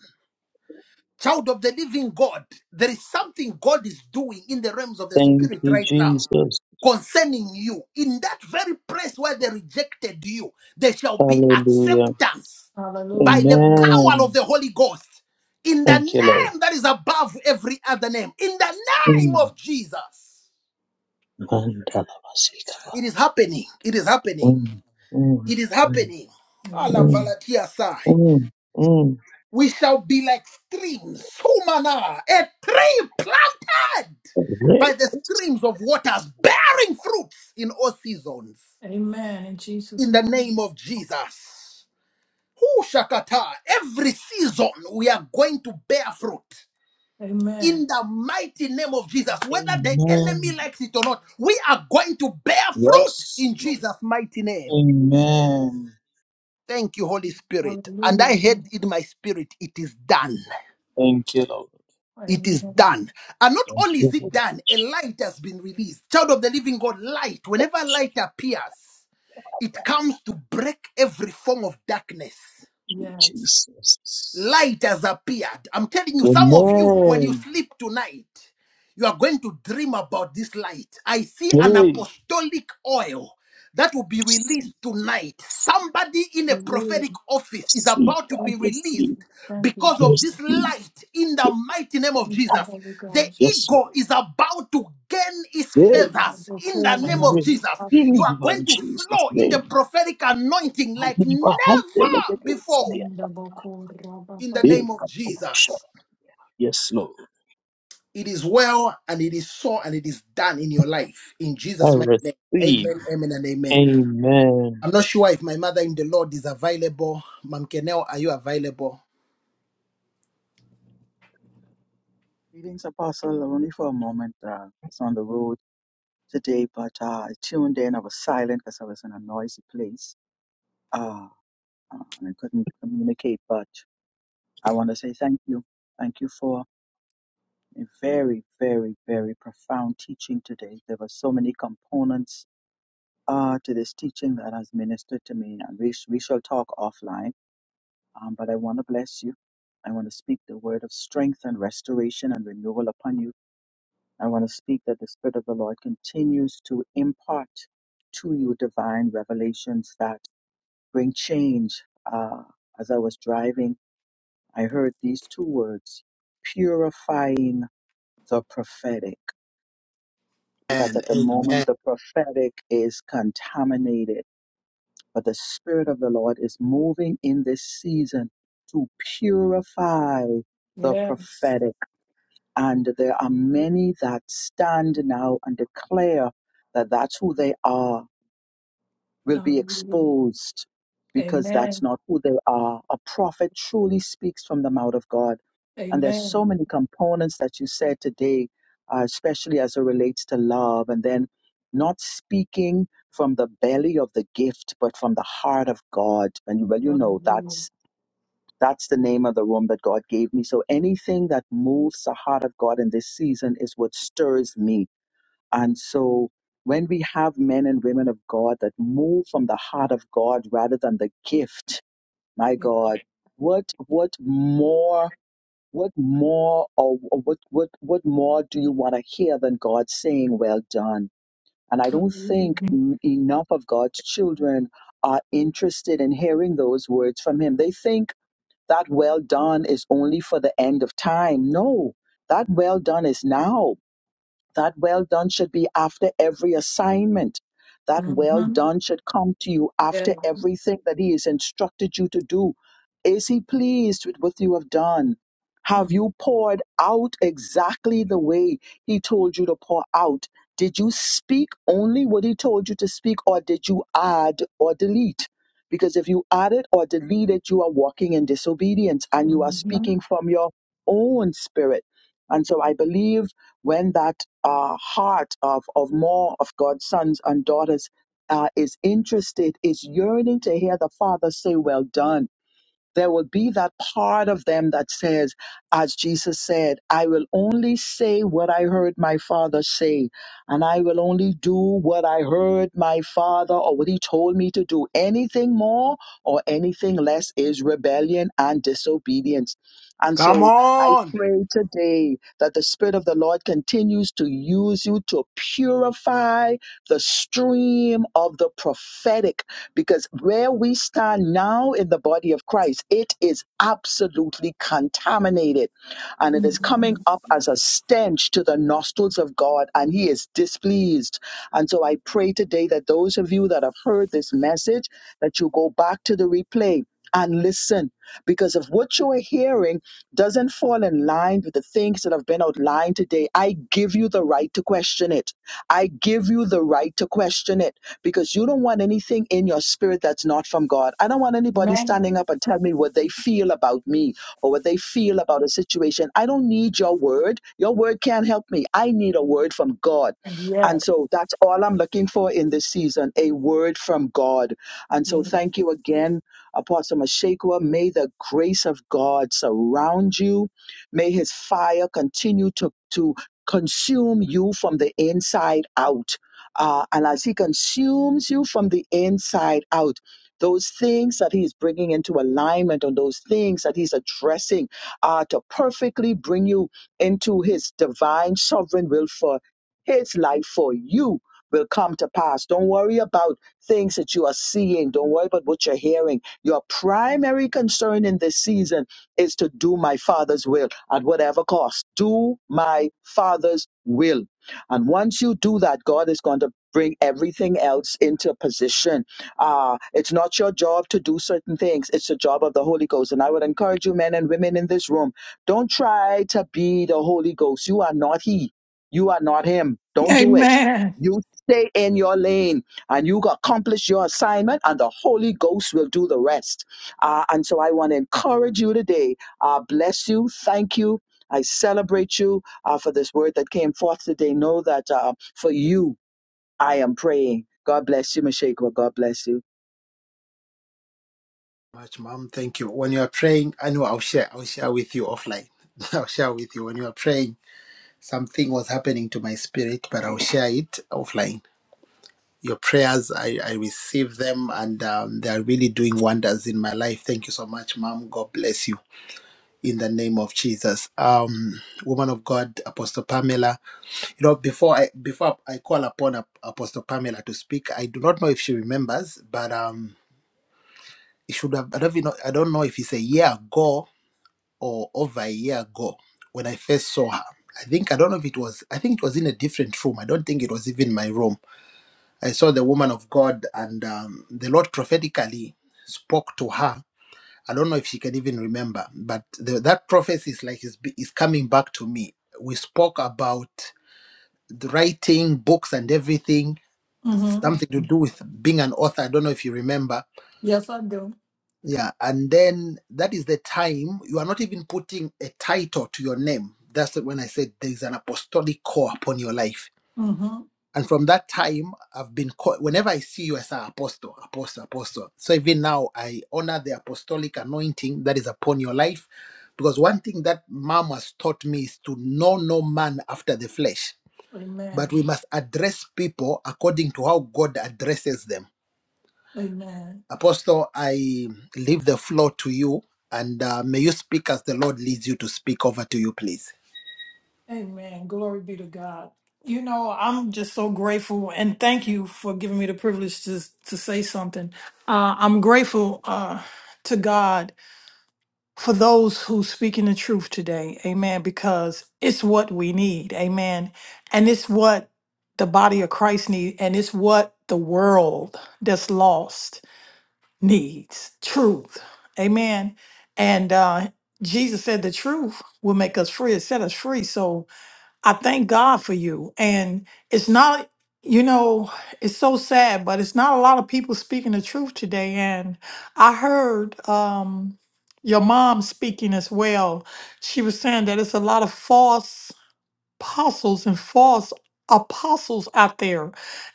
[SPEAKER 1] Child of the living God, there is something God is doing in the realms of the
[SPEAKER 3] Thank
[SPEAKER 1] spirit
[SPEAKER 3] you,
[SPEAKER 1] right now
[SPEAKER 3] Jesus.
[SPEAKER 1] concerning you. In that very place where they rejected you, there shall be
[SPEAKER 3] Hallelujah.
[SPEAKER 1] acceptance by
[SPEAKER 2] Hallelujah.
[SPEAKER 1] the power of
[SPEAKER 3] Amen.
[SPEAKER 1] the Holy Ghost. In the
[SPEAKER 3] Thank you, Lord.
[SPEAKER 1] name that is above every other name, in the name
[SPEAKER 3] Mm.
[SPEAKER 1] of Jesus.
[SPEAKER 3] Mandalabasikaba.
[SPEAKER 1] It is happening. It is happening.
[SPEAKER 3] Mm, mm,
[SPEAKER 1] It is
[SPEAKER 3] mm,
[SPEAKER 1] happening. Ala
[SPEAKER 3] mm,
[SPEAKER 2] Amen.
[SPEAKER 1] valatia sai.
[SPEAKER 3] mm, mm.
[SPEAKER 1] We shall be like streams, humana, a tree planted by
[SPEAKER 3] Great.
[SPEAKER 1] the streams of waters, bearing fruits in all seasons.
[SPEAKER 2] Amen. In Jesus'
[SPEAKER 1] In the
[SPEAKER 2] name.
[SPEAKER 1] name of Jesus. Hu shakata. Every season we are going to bear fruit.
[SPEAKER 2] Amen.
[SPEAKER 1] In the mighty name of Jesus, whether the enemy
[SPEAKER 3] Amen.
[SPEAKER 1] likes it or not, we are going to bear fruit in
[SPEAKER 3] Yes, Lord.
[SPEAKER 1] Jesus' mighty name.
[SPEAKER 3] Amen.
[SPEAKER 1] Thank you, Holy Spirit. And
[SPEAKER 2] Hallelujah.
[SPEAKER 1] I heard in my spirit, it is done.
[SPEAKER 3] Thank you, Lord.
[SPEAKER 1] It is
[SPEAKER 2] Amen.
[SPEAKER 1] done. And not
[SPEAKER 3] Thank
[SPEAKER 1] only is
[SPEAKER 3] you,
[SPEAKER 1] it
[SPEAKER 3] Lord.
[SPEAKER 1] done, a light has been released. Child of the living God, light,
[SPEAKER 3] Oh,
[SPEAKER 1] whenever light appears, it
[SPEAKER 3] Shaddai,
[SPEAKER 1] comes to break every form of darkness.
[SPEAKER 2] Yes.
[SPEAKER 3] Jesus.
[SPEAKER 1] Light has appeared. I'm telling you, some of you, when you
[SPEAKER 3] Amen.
[SPEAKER 1] sleep tonight, you are going to dream about this light. I see an
[SPEAKER 3] Yay.
[SPEAKER 1] apostolic oil that will be
[SPEAKER 3] Receive,
[SPEAKER 1] released tonight. Somebody in a
[SPEAKER 2] Hallelujah.
[SPEAKER 1] prophetic office is
[SPEAKER 3] receive, receive,
[SPEAKER 1] about to be
[SPEAKER 2] Thank you,
[SPEAKER 1] released
[SPEAKER 2] Jesus. Thank
[SPEAKER 3] I
[SPEAKER 2] you,
[SPEAKER 1] because of
[SPEAKER 3] receive,
[SPEAKER 1] this
[SPEAKER 2] Lord.
[SPEAKER 3] I
[SPEAKER 1] light in the
[SPEAKER 3] receive.
[SPEAKER 1] mighty name of
[SPEAKER 2] Thank you,
[SPEAKER 1] Jesus.
[SPEAKER 2] Holy
[SPEAKER 1] The
[SPEAKER 2] Ghost.
[SPEAKER 3] Yes,
[SPEAKER 1] ego
[SPEAKER 3] Lord.
[SPEAKER 1] is about to gain its
[SPEAKER 3] Yea,
[SPEAKER 2] Manda
[SPEAKER 1] feathers in the
[SPEAKER 2] boko
[SPEAKER 3] I
[SPEAKER 1] name
[SPEAKER 2] raba
[SPEAKER 1] of
[SPEAKER 3] receive
[SPEAKER 1] Jesus.
[SPEAKER 2] baba.
[SPEAKER 1] You are going
[SPEAKER 3] in
[SPEAKER 1] to
[SPEAKER 3] Jesus'
[SPEAKER 1] flow in the
[SPEAKER 3] name.
[SPEAKER 1] prophetic anointing like never before
[SPEAKER 2] Manda boko raba
[SPEAKER 1] in the
[SPEAKER 2] baba.
[SPEAKER 1] name of Jesus.
[SPEAKER 3] Yes, Lord.
[SPEAKER 1] It is well and it is so and it is done in your life. In
[SPEAKER 3] I
[SPEAKER 1] Jesus' mighty name.
[SPEAKER 3] receive.
[SPEAKER 1] Amen, amen, and amen.
[SPEAKER 3] Amen.
[SPEAKER 1] I'm not sure if my mother in the Lord is available. Mom Kenel, are you available?
[SPEAKER 4] Greetings, Apostle. Only for a moment. Uh, I was on the road today, but uh, I tuned in. I was silent because I was in a noisy place uh, uh, and I couldn't communicate. But I want to say thank you. Thank you for a very, very, very profound teaching today. There were so many components uh, to this teaching that has ministered to me, and we, sh- we shall talk offline. Um, but I want to bless you. I want to speak the word of strength and restoration and renewal upon you I want to speak that the Spirit of the Lord continues to impart to you divine revelations that bring change. Uh, as I was driving, I heard these two words purifying the prophetic. Because
[SPEAKER 1] And
[SPEAKER 4] at the moment,
[SPEAKER 1] amen.
[SPEAKER 4] the prophetic is contaminated, but the Spirit of the Lord is moving in this season to purify the
[SPEAKER 2] Yes.
[SPEAKER 4] prophetic And there are many that stand now and declare that that's who they are, will be
[SPEAKER 2] Hallelujah.
[SPEAKER 4] exposed because that's
[SPEAKER 2] Amen.
[SPEAKER 4] not who they are. A prophet truly speaks from the mouth of God. And there's so
[SPEAKER 2] Amen.
[SPEAKER 4] many components that you said today, uh, especially as it relates to love, and then not speaking from the belly of the gift, but from the heart of God. And well, you know that.
[SPEAKER 2] Hallelujah.
[SPEAKER 4] That's the name of the room that God gave me. So anything that moves the heart of God in this season is what stirs me. And so when we have men and women of God that move from the heart of God rather than the gift, my
[SPEAKER 2] Yeah.
[SPEAKER 4] God, what what more what more or or what what what more do you want to hear than God saying, Well done? And I don't
[SPEAKER 2] Hallelujah.
[SPEAKER 4] think mm, enough of God's children are interested in hearing those words from him. They think that well done is only for the end of time. No, that well done is now that well done should be after every assignment. That well
[SPEAKER 2] Mm-hmm.
[SPEAKER 4] done should come to you
[SPEAKER 2] Yeah.
[SPEAKER 4] after everything that He has instructed you to do. Is He pleased with what you have done? Have you poured out exactly the way He told you to pour out? Did you speak only what He told you to speak, or did you add or delete? Because if you added or deleted, you are walking in disobedience and you are
[SPEAKER 2] Mm-hmm.
[SPEAKER 4] speaking from your own spirit. And so I believe when that uh, heart of, of more of God's sons and daughters uh, is interested, is yearning to hear the Father say, Well done there will be that part of them that says, as Jesus said, I will only say what I heard my father say, and I will only do what I heard my father or what he told me to do. Anything more or anything less is rebellion and disobedience. And
[SPEAKER 1] Come
[SPEAKER 4] so I
[SPEAKER 1] on.
[SPEAKER 4] pray today that the Spirit of the Lord continues to use you to purify the stream of the prophetic because where we stand now in the body of Christ, it is absolutely contaminated and it is
[SPEAKER 2] Mm-hmm.
[SPEAKER 4] coming up as a stench to the nostrils of God, and He is displeased. And so I pray today that those of you that have heard this message, that you go back to the replay. And listen, because if what you are hearing doesn't fall in line with the things that have been outlined today, I give you the right to question it. I give you the right to question it because you don't want anything in your spirit that's not from God. I don't want anybody
[SPEAKER 2] Amen.
[SPEAKER 4] standing up and telling me what they feel about me or what they feel about a situation. I don't need your word. Your word can't help me. I need a word from God. And
[SPEAKER 2] Yes.
[SPEAKER 4] so that's all I'm looking for in this season a word from God. And so
[SPEAKER 2] Yes.
[SPEAKER 4] thank you again, Apostle Mashekwa. May the grace of God surround you. May his fire continue to, to consume you from the inside out uh, and as He consumes you from the inside out, those things that He's bringing into alignment and those things that He's addressing are to perfectly bring you into His divine sovereign will for His life for you. Will come to pass. Don't worry about things that you are seeing. Don't worry about what you're hearing. Your primary concern in this season is to do my Father's will at whatever cost. Do my Father's will and once you do that, God is going to bring everything else into position. Uh, it's not your job to do certain things, it's the job of the Holy Ghost. And I would encourage you, men and women in this room, don't try to be the Holy Ghost. You are not He, you are not Him. Don't do it.
[SPEAKER 2] Amen.
[SPEAKER 4] You stay in your lane and you accomplish your assignment, and the Holy Ghost will do the rest. Uh, and so I want to encourage you today. Uh, bless you. Thank you. I celebrate you uh, for this word that came forth today. Know that uh, for you, I am praying. God bless you, Mashaqua. God bless you.
[SPEAKER 1] Much, mom. Thank you. When you are praying, I know I'll share. I'll share with you offline. I'll share with you when you are praying. Something was happening to my spirit, but I'll share it offline. your prayers. I, I receive them and um, they are really doing wonders in my life. Thank you so much, Mom. God bless you in the name of Jesus. Um, woman of God, Apostle Pamela. You know, before I before I call upon Ap- Apostle Pamela to speak, I do not know if she remembers, but um, it should have. I don't even know. I don't know if it's a year ago or over a year ago when I first saw her. I think I don't know if it was. I think it was in a different room. I don't think it was even my room I saw the woman of God, and um, the Lord prophetically spoke to her. I don't know if she can even remember, but the, that prophecy is like is, is coming back to me. We spoke about the writing books and everything, something to
[SPEAKER 2] Mm-hmm.
[SPEAKER 1] do with being an author. I don't know if you remember.
[SPEAKER 2] Yes, I do.
[SPEAKER 1] Yeah, and then that is the time you are not even putting a title to your name. That's when I said there is an apostolic call upon your life
[SPEAKER 2] Mm-hmm.
[SPEAKER 1] And from that time, I've been called, whenever I see you as an apostle, apostle, apostle. So even now, I honor the apostolic anointing that is upon your life. Because one thing that mom has taught me is to know no man after the flesh, but
[SPEAKER 2] Amen.
[SPEAKER 1] we must address people according to how God addresses them.
[SPEAKER 2] Amen.
[SPEAKER 1] Apostle, I leave the floor to you, and uh, may you speak as the Lord leads you to speak over to you, please.
[SPEAKER 2] Amen. Glory be to God. You know, I'm just so grateful and thank you for giving me the privilege to to say something. Uh, I'm grateful uh, to God for those who speaking the truth today. Amen. Because it's what we need. Amen. And it's what the body of Christ needs, and it's what the world that's lost needs. Truth. Amen. And uh, Jesus said the truth will make us free. It set us free. So I thank God for you. And it's not, you know, it's so sad, but it's not a lot of people speaking the truth today. And I heard um, your mom speaking as well. She was saying that it's a lot of false apostles and false apostles out there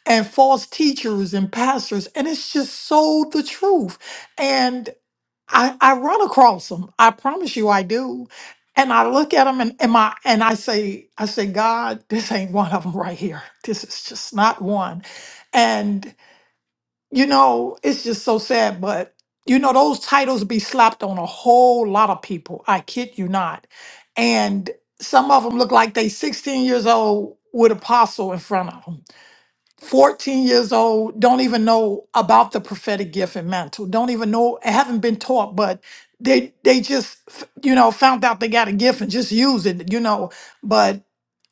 [SPEAKER 2] and false teachers and pastors and it's just so the truth I, I run across them. I promise you I do. And I look at them and, and my and I say, I say, God, this ain't one of them right here. This is just not one. And you know, it's just so sad, but you know, those titles be slapped on a whole lot of people. I kid you not. And some of them look like they 16 years old with apostle in front of them 14 years old, don't even know about the prophetic gift and mantle, don't even know, haven't been taught, but they they just f- you know found out they got a gift and just use it, you know. But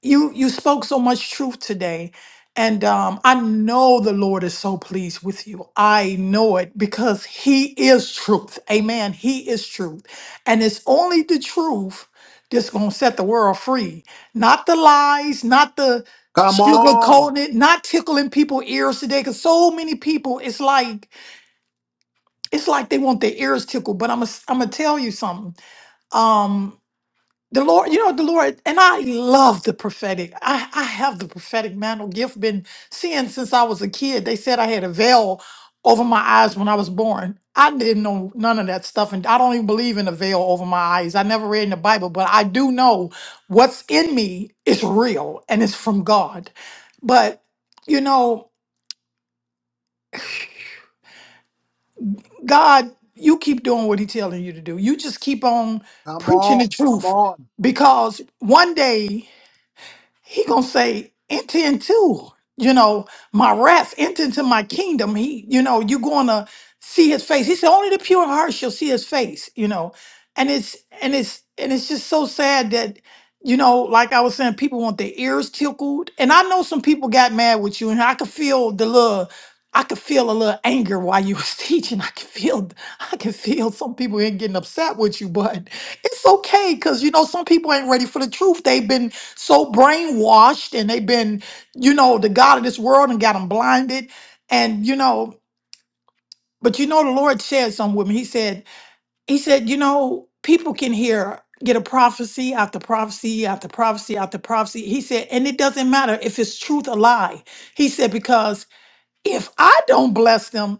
[SPEAKER 2] you you spoke so much truth today and um i know the lord is so pleased with you i know it because he is truth amen he is truth and it's only the truth that's gonna set the world free not the lies not the
[SPEAKER 1] Come
[SPEAKER 2] sugar
[SPEAKER 1] on.
[SPEAKER 2] coated not tickling people ears today because so many people it's like it's like they want their ears tickled but i'm gonna I'm gonna tell you something Um, the Lord, you know, the Lord, and I love the prophetic. I, I have the prophetic mantle gift, been seeing since I was a kid. They said I had a veil over my eyes when I was born. I didn't know none of that stuff, and I don't even believe in a veil over my eyes. I never read in the Bible, but I do know what's in me is real and it's from God. But, you know, God, you keep doing what He's telling you to do. You just keep on
[SPEAKER 1] Come
[SPEAKER 2] preaching
[SPEAKER 1] on.
[SPEAKER 2] the
[SPEAKER 1] Come
[SPEAKER 2] truth
[SPEAKER 1] on.
[SPEAKER 2] because one day, he gonna say enter into you know my rest enter into my kingdom he you know you gonna see his face he said only the pure heart shall see his face you know and it's and it's and it's just so sad that you know like i was saying people want their ears tickled and i know some people got mad with you and i could feel the little i could feel a little anger while you was teaching i could feel i could feel some people ain't getting upset with you but it's okay because you know some people ain't ready for the truth they've been so brainwashed and they've been, you know, the God of this world and got them blinded. And, you know, but you know, the Lord said some women, he said, he said, you know, people can hear, get a prophecy after prophecy after prophecy after prophecy. He said, and it doesn't matter if it's truth or lie. He said, because if I don't bless them,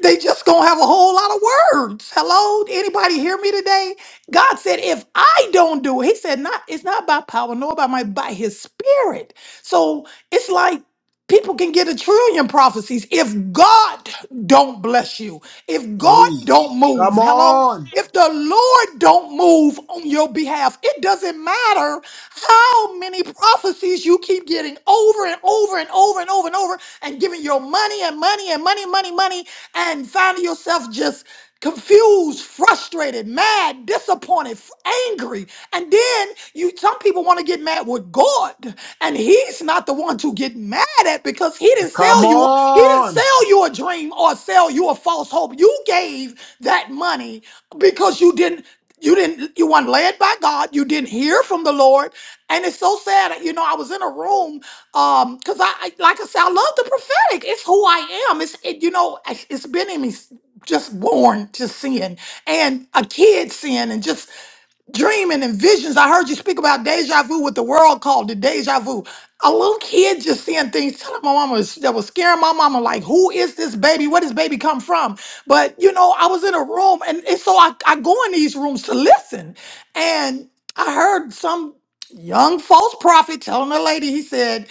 [SPEAKER 2] they just gonna have a whole lot of words. Hello, anybody hear me today? God said, if I don't do it, He said, not it's not by power, nor by my by His Spirit. So it's like people can get a trillion prophecies if God don't bless you, if God
[SPEAKER 1] Hey.
[SPEAKER 2] don't
[SPEAKER 1] Come
[SPEAKER 2] move. Hello.
[SPEAKER 1] on.
[SPEAKER 2] If the Lord don't move on your behalf, it doesn't matter how many prophecies you keep getting over and over and over and over and over and giving your money and money and money, money, money and finding yourself just confused, frustrated, mad, disappointed, f- angry. And then you some people want to get mad with God. And he's not the one to get mad at because he didn't
[SPEAKER 1] Come
[SPEAKER 2] sell you he didn't
[SPEAKER 1] on.
[SPEAKER 2] sell you a dream or sell you a false hope. You gave that money because you didn't you didn't you weren't led by God, you didn't hear from the Lord. And it's so sad. You know, I was in a room, um, because I, I like I said, I love the prophetic. It's who I am. It's it, you know, it's it's been in me s- just born to sin and a kid sin and just dreaming and visions. I heard you speak about deja vu, what the world called the deja vu. A little kid just seeing things, telling my mama was- that was scaring my mama, like, who is this baby? Where does baby come from? But you know, I was in a room and, and so I, I go in these rooms to listen. And I heard some young false prophet telling a lady, he said,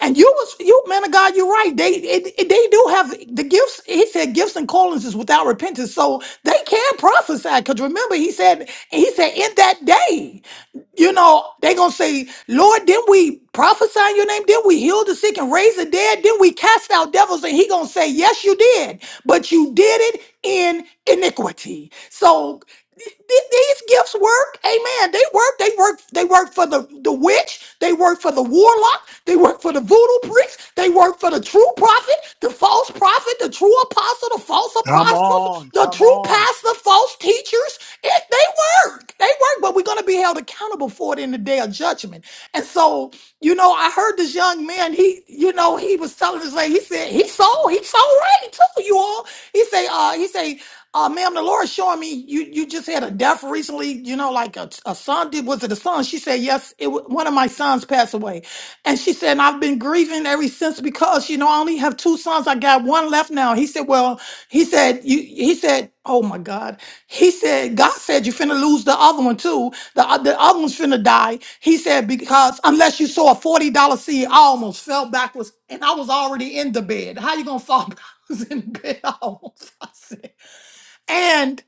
[SPEAKER 2] and you was you man of God, you're right. They it, it- they do have the gifts. He said gifts and callings is without repentance, so they can prophesy. Because remember, he said he said in that day you know, they gonna say, Lord, didn't we prophesy in your name? Didn't we heal the sick and raise the dead? Didn't we cast out devils? And he gonna say, Yes, you did, but you did it in iniquity. So th- th- these gifts work, amen. They work, they work, they work for the, the witch, they work for the warlock, they work for the voodoo priest, they work for the true prophet, the false prophet prophet, the true apostle, the false
[SPEAKER 1] Come
[SPEAKER 2] apostles,
[SPEAKER 1] on.
[SPEAKER 2] the
[SPEAKER 1] Come
[SPEAKER 2] true
[SPEAKER 1] on.
[SPEAKER 2] pastor, false teachers. It, they work. They work, but we're going to be held accountable for it in the day of judgment. And so, you know, I heard this young man, he, you know, he was telling us, lady. he said, he sold, he sold right too, you all. He say, uh, he say. Uh, ma'am, the Lord showing me you you just had a death recently. You know, like a, a son did. Was it a son? She said yes. It wa- one of my sons passed away, and she said and I've been grieving ever since because you know I only have two sons. I got one left now. He said, well, he said you. He said, oh my God. He said God said you finna lose the other one too. The o- the other one's finna die. He said because unless you sow a forty dollar seed, I almost fell backwards, and I was already in the bed. How you gonna fall backwards in bed? I almost. And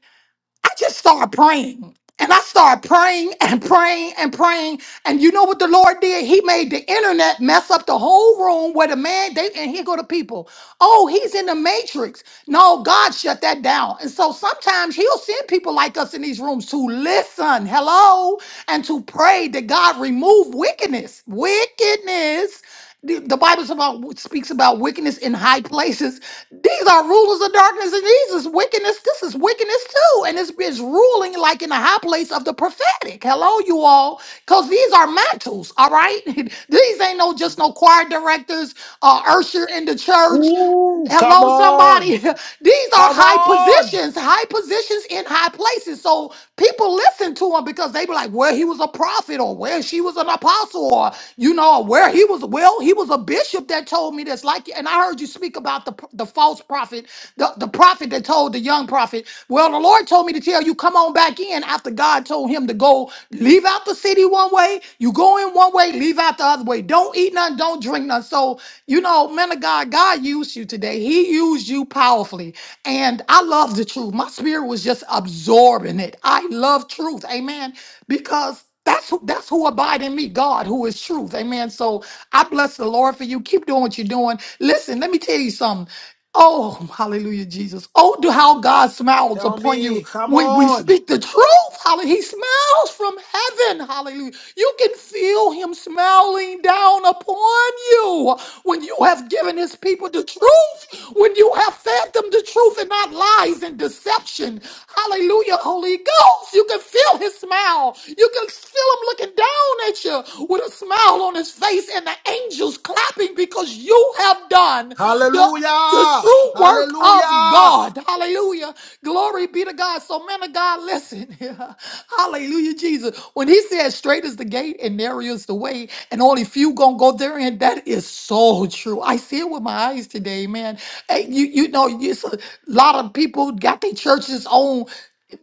[SPEAKER 2] I just started praying. And I started praying and praying and praying. And you know what the Lord did? He made the internet mess up the whole room where the man, they, and here go the people. Oh, he's in the matrix. No, God shut that down. And so sometimes he'll send people like us in these rooms to listen, hello, and to pray that God remove wickedness, wickedness the, the Bible about, speaks about wickedness in high places. These are rulers of darkness, and these is wickedness. This is wickedness too, and it's, it's ruling like in the high place of the prophetic. Hello, you all, because these are mantles. All right, these ain't no just no choir directors, uh, usher in the church.
[SPEAKER 1] Ooh, come
[SPEAKER 2] Hello,
[SPEAKER 1] on.
[SPEAKER 2] somebody. These are
[SPEAKER 1] Come
[SPEAKER 2] high
[SPEAKER 1] on.
[SPEAKER 2] positions, high positions in high places. So people listen to him because they be like, "Well, he was a prophet," or "Where she was an apostle," or you know, "Where he was." Well, he was a bishop that told me this. Like, and I heard you speak about the p- the false prophet, the the prophet that told the young prophet, "Well, the Lord told me to tell you, come on back in." After God told him to go, leave out the city one way, you go in one way, leave out the other other way. Don't eat none, don't drink none. So, you know, man of God, God used you today. He used you powerfully. And I love the truth. My spirit was just absorbing it. I love truth. Amen. Because that's who that's who abide in me, God, who is truth. Amen. So I bless the Lord for you. Keep doing what you're doing. Listen, let me tell you something. Oh, hallelujah, Jesus. Oh, do how God smiles
[SPEAKER 1] Tell
[SPEAKER 2] upon you
[SPEAKER 1] me. Come
[SPEAKER 2] when we
[SPEAKER 1] on.
[SPEAKER 2] speak the truth. Hallelujah. He smiles from heaven. Hallelujah. You can feel him smiling down upon you when you have given his people the truth, when you have fed them the truth and not lies and deception. Hallelujah, Holy Ghost. You can feel his smile. You can feel him looking down at you with a smile on his face and the angels clapping living because you have done the, the
[SPEAKER 1] Hallelujah.
[SPEAKER 2] true work of
[SPEAKER 1] Hallelujah.
[SPEAKER 2] God. Hallelujah. Glory be to God. So, man of God, listen. Hallelujah, Jesus. When he says straight is the gate and narrow is the way, and only few gonna go therein, that is so true. I see it with my eyes today, man. Hey, you, you know, it's a lot of people got their churches on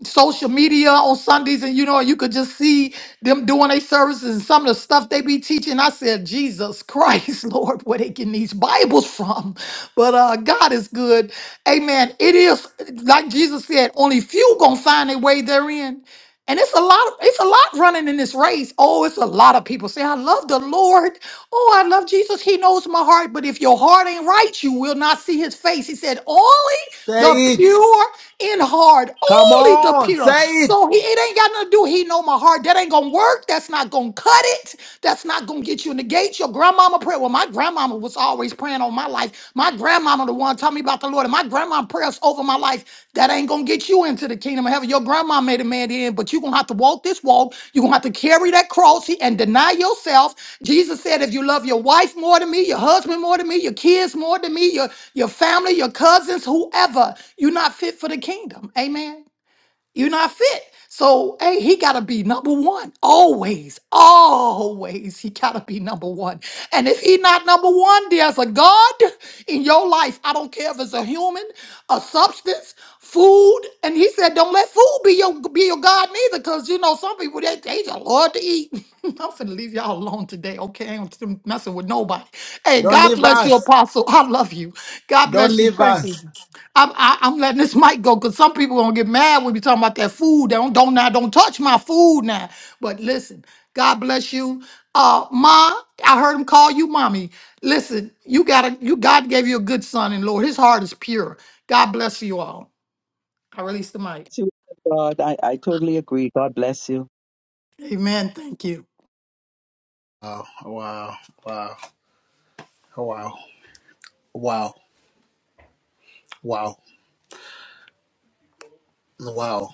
[SPEAKER 2] social media on Sundays, and you know, you could just see them doing their services and some of the stuff they be teaching. I said, Jesus Christ, Lord, where they getting these Bibles from? But uh, God is good. Amen. It is like Jesus said, only few gonna find their way therein. And it's a lot, it's a lot running in this race. Oh, it's a lot of people say, I love the Lord. Oh, I love Jesus. He knows my heart. But if your heart ain't right, you will not see his face. He said, Only the
[SPEAKER 1] Say it.
[SPEAKER 2] pure in heart.
[SPEAKER 1] Come
[SPEAKER 2] Only the
[SPEAKER 1] on.
[SPEAKER 2] pure.
[SPEAKER 1] Say it.
[SPEAKER 2] So he, it ain't got nothing to do. He know my heart. That ain't gonna work. That's not gonna cut it. That's not gonna get you in the gate. Your grandmama prayed. Well, my grandma grandmama was always praying on my life. My grandmama, the one taught me about the Lord, and my grandma prayers over my life. That ain't gonna get you into the kingdom of heaven. Your grandma made a man in, but you're gonna have to walk this walk. You're gonna have to carry that cross and deny yourself. Jesus said, if you love your wife more than me, your husband more than me, your kids more than me, your, your family, your cousins, whoever, you're not fit for the kingdom. Amen. You're not fit. So, hey, he got to be number one always. Always, he got to be number one. And if he not number one, there's a God in your life. I don't care if it's a human, a substance, food. And he said, don't let food be your be your God neither, because you know some people they they just love to eat. I'm finna leave y'all alone today, okay? I ain't messing with nobody. Hey,
[SPEAKER 1] Don't
[SPEAKER 2] God
[SPEAKER 1] leave
[SPEAKER 2] bless you,
[SPEAKER 1] us.
[SPEAKER 2] Apostle. I love you. God
[SPEAKER 1] Don't
[SPEAKER 2] bless you.
[SPEAKER 1] leave
[SPEAKER 2] Thank
[SPEAKER 1] us.
[SPEAKER 2] you. I'm, I, I'm letting this mic go because some people gonna get mad when we talking about that food. They don't don't now don't touch my food now. But listen, God bless you, uh, Ma. I heard him call you mommy. Listen, you gotta you God gave you a good son and Lord. His heart is pure. God bless you all. I release the mic.
[SPEAKER 4] See, God, I, I totally agree. God bless you.
[SPEAKER 2] Amen. Thank you.
[SPEAKER 1] Wow, wow, wow, wow, wow, wow, wow.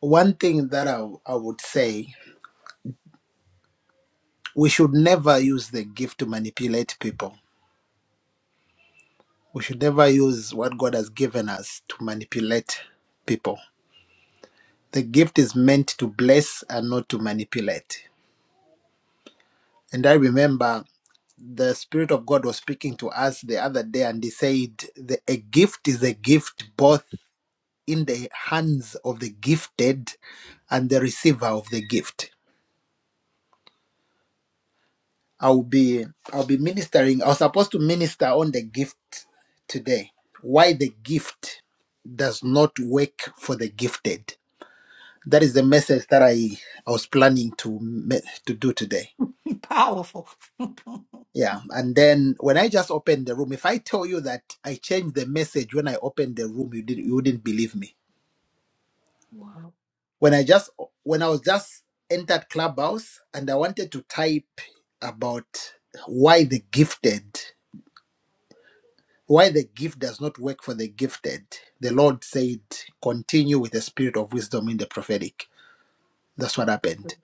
[SPEAKER 1] One thing that I, I would say we should never use the gift to manipulate people. We should never use what God has given us to manipulate people. The gift is meant to bless and not to manipulate. And I remember the Spirit of God was speaking to us the other day and He said, the, A gift is a gift both. in the hands of the gifted and the receiver of the gift. I'll be I'll be ministering. I was supposed to minister on the gift today. Why the gift does not work for the gifted. That is the message that I, I was planning to me- to do today.
[SPEAKER 2] Powerful.
[SPEAKER 1] Yeah, and then when I just opened the room, if I tell you that I changed the message when I opened the room, you did not you wouldn't believe me
[SPEAKER 2] wow.
[SPEAKER 1] When I just when I was just entered Clubhouse and I wanted to type about why the gifted, why the gift does not work for the gifted, the Lord said, continue with the spirit of wisdom in the prophetic. That's what happened.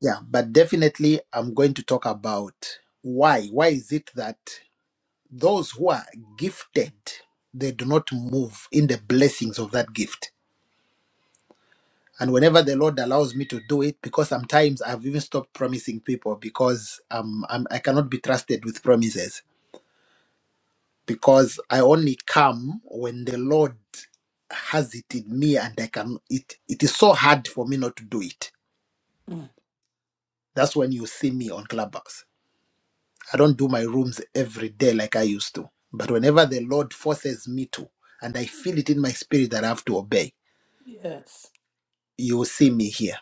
[SPEAKER 1] Yeah, but definitely I'm going to talk about why. Why is it that those who are gifted, they do not move in the blessings of that gift? And whenever the Lord allows me to do it, because sometimes I've even stopped promising people because um, I'm, I cannot be trusted with promises. Because I only come when the Lord has it in me, and I can. It it is so hard for me not to do it.
[SPEAKER 2] Mm,
[SPEAKER 1] That's when you see me on Clubhouse. I don't do my rooms every day like I used to. But whenever the Lord forces me to, and I feel it in my spirit that I have to obey,
[SPEAKER 2] Yes.
[SPEAKER 1] you will see me here,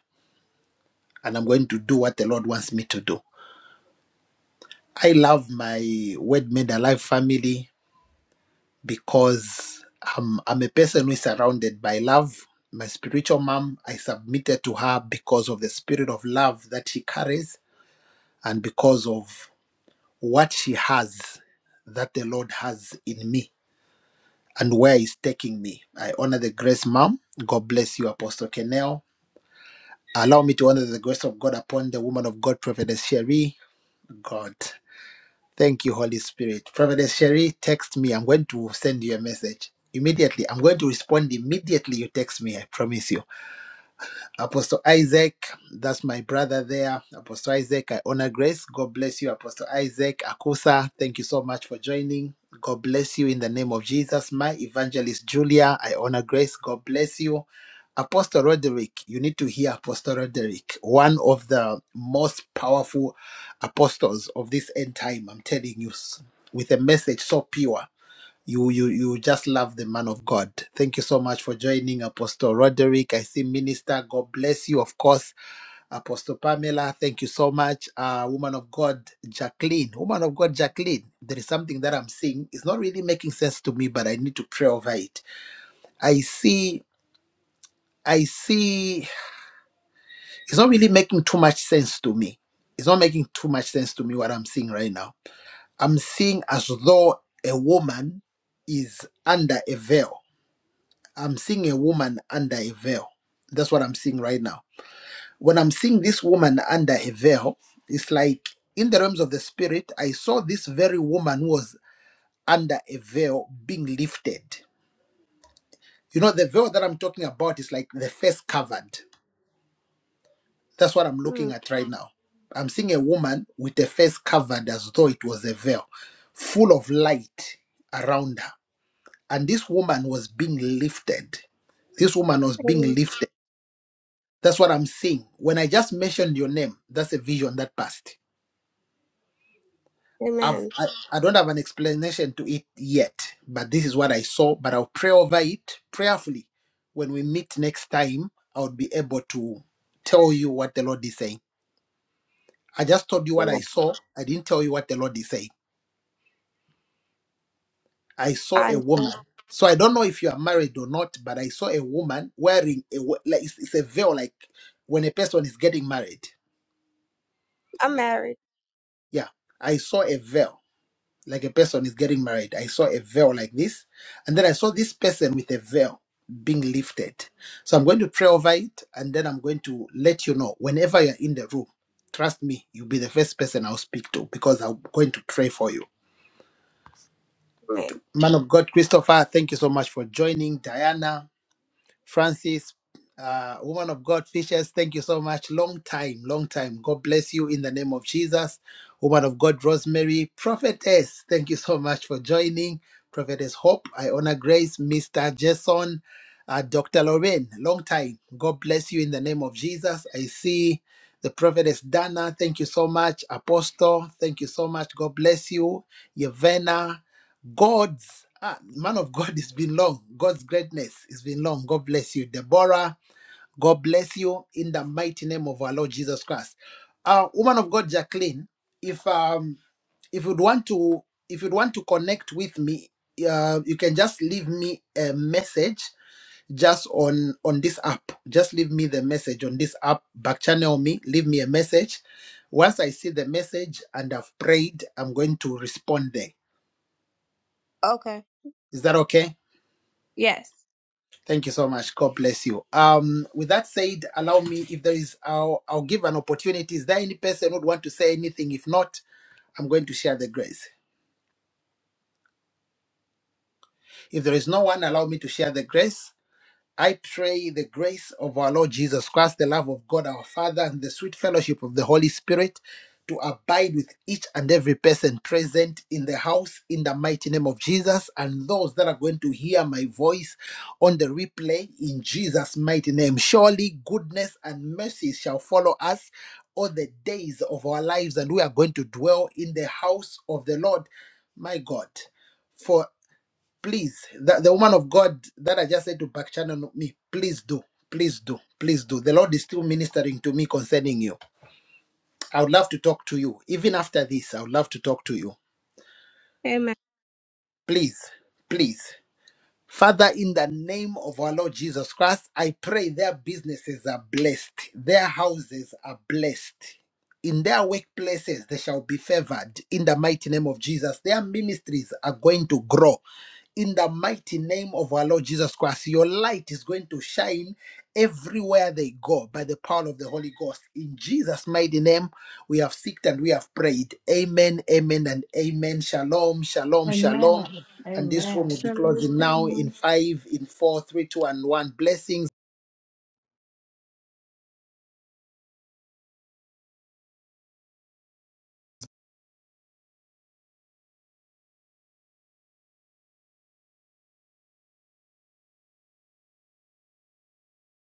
[SPEAKER 1] and I'm going to do what the Lord wants me to do I love my Word Made Alive family because I'm, I'm a person who is surrounded by love. My spiritual mom, I submitted to her because of the spirit of love that she carries and because of what she has that the Lord has in me and where He's taking me. I honor the grace, mom. God bless you, Apostle Kenel. Allow me to honor the grace of God upon the woman of God, Prophetess Sherry. God. Thank you, Holy Spirit. Prophetess Sherry, text me. I'm going to send you a message. Immediately. I'm going to respond immediately you text me. I promise you. Apostle Isaac, that's my brother there. Apostle Isaac, I honor grace. God bless you, Apostle Isaac. Akusa, thank you so much for joining. God bless you in the name of Jesus. My evangelist Julia, I honor grace. God bless you. Apostle Roderick, you need to hear Apostle Roderick, one of the most powerful apostles of this end time. I'm telling you, s- with a message so pure you you you just love the man of God. Thank you so much for joining Apostle Roderick. I see minister. God bless you. Of course, Apostle Pamela, thank you so much. Uh woman of God, Jacqueline. Woman of God, Jacqueline. There is something that I'm seeing. It's not really making sense to me, but I need to pray over it. I see, I see it's not really making too much sense to me. It's not making too much sense to me what I'm seeing right now. I'm seeing as though a woman is under a veil I'm seeing a woman under a veil. That's what I'm seeing right now. When I'm seeing this woman under a veil, it's like in the realms of the spirit, I saw this very woman who was under a veil being lifted. You know, the veil that I'm talking about is like the face covered. That's what I'm looking
[SPEAKER 5] Mm,
[SPEAKER 1] at right now. I'm seeing a woman with a face covered as though it was a veil, full of light around her. And this woman was being lifted. This woman was being lifted That's what I'm seeing. When I just mentioned your name, that's a vision that passed. I've,
[SPEAKER 5] amen.
[SPEAKER 1] I, I don't have an explanation to it yet, but this is what I saw. But I'll pray over it prayerfully. When we meet next time, I'll be able to tell you what the Lord is saying. I just told you what I
[SPEAKER 5] Amen.
[SPEAKER 1] saw. I didn't tell you what the Lord is saying. I saw a
[SPEAKER 5] And uh,
[SPEAKER 1] woman. So I don't know if you are married or not, but I saw a woman wearing a we- like it's, it's a veil, like when a person is getting married.
[SPEAKER 5] I'm married.
[SPEAKER 1] Yeah, I saw a veil like a person is getting married. I saw a veil like this, and then I saw this person with a veil being lifted. So I'm going to pray over it, and then I'm going to let you know whenever you're in the room. Trust me, you'll be the first person I'll speak to because I'm going to pray for you.
[SPEAKER 5] Amen.
[SPEAKER 1] Man of God, Christopher, thank you so much for joining. Diana, Francis, uh, woman of God, Fishers, thank you so much. Long time, long time. God bless you in the name of Jesus. Woman of God, Rosemary, Prophetess, thank you so much for joining. Prophetess Hope, I honor grace. Mr. Jason, uh, Dr. Lorraine, long time. God bless you in the name of Jesus. I see the prophetess Dana, thank you so much. Apostle, thank you so much. God bless you. Yevena, God's ah, man of God, it's been long. God's greatness, it's been long. God bless you, Deborah. God bless you in the mighty name of our Lord Jesus Christ. Uh, woman of God, Jacqueline, if um if you'd want to if you'd want to connect with me, uh, you can just leave me a message just on on this app. Just leave me the message on this app. Back channel me. Leave me a message. Once I see the message and I've prayed, I'm going to respond there.
[SPEAKER 5] Okay.
[SPEAKER 1] Is that okay?
[SPEAKER 5] Yes.
[SPEAKER 1] Thank you so much. God bless you. Um, with that said, allow me if there is, I'll, I'll give an opportunity. Is there any person who would want to say anything? If not, I'm going to share the grace. If there is no one, allow me to share the grace. I pray the grace of our Lord Jesus Christ, the love of God our Father, and the sweet fellowship of the Holy Spirit to abide with each and every person present in the house in the mighty name of Jesus and those that are going to hear my voice on the replay in Jesus' mighty name. Surely goodness and mercy shall follow us all the days of our lives, and we are going to dwell in the house of the Lord, my God for please the, the woman of god that i just said to back channel no, me please do please do please do the lord is still ministering to me concerning you i would love to talk to you even after this i would love to talk to you
[SPEAKER 5] Amen.
[SPEAKER 1] please please Father, in the name of our Lord Jesus Christ, I pray their businesses are blessed, their houses are blessed. In their workplaces, they shall be favored in the mighty name of Jesus. Their ministries are going to grow in the mighty name of our Lord Jesus Christ. Your light is going to shine everywhere they go by the power of the Holy Ghost. In Jesus' mighty name, we have seeked and we have prayed. Amen, amen, and amen. Shalom, shalom, shalom. And this room will be closing now
[SPEAKER 5] Shalom.
[SPEAKER 1] in five, in four, three, two, and one. Blessings.